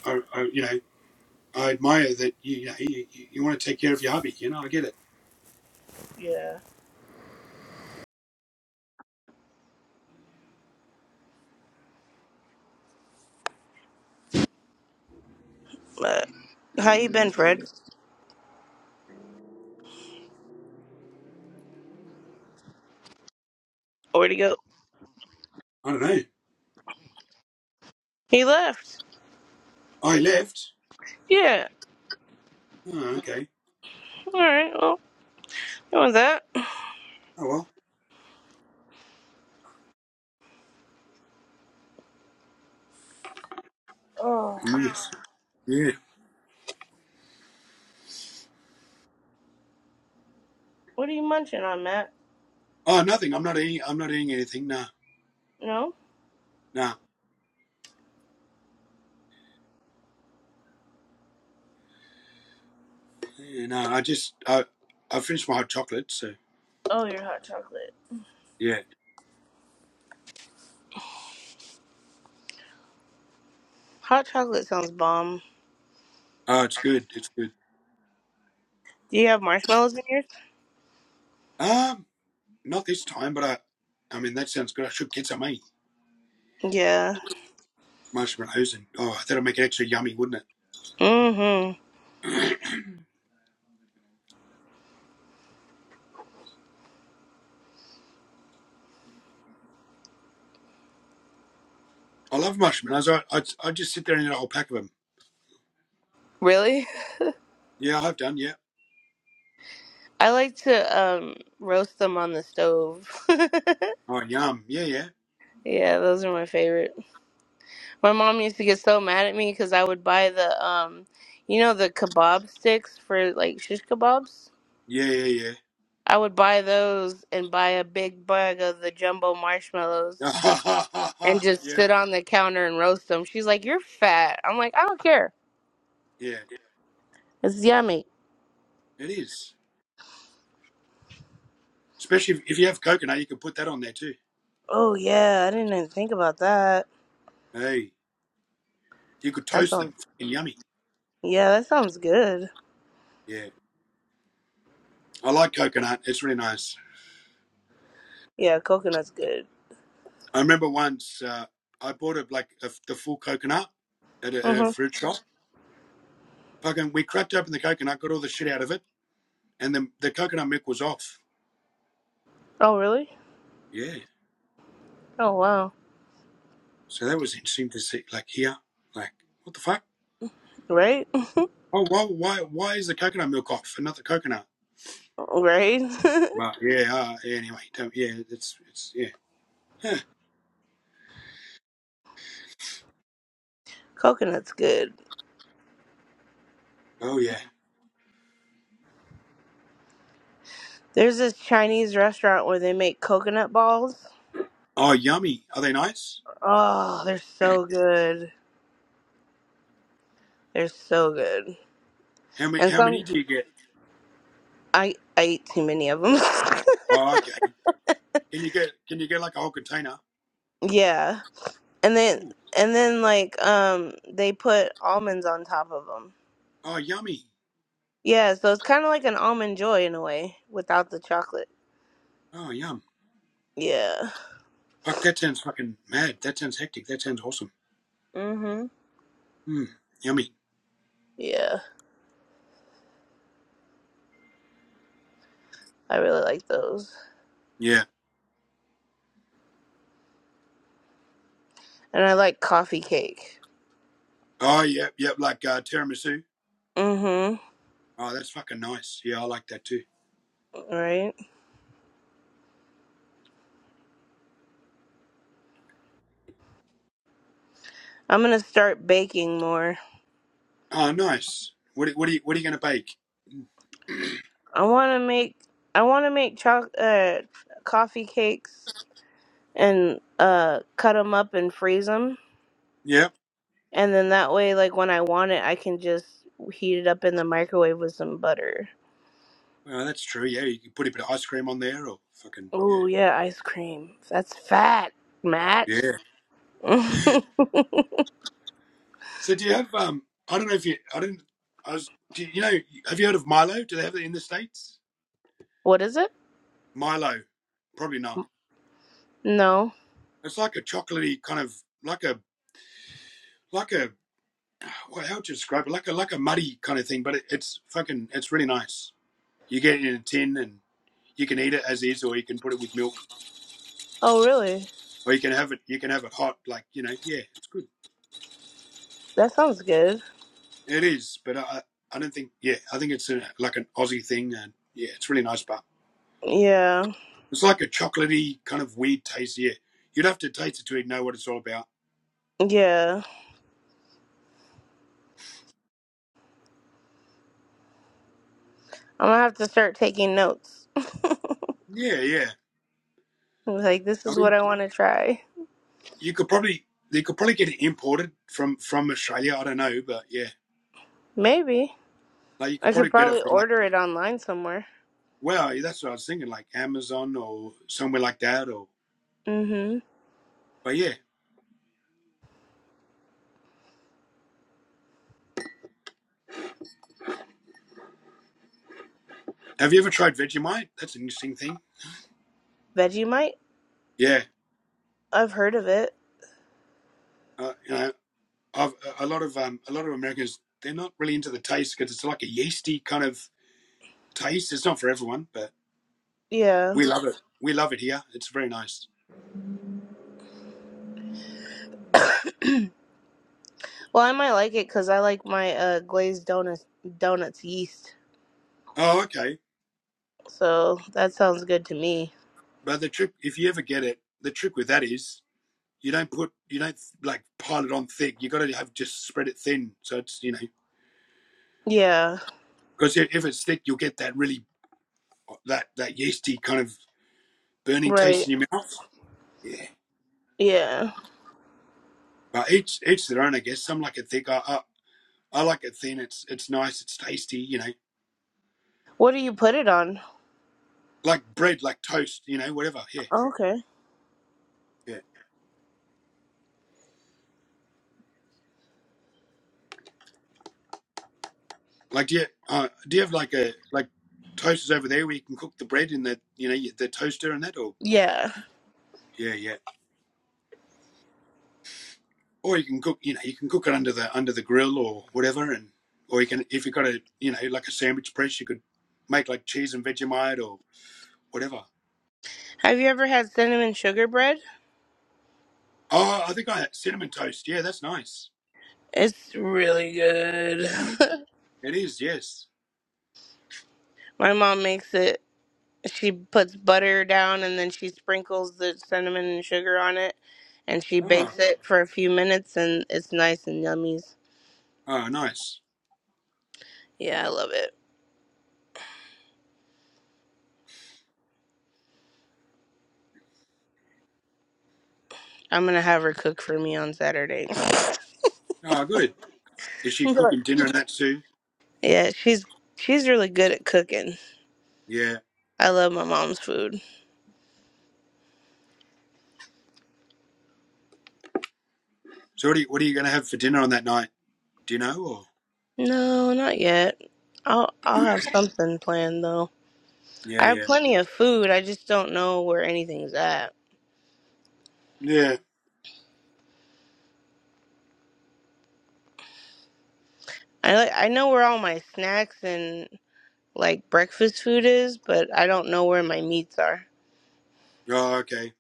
Speaker 1: I, I you know, I admire that you, you, know, you, you want to take care of your hubby. You know, I get it.
Speaker 2: Yeah. But how you been, Fred? Where'd he go?
Speaker 1: I don't know.
Speaker 2: He left.
Speaker 1: I left.
Speaker 2: Yeah.
Speaker 1: Oh, okay.
Speaker 2: All right. Well, you want that?
Speaker 1: Oh well.
Speaker 2: Oh,
Speaker 1: Mm, Yeah.
Speaker 2: what are you munching on, Matt?
Speaker 1: Oh, nothing. I'm not eating. I'm not eating anything. No,
Speaker 2: No.
Speaker 1: no, Yeah, no. I just I, I finished my hot chocolate. So
Speaker 2: Oh, your hot chocolate.
Speaker 1: yeah.
Speaker 2: Hot chocolate sounds bomb.
Speaker 1: Oh, it's good. It's good.
Speaker 2: Do you have marshmallows in yours?
Speaker 1: Um, not this time, but I, I mean, that sounds good. I should get some, eh?
Speaker 2: Yeah.
Speaker 1: Marshmallows and, oh, that'll make it extra yummy, wouldn't it?
Speaker 2: Mm-hmm.
Speaker 1: I love marshmallows. I, I, I just sit there and eat a whole pack of them.
Speaker 2: Really?
Speaker 1: Yeah, I've done, yeah.
Speaker 2: I like to um roast them on the stove.
Speaker 1: Oh, yum. Yeah, yeah.
Speaker 2: yeah, those are my favorite. My mom used to get so mad at me because I would buy the um, you know, the kebab sticks for like shish kebabs.
Speaker 1: Yeah, yeah,
Speaker 2: I would buy those and buy a big bag of the jumbo
Speaker 1: yeah.
Speaker 2: marshmallows and just
Speaker 1: yeah,
Speaker 2: sit on the counter and roast them. She's like, "You're fat." I'm like, "I don't care.
Speaker 1: yeah.
Speaker 2: It's yummy."
Speaker 1: It is. Especially if, if you have coconut, you can put that on there too.
Speaker 2: Oh yeah, I didn't even think about that.
Speaker 1: Hey, you could
Speaker 2: That
Speaker 1: toast
Speaker 2: sounds
Speaker 1: them. Fucking yummy.
Speaker 2: yeah, that sounds good.
Speaker 1: Yeah. I like coconut. It's really nice.
Speaker 2: Yeah, coconut's good.
Speaker 1: I remember once uh, I bought a, like a, the full coconut at a, at a
Speaker 2: Mhm.
Speaker 1: fruit shop. Fucking, we cracked open the coconut, got all the shit out of it, and then the coconut milk was off.
Speaker 2: Oh really?
Speaker 1: Yeah.
Speaker 2: Oh wow.
Speaker 1: So that was interesting to see. Like here, like what the fuck?
Speaker 2: Right?
Speaker 1: Oh, why, why, why is the coconut milk off and not the coconut?
Speaker 2: Right?
Speaker 1: But yeah, uh, yeah, anyway, don't, yeah, it's it's yeah. Huh.
Speaker 2: coconut's good.
Speaker 1: Oh yeah.
Speaker 2: There's this Chinese restaurant where they make coconut balls.
Speaker 1: Oh yummy. Are they nice?
Speaker 2: Oh, they're so good. They're so good.
Speaker 1: How many
Speaker 2: And
Speaker 1: how
Speaker 2: some
Speaker 1: many do you get?
Speaker 2: I I eat too many of them.
Speaker 1: Oh okay. Can you get can you get like a whole container?
Speaker 2: yeah. And then
Speaker 1: Ooh.
Speaker 2: and then like um they put almonds on top of them.
Speaker 1: Oh yummy.
Speaker 2: Yeah, so it's kind of like an almond joy in a way without the chocolate.
Speaker 1: Oh yum.
Speaker 2: Yeah.
Speaker 1: Fuck, that sounds fucking mad. That sounds hectic. That sounds awesome. Hmm. Yummy.
Speaker 2: Yeah, I really like those.
Speaker 1: Yeah.
Speaker 2: And I like coffee cake.
Speaker 1: Oh, yep, yep, like uh, tiramisu.
Speaker 2: Mm-hmm.
Speaker 1: Oh, that's fucking nice. Yeah, I like that too.
Speaker 2: Right. I'm gonna start baking more.
Speaker 1: Oh, nice. What are- what are you what are you gonna bake?
Speaker 2: I wanna make I wanna make choc uh coffee cakes and uh cut them up and freeze them.
Speaker 1: Yep.
Speaker 2: And then that way, like when I want it, I can just heat it up in the microwave with some butter.
Speaker 1: Well, that's true. Yeah, you can put a bit of ice cream on there, or fucking yeah,
Speaker 2: Oh yeah, ice cream. That's fat, Matt.
Speaker 1: yeah. So do you have um? I don't know if you. I didn't. I was. Do you, you know? Have you heard of Milo? Do they have it in the states?
Speaker 2: what is it?
Speaker 1: Milo, probably not.
Speaker 2: No.
Speaker 1: It's like a chocolatey kind of like a like a well, how would you describe it? Like a like a muddy kind of thing, but it, it's fucking it's really nice. You get it in a tin and you can eat it as is, or you can put it with milk.
Speaker 2: Oh really?
Speaker 1: or you can have it you can have it hot like you know yeah it's good
Speaker 2: That sounds good.
Speaker 1: it is but i i don't think yeah i think it's a, like an aussie thing and yeah it's really nice but
Speaker 2: Yeah.
Speaker 1: it's like a chocolatey kind of weird taste yeah you'd have to taste it to know what it's all about
Speaker 2: Yeah. I'm gonna have to start taking notes.
Speaker 1: yeah yeah
Speaker 2: I was like, this
Speaker 1: i
Speaker 2: is what
Speaker 1: mean
Speaker 2: I want to try.
Speaker 1: you could probably you could probably get it imported from from australia i don't know but yeah
Speaker 2: Maybe
Speaker 1: like you could
Speaker 2: I could
Speaker 1: probably get it
Speaker 2: probably
Speaker 1: from like
Speaker 2: order it online somewhere.
Speaker 1: well that's what i was thinking like amazon or somewhere like that or
Speaker 2: Mm-hmm.
Speaker 1: but yeah have you ever tried vegemite that's an interesting thing
Speaker 2: Vegemite.
Speaker 1: yeah
Speaker 2: I've heard of it.
Speaker 1: uh, you know I've, a lot of um, a lot of Americans they're not really into the taste because it's like a yeasty kind of taste. It's not for everyone, but
Speaker 2: Yeah.
Speaker 1: we love it. We love it here. It's very nice.
Speaker 2: well, I might like it because I like my uh, glazed donuts donuts yeast.
Speaker 1: Oh, okay.
Speaker 2: So that sounds good to me.
Speaker 1: But the trick, if you ever get it, the trick with that is you don't put you don't like pile it on thick. You got to have just spread it thin. So it's you know
Speaker 2: Yeah.
Speaker 1: because if it's thick, you'll get that really that that yeasty kind of burning taste
Speaker 2: Right.
Speaker 1: in your mouth. Yeah.
Speaker 2: Yeah.
Speaker 1: But each each their own, I guess. Some like it thick. I I, I like it thin. It's it's nice. It's tasty. You know
Speaker 2: What do you put it on?
Speaker 1: like bread, like toast, you know, whatever. Yeah,
Speaker 2: Okay.
Speaker 1: yeah. Like, do you, uh, do you have like a like toasters over there where you can cook the bread in the you know the toaster and that, or
Speaker 2: Yeah.
Speaker 1: yeah, yeah. Or you can cook, you know, you can cook it under the under the grill or whatever, and or you can if you got a you know like a sandwich press, you could make like cheese and Vegemite or whatever.
Speaker 2: Have you ever had cinnamon sugar bread?
Speaker 1: Oh, I think I had cinnamon toast. Yeah, that's nice.
Speaker 2: It's really good.
Speaker 1: It is, yes.
Speaker 2: my mom makes it she puts butter down and then she sprinkles the cinnamon and sugar on it and she
Speaker 1: Oh,
Speaker 2: bakes it for a few minutes and it's nice and yummies.
Speaker 1: oh, nice.
Speaker 2: Yeah, I love it. I'm gonna have her cook for me on Saturday.
Speaker 1: Oh, good. Is she
Speaker 2: Really?
Speaker 1: cooking dinner and that too?
Speaker 2: yeah, she's she's really good at cooking.
Speaker 1: Yeah.
Speaker 2: I love my mom's food.
Speaker 1: So what are you, what are you going to have for dinner on that night? Do you know? Or
Speaker 2: No, not yet. I'll I'll have something planned though.
Speaker 1: yeah,
Speaker 2: I have
Speaker 1: yeah,
Speaker 2: plenty of food. I just don't know where anything's at.
Speaker 1: yeah.
Speaker 2: I like I know where all my snacks and like breakfast food is, but I don't know where my meats are.
Speaker 1: Oh, okay.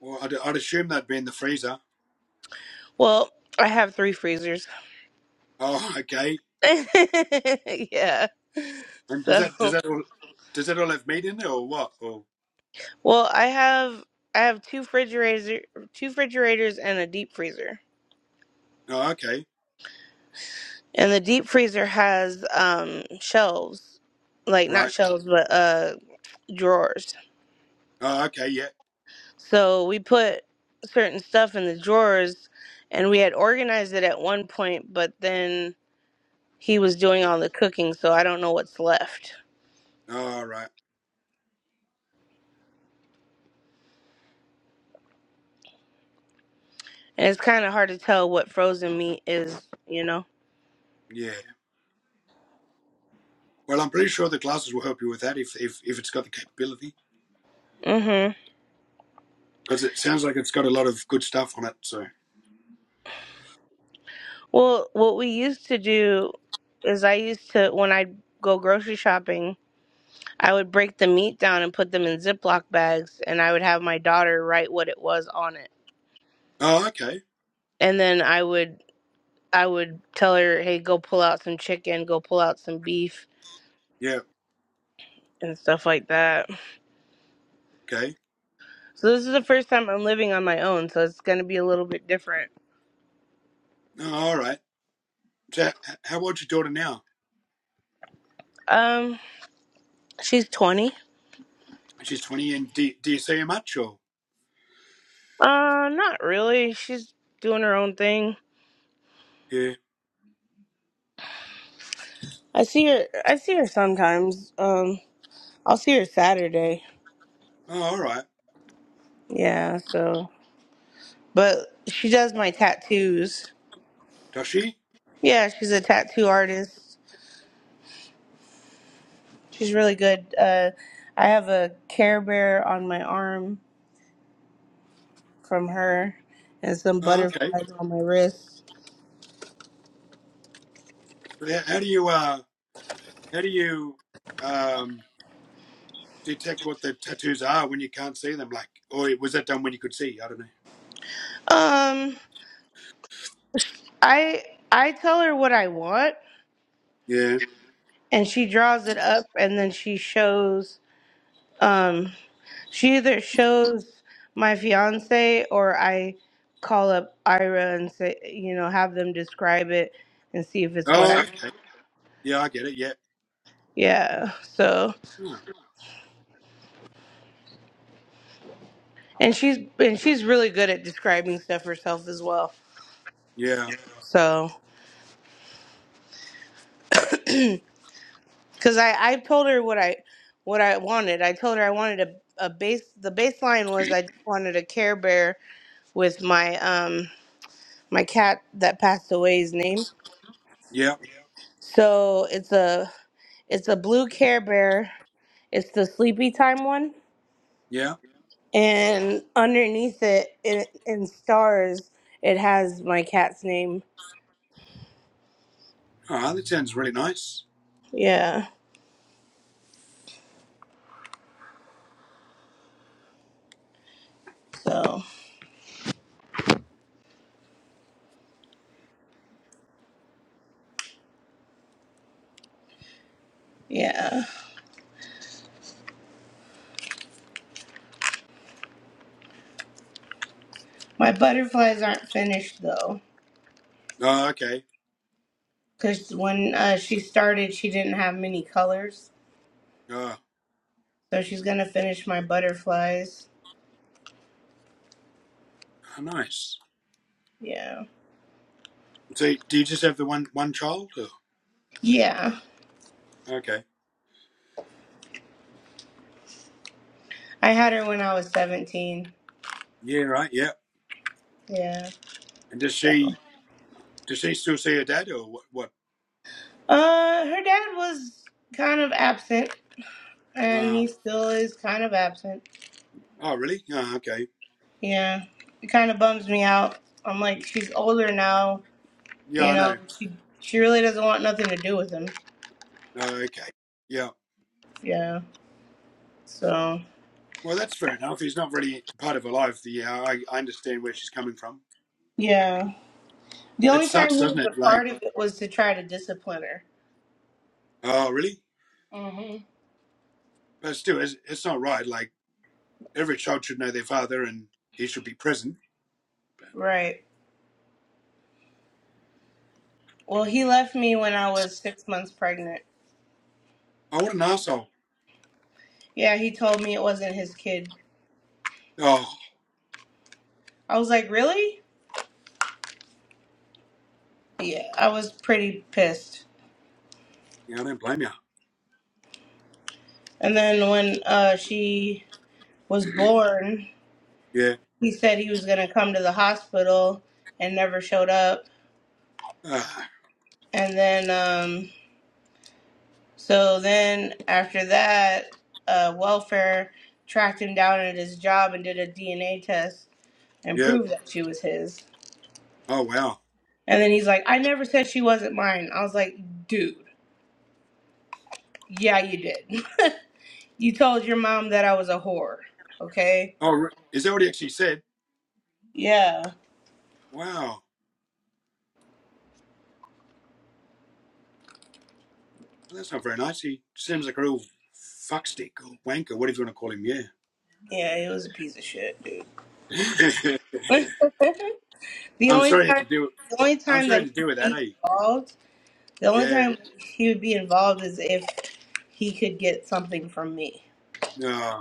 Speaker 1: Well, I'd, I'd assume that'd be in the freezer.
Speaker 2: Well, I have three freezers.
Speaker 1: Oh, okay.
Speaker 2: yeah.
Speaker 1: And does
Speaker 2: So,
Speaker 1: that does that all does that all have meat in there or what? Or
Speaker 2: well, I have I have two refrigerators, two refrigerators and a deep freezer.
Speaker 1: oh, okay,
Speaker 2: And the deep freezer has um shelves, like not
Speaker 1: right.
Speaker 2: shelves, but uh drawers.
Speaker 1: Oh, okay, yeah.
Speaker 2: So, we put certain stuff in the drawers and we had organized it at one point, but then he was doing all the cooking, so I don't know what's left.
Speaker 1: All right,
Speaker 2: And It's kind of hard to tell what frozen meat is, you know.
Speaker 1: yeah. Well, I'm pretty sure the glasses will help you with that if if if it's got the capability
Speaker 2: Mhm.
Speaker 1: because it sounds like it's got a lot of good stuff on it. So
Speaker 2: Well, what we used to do is I used to when I'd go grocery shopping, I would break the meat down and put them in Ziploc bags and I would have my daughter write what it was on it.
Speaker 1: oh, okay,
Speaker 2: And then I would I would tell her, "Hey, go pull out some chicken, go pull out some beef."
Speaker 1: yeah,
Speaker 2: And stuff like that.
Speaker 1: okay.
Speaker 2: So this is the first time I'm living on my own, so it's gonna be a little bit different.
Speaker 1: Oh, all right. So, h- how old's your daughter now?
Speaker 2: Um, she's 20.
Speaker 1: She's twenty, and do, do you see her much or?
Speaker 2: Uh, not really. She's doing her own thing.
Speaker 1: Yeah.
Speaker 2: I see her. I see her sometimes. Um, I'll see her Saturday.
Speaker 1: Oh, all right.
Speaker 2: Yeah. So, but she does my tattoos.
Speaker 1: Does she?
Speaker 2: Yeah, she's a tattoo artist. She's really good. Uh, I have a Care Bear on my arm from her, and some
Speaker 1: Oh, okay.
Speaker 2: butterflies on my wrist.
Speaker 1: How how do you uh how do you um detect what the tattoos are when you can't see them? Like, or was that done when you could see? I don't know.
Speaker 2: Um, I I tell her what I want,
Speaker 1: Yeah.
Speaker 2: and she draws it up, and then she shows. Um, She either shows my fiance or I call up Ira and say, you know, have them describe it and see if it's what
Speaker 1: Oh,
Speaker 2: I.
Speaker 1: okay. Yeah, I get it. Yeah.
Speaker 2: Yeah. So,
Speaker 1: Oh,
Speaker 2: and she's and she's really good at describing stuff herself as well.
Speaker 1: yeah.
Speaker 2: So, because I I told her what I what I wanted. I told her I wanted a a base. The baseline was I just wanted a Care Bear with my um my cat that passed away's name.
Speaker 1: Yeah.
Speaker 2: So it's a it's a blue Care Bear It's the sleepy time one,
Speaker 1: Yeah.
Speaker 2: and underneath it, in, in stars, it has my cat's name.
Speaker 1: Oh, that sounds really nice.
Speaker 2: Yeah. So yeah, my butterflies aren't finished though,
Speaker 1: Oh, okay.
Speaker 2: because when uh, she started, she didn't have many colors.
Speaker 1: Oh,
Speaker 2: So she's gonna finish my butterflies.
Speaker 1: oh, nice.
Speaker 2: Yeah.
Speaker 1: So, do you just have the one one child? Or?
Speaker 2: Yeah.
Speaker 1: Okay.
Speaker 2: I had her when I was seventeen.
Speaker 1: Yeah. Right. Yeah.
Speaker 2: Yeah.
Speaker 1: And does
Speaker 2: So.
Speaker 1: she does she still see her dad or what? What?
Speaker 2: Uh, her dad was kind of absent, and
Speaker 1: Uh,
Speaker 2: he still is kind of absent.
Speaker 1: oh, really? Oh, okay.
Speaker 2: Yeah, it kind of bums me out. I'm like, she's older now,
Speaker 1: Yeah,
Speaker 2: you
Speaker 1: I know.
Speaker 2: know. She she really doesn't want nothing to do with him.
Speaker 1: Oh, okay. Yeah.
Speaker 2: Yeah. So
Speaker 1: Well, that's fair enough. He's not really part of her life. Yeah, I, I understand where she's coming from.
Speaker 2: yeah, the
Speaker 1: It
Speaker 2: only
Speaker 1: sucks,
Speaker 2: time he
Speaker 1: doesn't
Speaker 2: was
Speaker 1: it?
Speaker 2: a
Speaker 1: Like,
Speaker 2: part of it was to try to discipline her.
Speaker 1: oh, really?
Speaker 2: hmm
Speaker 1: But still, it's, it's not right. Like, every child should know their father and he should be present.
Speaker 2: Right. Well, he left me when I was six months pregnant.
Speaker 1: Oh, what an asshole.
Speaker 2: Yeah, he told me it wasn't his kid.
Speaker 1: Oh,
Speaker 2: I was like, really? Yeah, I was pretty pissed.
Speaker 1: yeah, I don't blame you.
Speaker 2: And then when uh, she was born,
Speaker 1: Yeah.
Speaker 2: he said he was gonna come to the hospital and never showed up.
Speaker 1: Uh,
Speaker 2: And then, um, so then after that, uh, welfare tracked him down at his job and did a DNA test and
Speaker 1: yeah.
Speaker 2: proved that she was his.
Speaker 1: Oh, wow.
Speaker 2: And then he's like, I never said she wasn't mine. I was like, dude, yeah, you did. you told your mom that I was a whore, okay?
Speaker 1: Oh, re- is that what he actually said?
Speaker 2: Yeah.
Speaker 1: Wow. Well, that's not very nice. He seems like a real fuckstick or wanker, whatever you want to call him. Yeah.
Speaker 2: Yeah, it was a piece of shit, dude. the
Speaker 1: I'm
Speaker 2: only
Speaker 1: sorry you had
Speaker 2: time,
Speaker 1: to do.
Speaker 2: the only
Speaker 1: I'm
Speaker 2: time
Speaker 1: sorry you
Speaker 2: that
Speaker 1: had to
Speaker 2: he
Speaker 1: deal with
Speaker 2: would
Speaker 1: that,
Speaker 2: be
Speaker 1: eh?
Speaker 2: involved, the only
Speaker 1: Yeah.
Speaker 2: time he would be involved is if he could get something from me.
Speaker 1: No.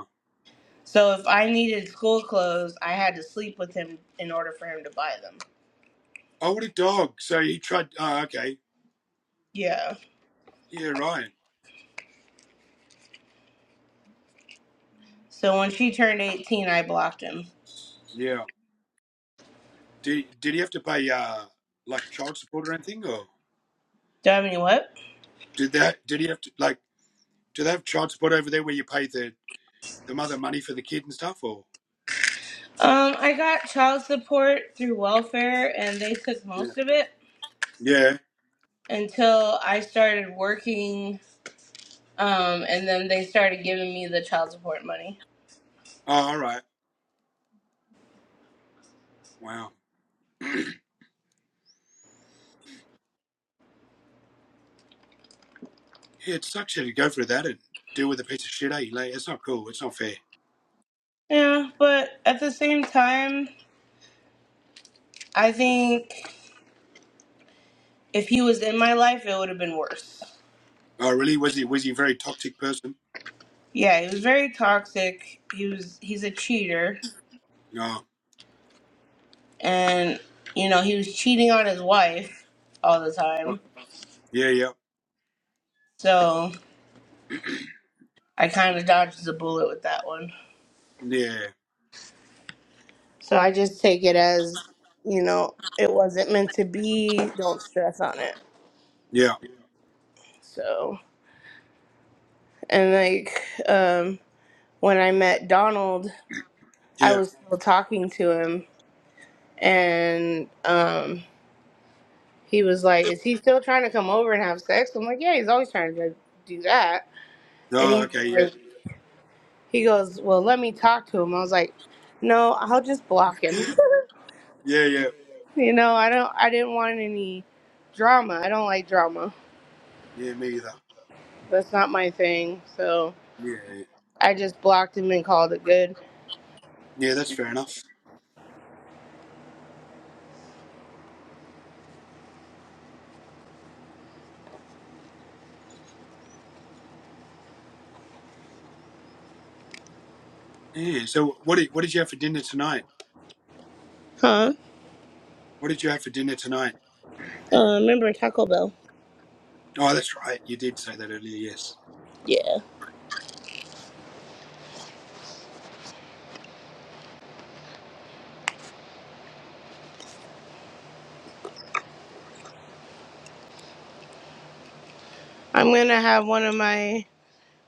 Speaker 2: So if I needed school clothes, I had to sleep with him in order for him to buy them.
Speaker 1: Oh, what a dog! So he tried. Oh, okay.
Speaker 2: Yeah.
Speaker 1: Yeah, Ryan.
Speaker 2: So when she turned 18, I blocked him.
Speaker 1: Yeah. Did did he have to pay uh like child support or anything, or
Speaker 2: Do I have any what?
Speaker 1: did that? Did he have to like? Do they have child support over there where you pay the the mother money for the kid and stuff, or?
Speaker 2: Um, I got child support through welfare, and they took
Speaker 1: Yeah.
Speaker 2: most of it
Speaker 1: Yeah.
Speaker 2: until I started working, um, and then they started giving me the child support money.
Speaker 1: Oh, all right. Wow. Yeah, it sucks you to go through that and deal with a piece of shit, eh? Like, it's not cool. It's not fair.
Speaker 2: Yeah, but at the same time, I think if he was in my life, it would have been worse.
Speaker 1: Oh, really? Was he was he a very toxic person?
Speaker 2: Yeah, he was very toxic. He was he's a cheater
Speaker 1: No. Oh,
Speaker 2: and you know he was cheating on his wife all the
Speaker 1: right.
Speaker 2: time
Speaker 1: yeah. Yeah.
Speaker 2: so i kind of dodged the bullet with that one
Speaker 1: Yeah.
Speaker 2: so i just take it as you know it wasn't meant to be don't stress on it
Speaker 1: Yeah.
Speaker 2: so and like um when i met donald i
Speaker 1: Yeah.
Speaker 2: was still talking to him and um he was like is he still trying to come over and have sex i'm like yeah he's always trying to do that and
Speaker 1: Oh,
Speaker 2: he's
Speaker 1: okay. Yeah.
Speaker 2: like He goes, "Well, let me talk to him." I was like, "No, I'll just block him."
Speaker 1: yeah. Yeah.
Speaker 2: you know, I don't I didn't want any drama. I don't like drama.
Speaker 1: Yeah. Me either.
Speaker 2: That's not my thing. So,
Speaker 1: Yeah.
Speaker 2: I just blocked him and called it good.
Speaker 1: Yeah, that's fair enough. Yeah. So what did what did you have for dinner tonight?
Speaker 2: Huh?
Speaker 1: What did you have for dinner tonight?
Speaker 2: Uh, remember Taco Bell?
Speaker 1: Oh, that's right. You did say that earlier. Yes.
Speaker 2: Yeah. I'm going to have one of my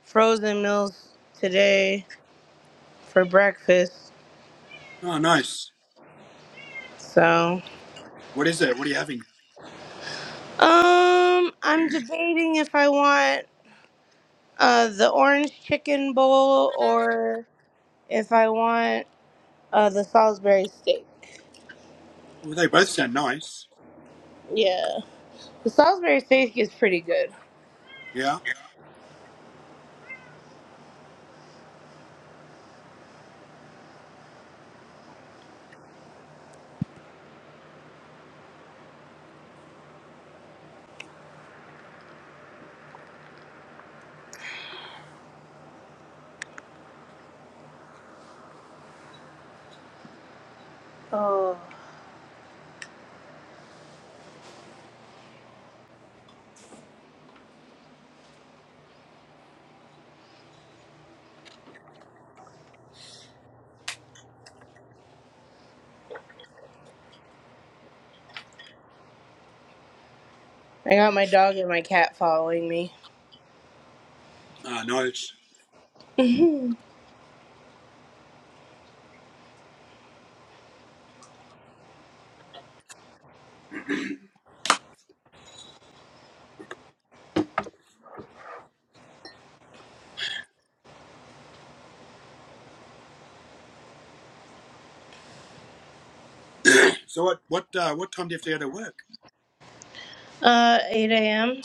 Speaker 2: frozen meals today for breakfast.
Speaker 1: Oh, nice.
Speaker 2: So,
Speaker 1: What is it? What are you having?
Speaker 2: um, I'm debating if I want uh, the orange chicken bowl or if I want Uh, the Salisbury steak.
Speaker 1: Well, they both sound nice.
Speaker 2: Yeah, the Salisbury steak is pretty good.
Speaker 1: Yeah.
Speaker 2: Oh, I got my dog and my cat following me.
Speaker 1: Ah, nice. So what what uh, what time do you have to go to work?
Speaker 2: uh, eight a.m.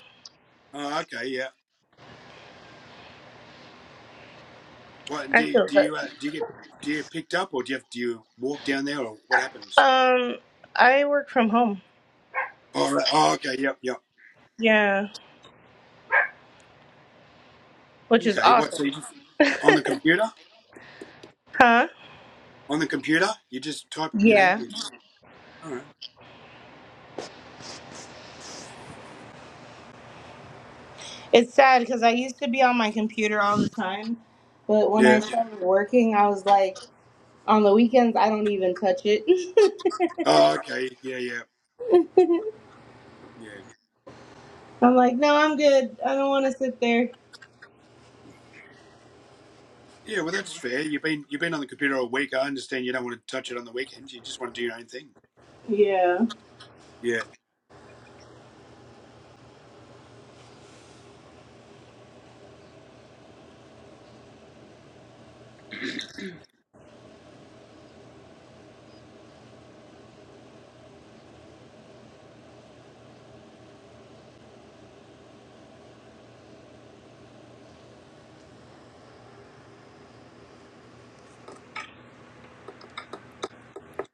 Speaker 1: Oh, okay. Yeah. What and do
Speaker 2: I
Speaker 1: you,
Speaker 2: feel
Speaker 1: do
Speaker 2: good.
Speaker 1: you uh, do you get do you get picked up or do you have, do you walk down there or what happens?
Speaker 2: Um, I work from home.
Speaker 1: Oh, right. oh okay. Yep. Yep.
Speaker 2: Yeah, which is
Speaker 1: Okay. What?
Speaker 2: awesome.
Speaker 1: So you just on the computer?
Speaker 2: Huh?
Speaker 1: On the computer? You just type. You know.
Speaker 2: Yeah.
Speaker 1: You. All right.
Speaker 2: It's sad because I used to be on my computer all the time, but when I
Speaker 1: Yeah.
Speaker 2: started working, I was like, on the weekends, I don't even touch it.
Speaker 1: Oh, okay. Yeah. Yeah. Yeah.
Speaker 2: I'm like, no, I'm good. I don't want to sit there.
Speaker 1: Yeah, well, that's fair. You've been you've been on the computer all week. I understand you don't want to touch it on the weekends. You just want to do your own thing.
Speaker 2: Yeah.
Speaker 1: Yeah.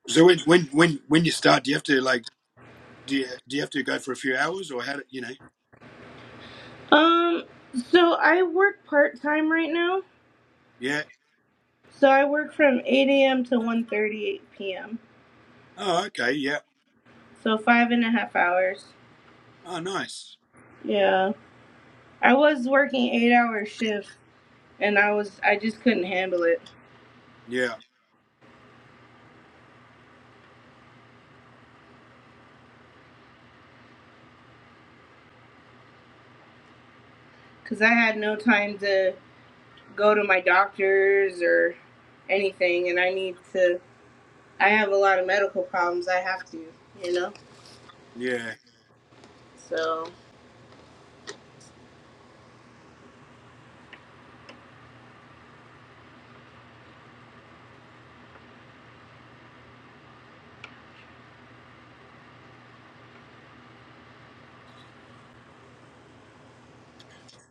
Speaker 1: So when when when when you start, do you have to like do you, do you have to go for a few hours or how do you know?
Speaker 2: Um, so I work part time right now.
Speaker 1: Yeah.
Speaker 2: So I work from 8 a.m. to 1:38 p.m.
Speaker 1: Oh, okay. Yeah.
Speaker 2: So five and a half hours.
Speaker 1: Oh, nice.
Speaker 2: Yeah, I was working eight hour shifts, and I was I just couldn't handle it
Speaker 1: Yeah.
Speaker 2: because I had no time to go to my doctors or anything, and I need to. I have a lot of medical problems. I have to, you know.
Speaker 1: Yeah.
Speaker 2: So,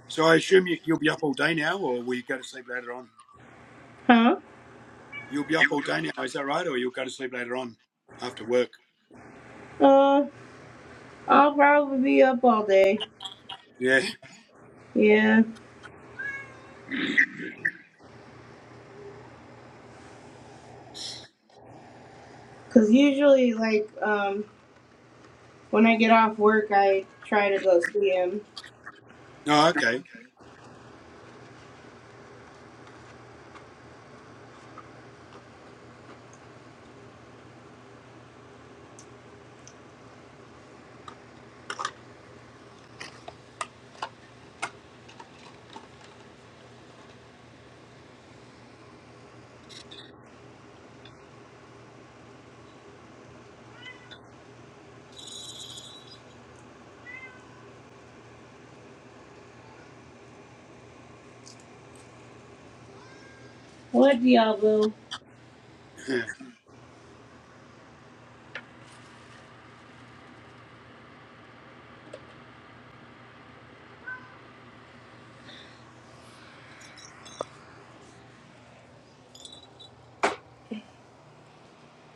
Speaker 1: So I assume you, you'll be up all day now, or will you go to sleep later on?
Speaker 2: huh?
Speaker 1: You'll be up all day now, is that right? Or you'll go to sleep later on after work?
Speaker 2: Uh, I'll probably be up all day.
Speaker 1: Yeah.
Speaker 2: Yeah. Cause usually, like, um. When I get off work, I try to go see him.
Speaker 1: Oh, okay.
Speaker 2: What Diablo?
Speaker 1: yeah.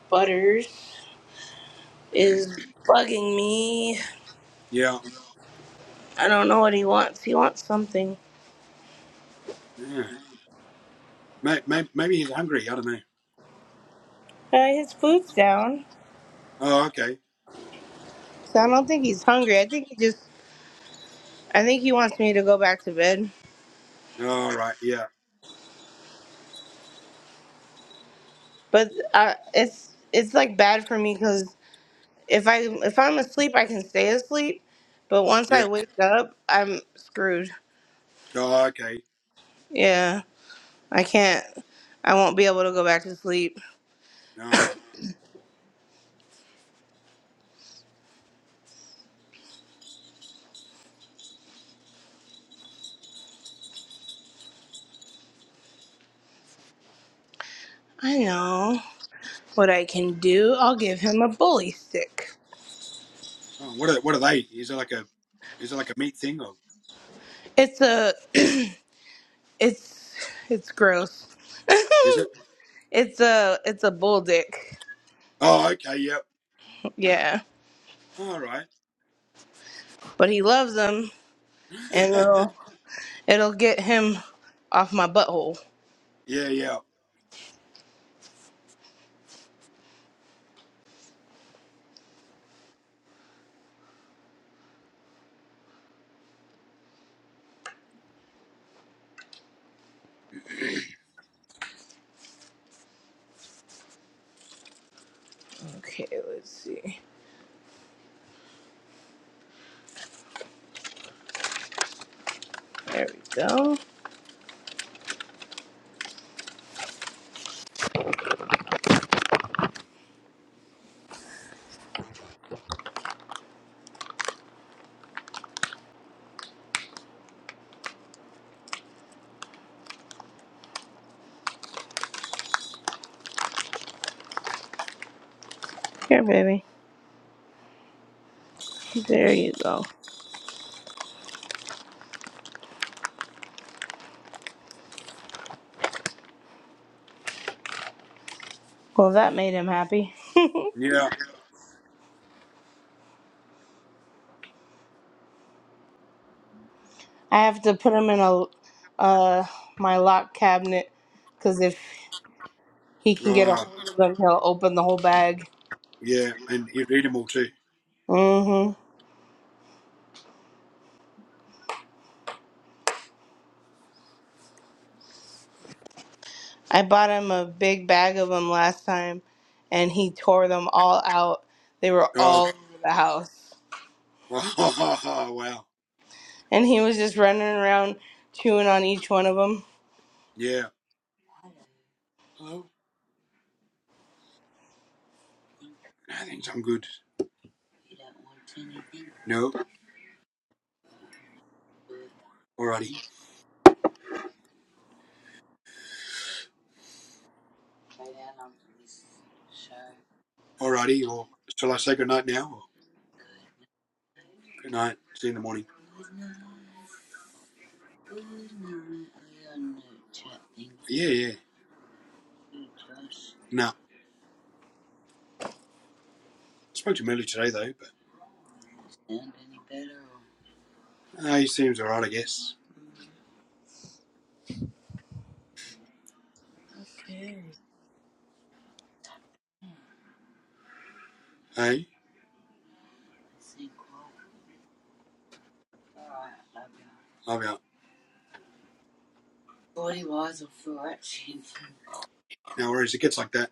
Speaker 2: Butters is bugging me.
Speaker 1: yeah.
Speaker 2: I don't know what he wants. He wants something.
Speaker 1: Yeah. May- may- Maybe he's hungry. I don't know.
Speaker 2: Uh, his food's down,
Speaker 1: Oh, okay.
Speaker 2: so I don't think he's hungry. I think he just. I think he wants me to go back to bed.
Speaker 1: All right. Yeah.
Speaker 2: But uh, it's it's like bad for me because if I if I'm asleep, I can stay asleep. But once
Speaker 1: Yeah.
Speaker 2: I wake up, I'm screwed.
Speaker 1: Oh, okay.
Speaker 2: Yeah, I can't. I won't be able to go back to sleep.
Speaker 1: Ah,
Speaker 2: I know. what I can do, I'll give him a bully stick.
Speaker 1: oh, what are what are they? Is it like a is it like a meat thing or
Speaker 2: It's a it's it's gross.
Speaker 1: is it?
Speaker 2: it's a it's a bull dick.
Speaker 1: Oh, okay. Yep.
Speaker 2: Yeah.
Speaker 1: All right.
Speaker 2: But he loves them and it'll it'll get him off my butthole.
Speaker 1: yeah, yeah,
Speaker 2: Okay, let's see. There we go. Here baby. There you go. Well that made him happy. I
Speaker 1: yeah.
Speaker 2: have to put him in a uh my lock cabinet because if he can get a
Speaker 1: Oh,
Speaker 2: hold of them, he'll open the whole bag.
Speaker 1: yeah. And he eat them all too.
Speaker 2: hmm I bought him a big bag of them last time, and he tore them all out. They were all
Speaker 1: Oh,
Speaker 2: over the house,
Speaker 1: Oh, wow.
Speaker 2: and he was just running around chewing on each one of them.
Speaker 1: Yeah. Hello. I think I'm good. No. Alrighty. Alrighty. Or shall I say good night now? Or good night. See you in the morning. Yeah, yeah. No. I spoke to him earlier today though, but uh, he seems alright, I guess. Hey. Love out. No worries. It gets like that.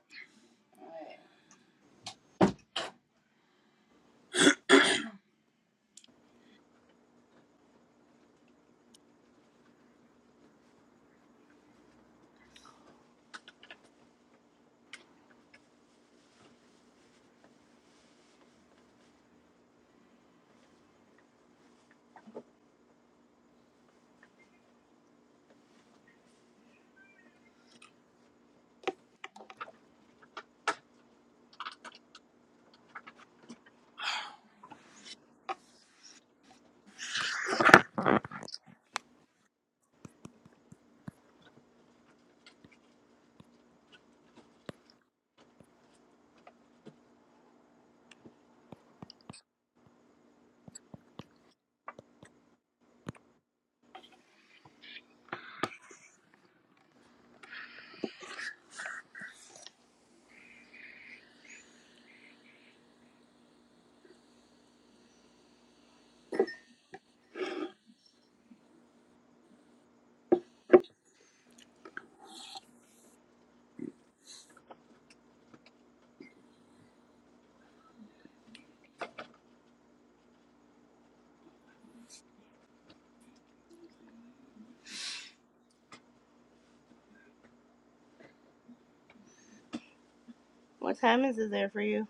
Speaker 2: What time is it there for you?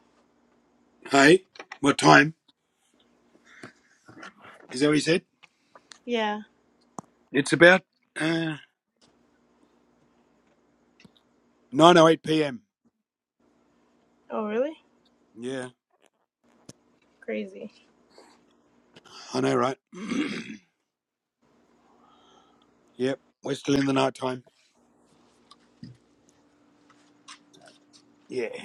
Speaker 1: Hey. What time? Is that what he said?
Speaker 2: Yeah.
Speaker 1: It's about Uh, 9.08 p.m.
Speaker 2: Oh, really?
Speaker 1: Yeah,
Speaker 2: Crazy.
Speaker 1: I know, right? yep, we're still in the night time. Yeah.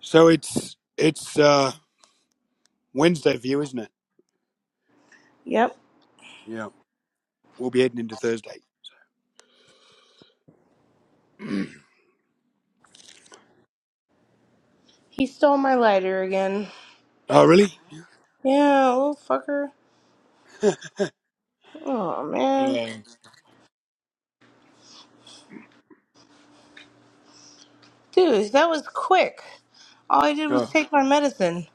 Speaker 1: So it's it's uh, Wednesday view, isn't it?
Speaker 2: Yep.
Speaker 1: Yeah, we'll be heading into Thursday.
Speaker 2: He stole my lighter again.
Speaker 1: Oh, really?
Speaker 2: Yeah, little fucker. Oh man,
Speaker 1: Yeah.
Speaker 2: dude, that was quick. All I did was
Speaker 1: Oh.
Speaker 2: take my medicine.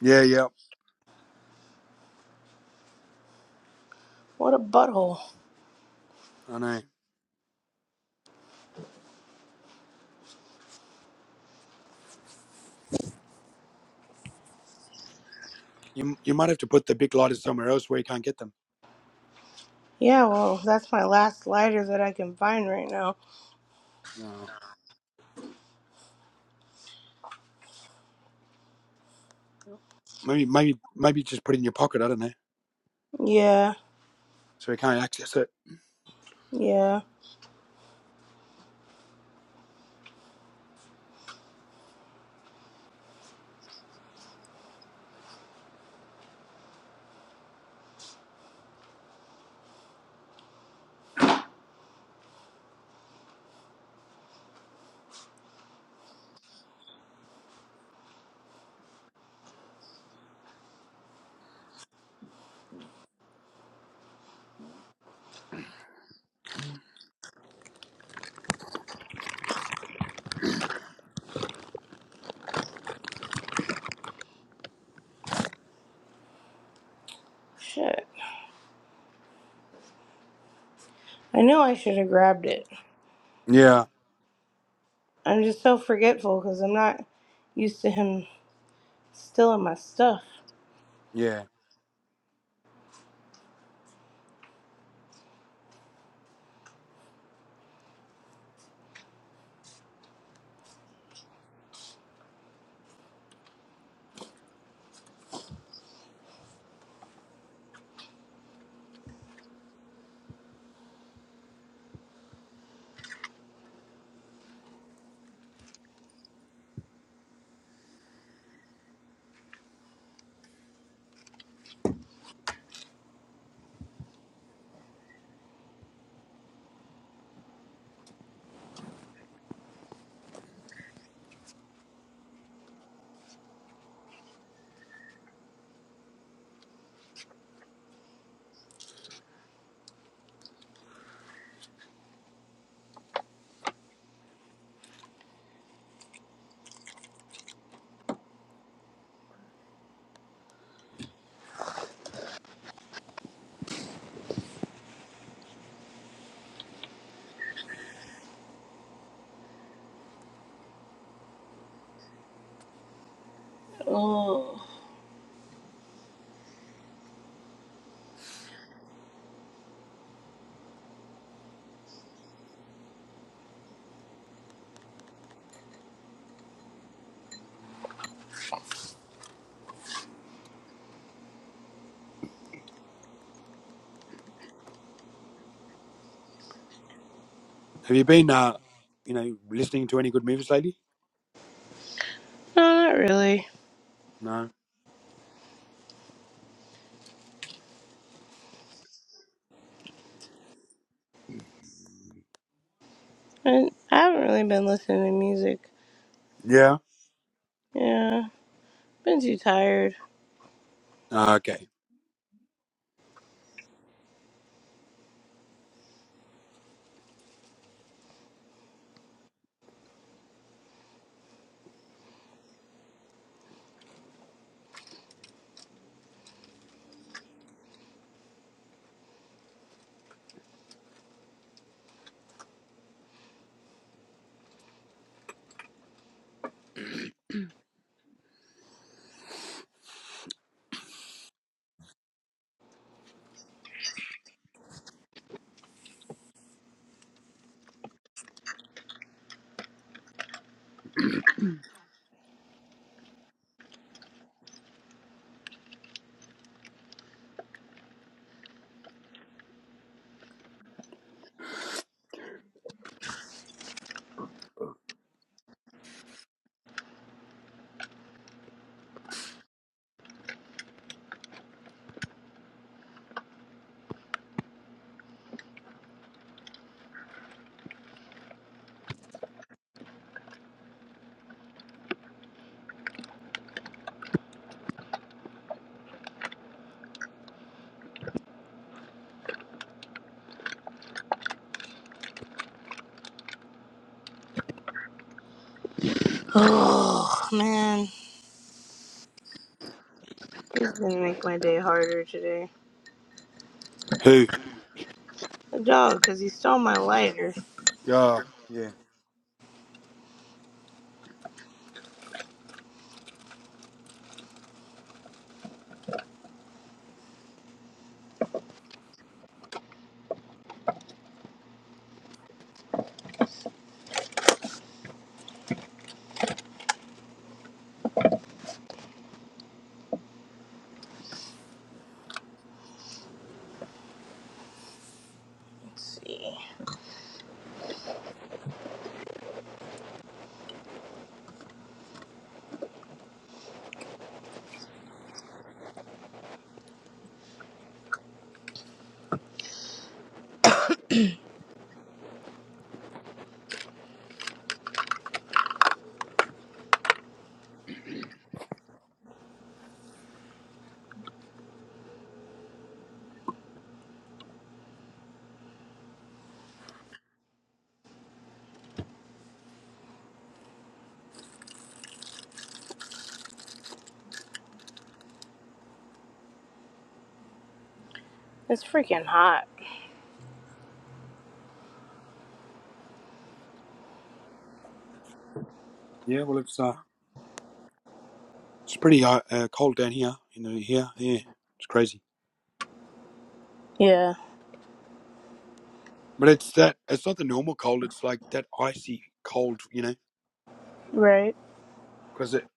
Speaker 1: Yeah, yeah,
Speaker 2: What a butthole.
Speaker 1: I know. You, you might have to put the big lighters somewhere else where you can't get them.
Speaker 2: Yeah, well, that's my last lighter that I can find right now.
Speaker 1: No. Maybe, maybe, maybe just put it in your pocket, I don't know,
Speaker 2: Yeah.
Speaker 1: so you can't access it.
Speaker 2: Yeah. Shit. I knew I should have grabbed it.
Speaker 1: Yeah,
Speaker 2: I'm just so forgetful because I'm not used to him stealing my stuff.
Speaker 1: yeah.
Speaker 2: Oh.
Speaker 1: Have you been, uh, you know, listening to any good movies lately?
Speaker 2: No, not really.
Speaker 1: No.
Speaker 2: I, I haven't really been listening to music.
Speaker 1: Yeah.
Speaker 2: Yeah. Been too tired.
Speaker 1: Ah, Okay.
Speaker 2: Oh, man. This is gonna make my day harder today.
Speaker 1: Who?
Speaker 2: The dog, because he stole my lighter.
Speaker 1: Yeah, yeah.
Speaker 2: Let's see. It's freaking hot.
Speaker 1: Yeah. Well, it's uh, it's pretty uh, uh cold down here. You know, here, yeah, it's crazy.
Speaker 2: Yeah.
Speaker 1: But it's that. It's not the normal cold. It's like that icy cold. You know,
Speaker 2: Right.
Speaker 1: because it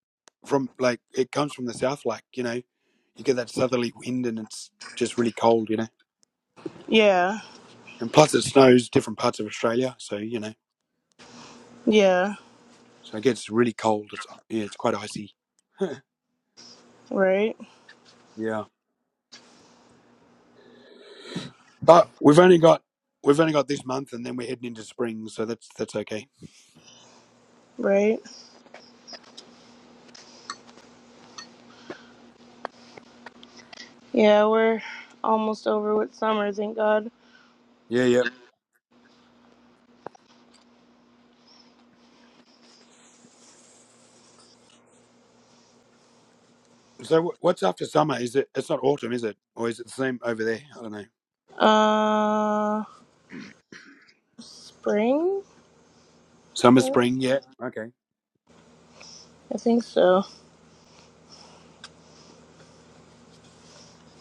Speaker 1: from like it comes from the south. Like you know, you get that southerly wind, and it's just really cold. You know,
Speaker 2: Yeah.
Speaker 1: and plus it snows different parts of Australia. So you know,
Speaker 2: Yeah.
Speaker 1: so it gets really cold. It's yeah, it's quite icy.
Speaker 2: Right.
Speaker 1: yeah. But we've only got we've only got this month, and then we're heading into spring. So that's that's okay.
Speaker 2: Right. Yeah, we're almost over with summer, thank God.
Speaker 1: So wh- what's after summer? Is it? It's not autumn, is it? Or is it the same over there? I don't know.
Speaker 2: Uh, spring?
Speaker 1: Summer,
Speaker 2: I
Speaker 1: spring, yeah. Okay.
Speaker 2: think so.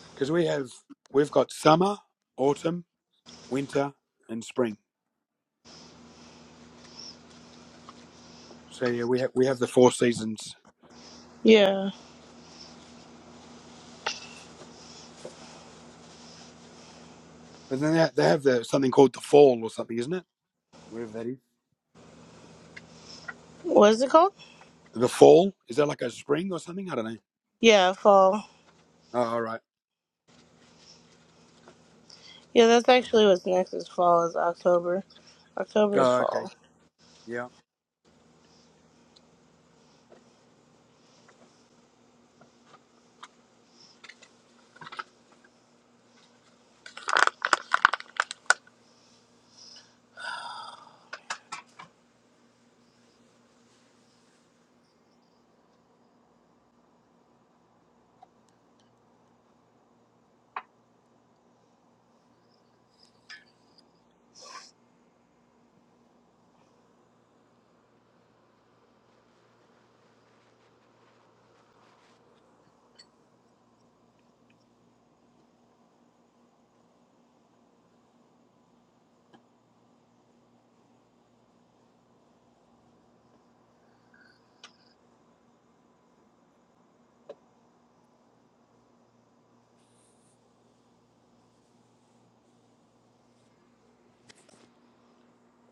Speaker 1: Because we have we've got summer, autumn, winter, and spring. So yeah, we have we have the four seasons.
Speaker 2: Yeah.
Speaker 1: But then they ha- they have the something called the fall or something, isn't it? Whatever that is.
Speaker 2: What is it called?
Speaker 1: The fall is that like a spring or something? I don't know.
Speaker 2: Yeah, fall.
Speaker 1: Oh, all right.
Speaker 2: Yeah, that's actually what's next is fall is October. October is
Speaker 1: Oh, okay.
Speaker 2: fall.
Speaker 1: Yeah.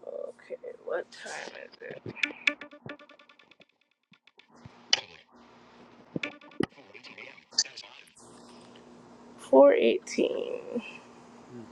Speaker 2: Okay, what time is it? 418.
Speaker 1: Hmm.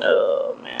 Speaker 2: Oh man.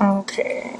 Speaker 2: Okay.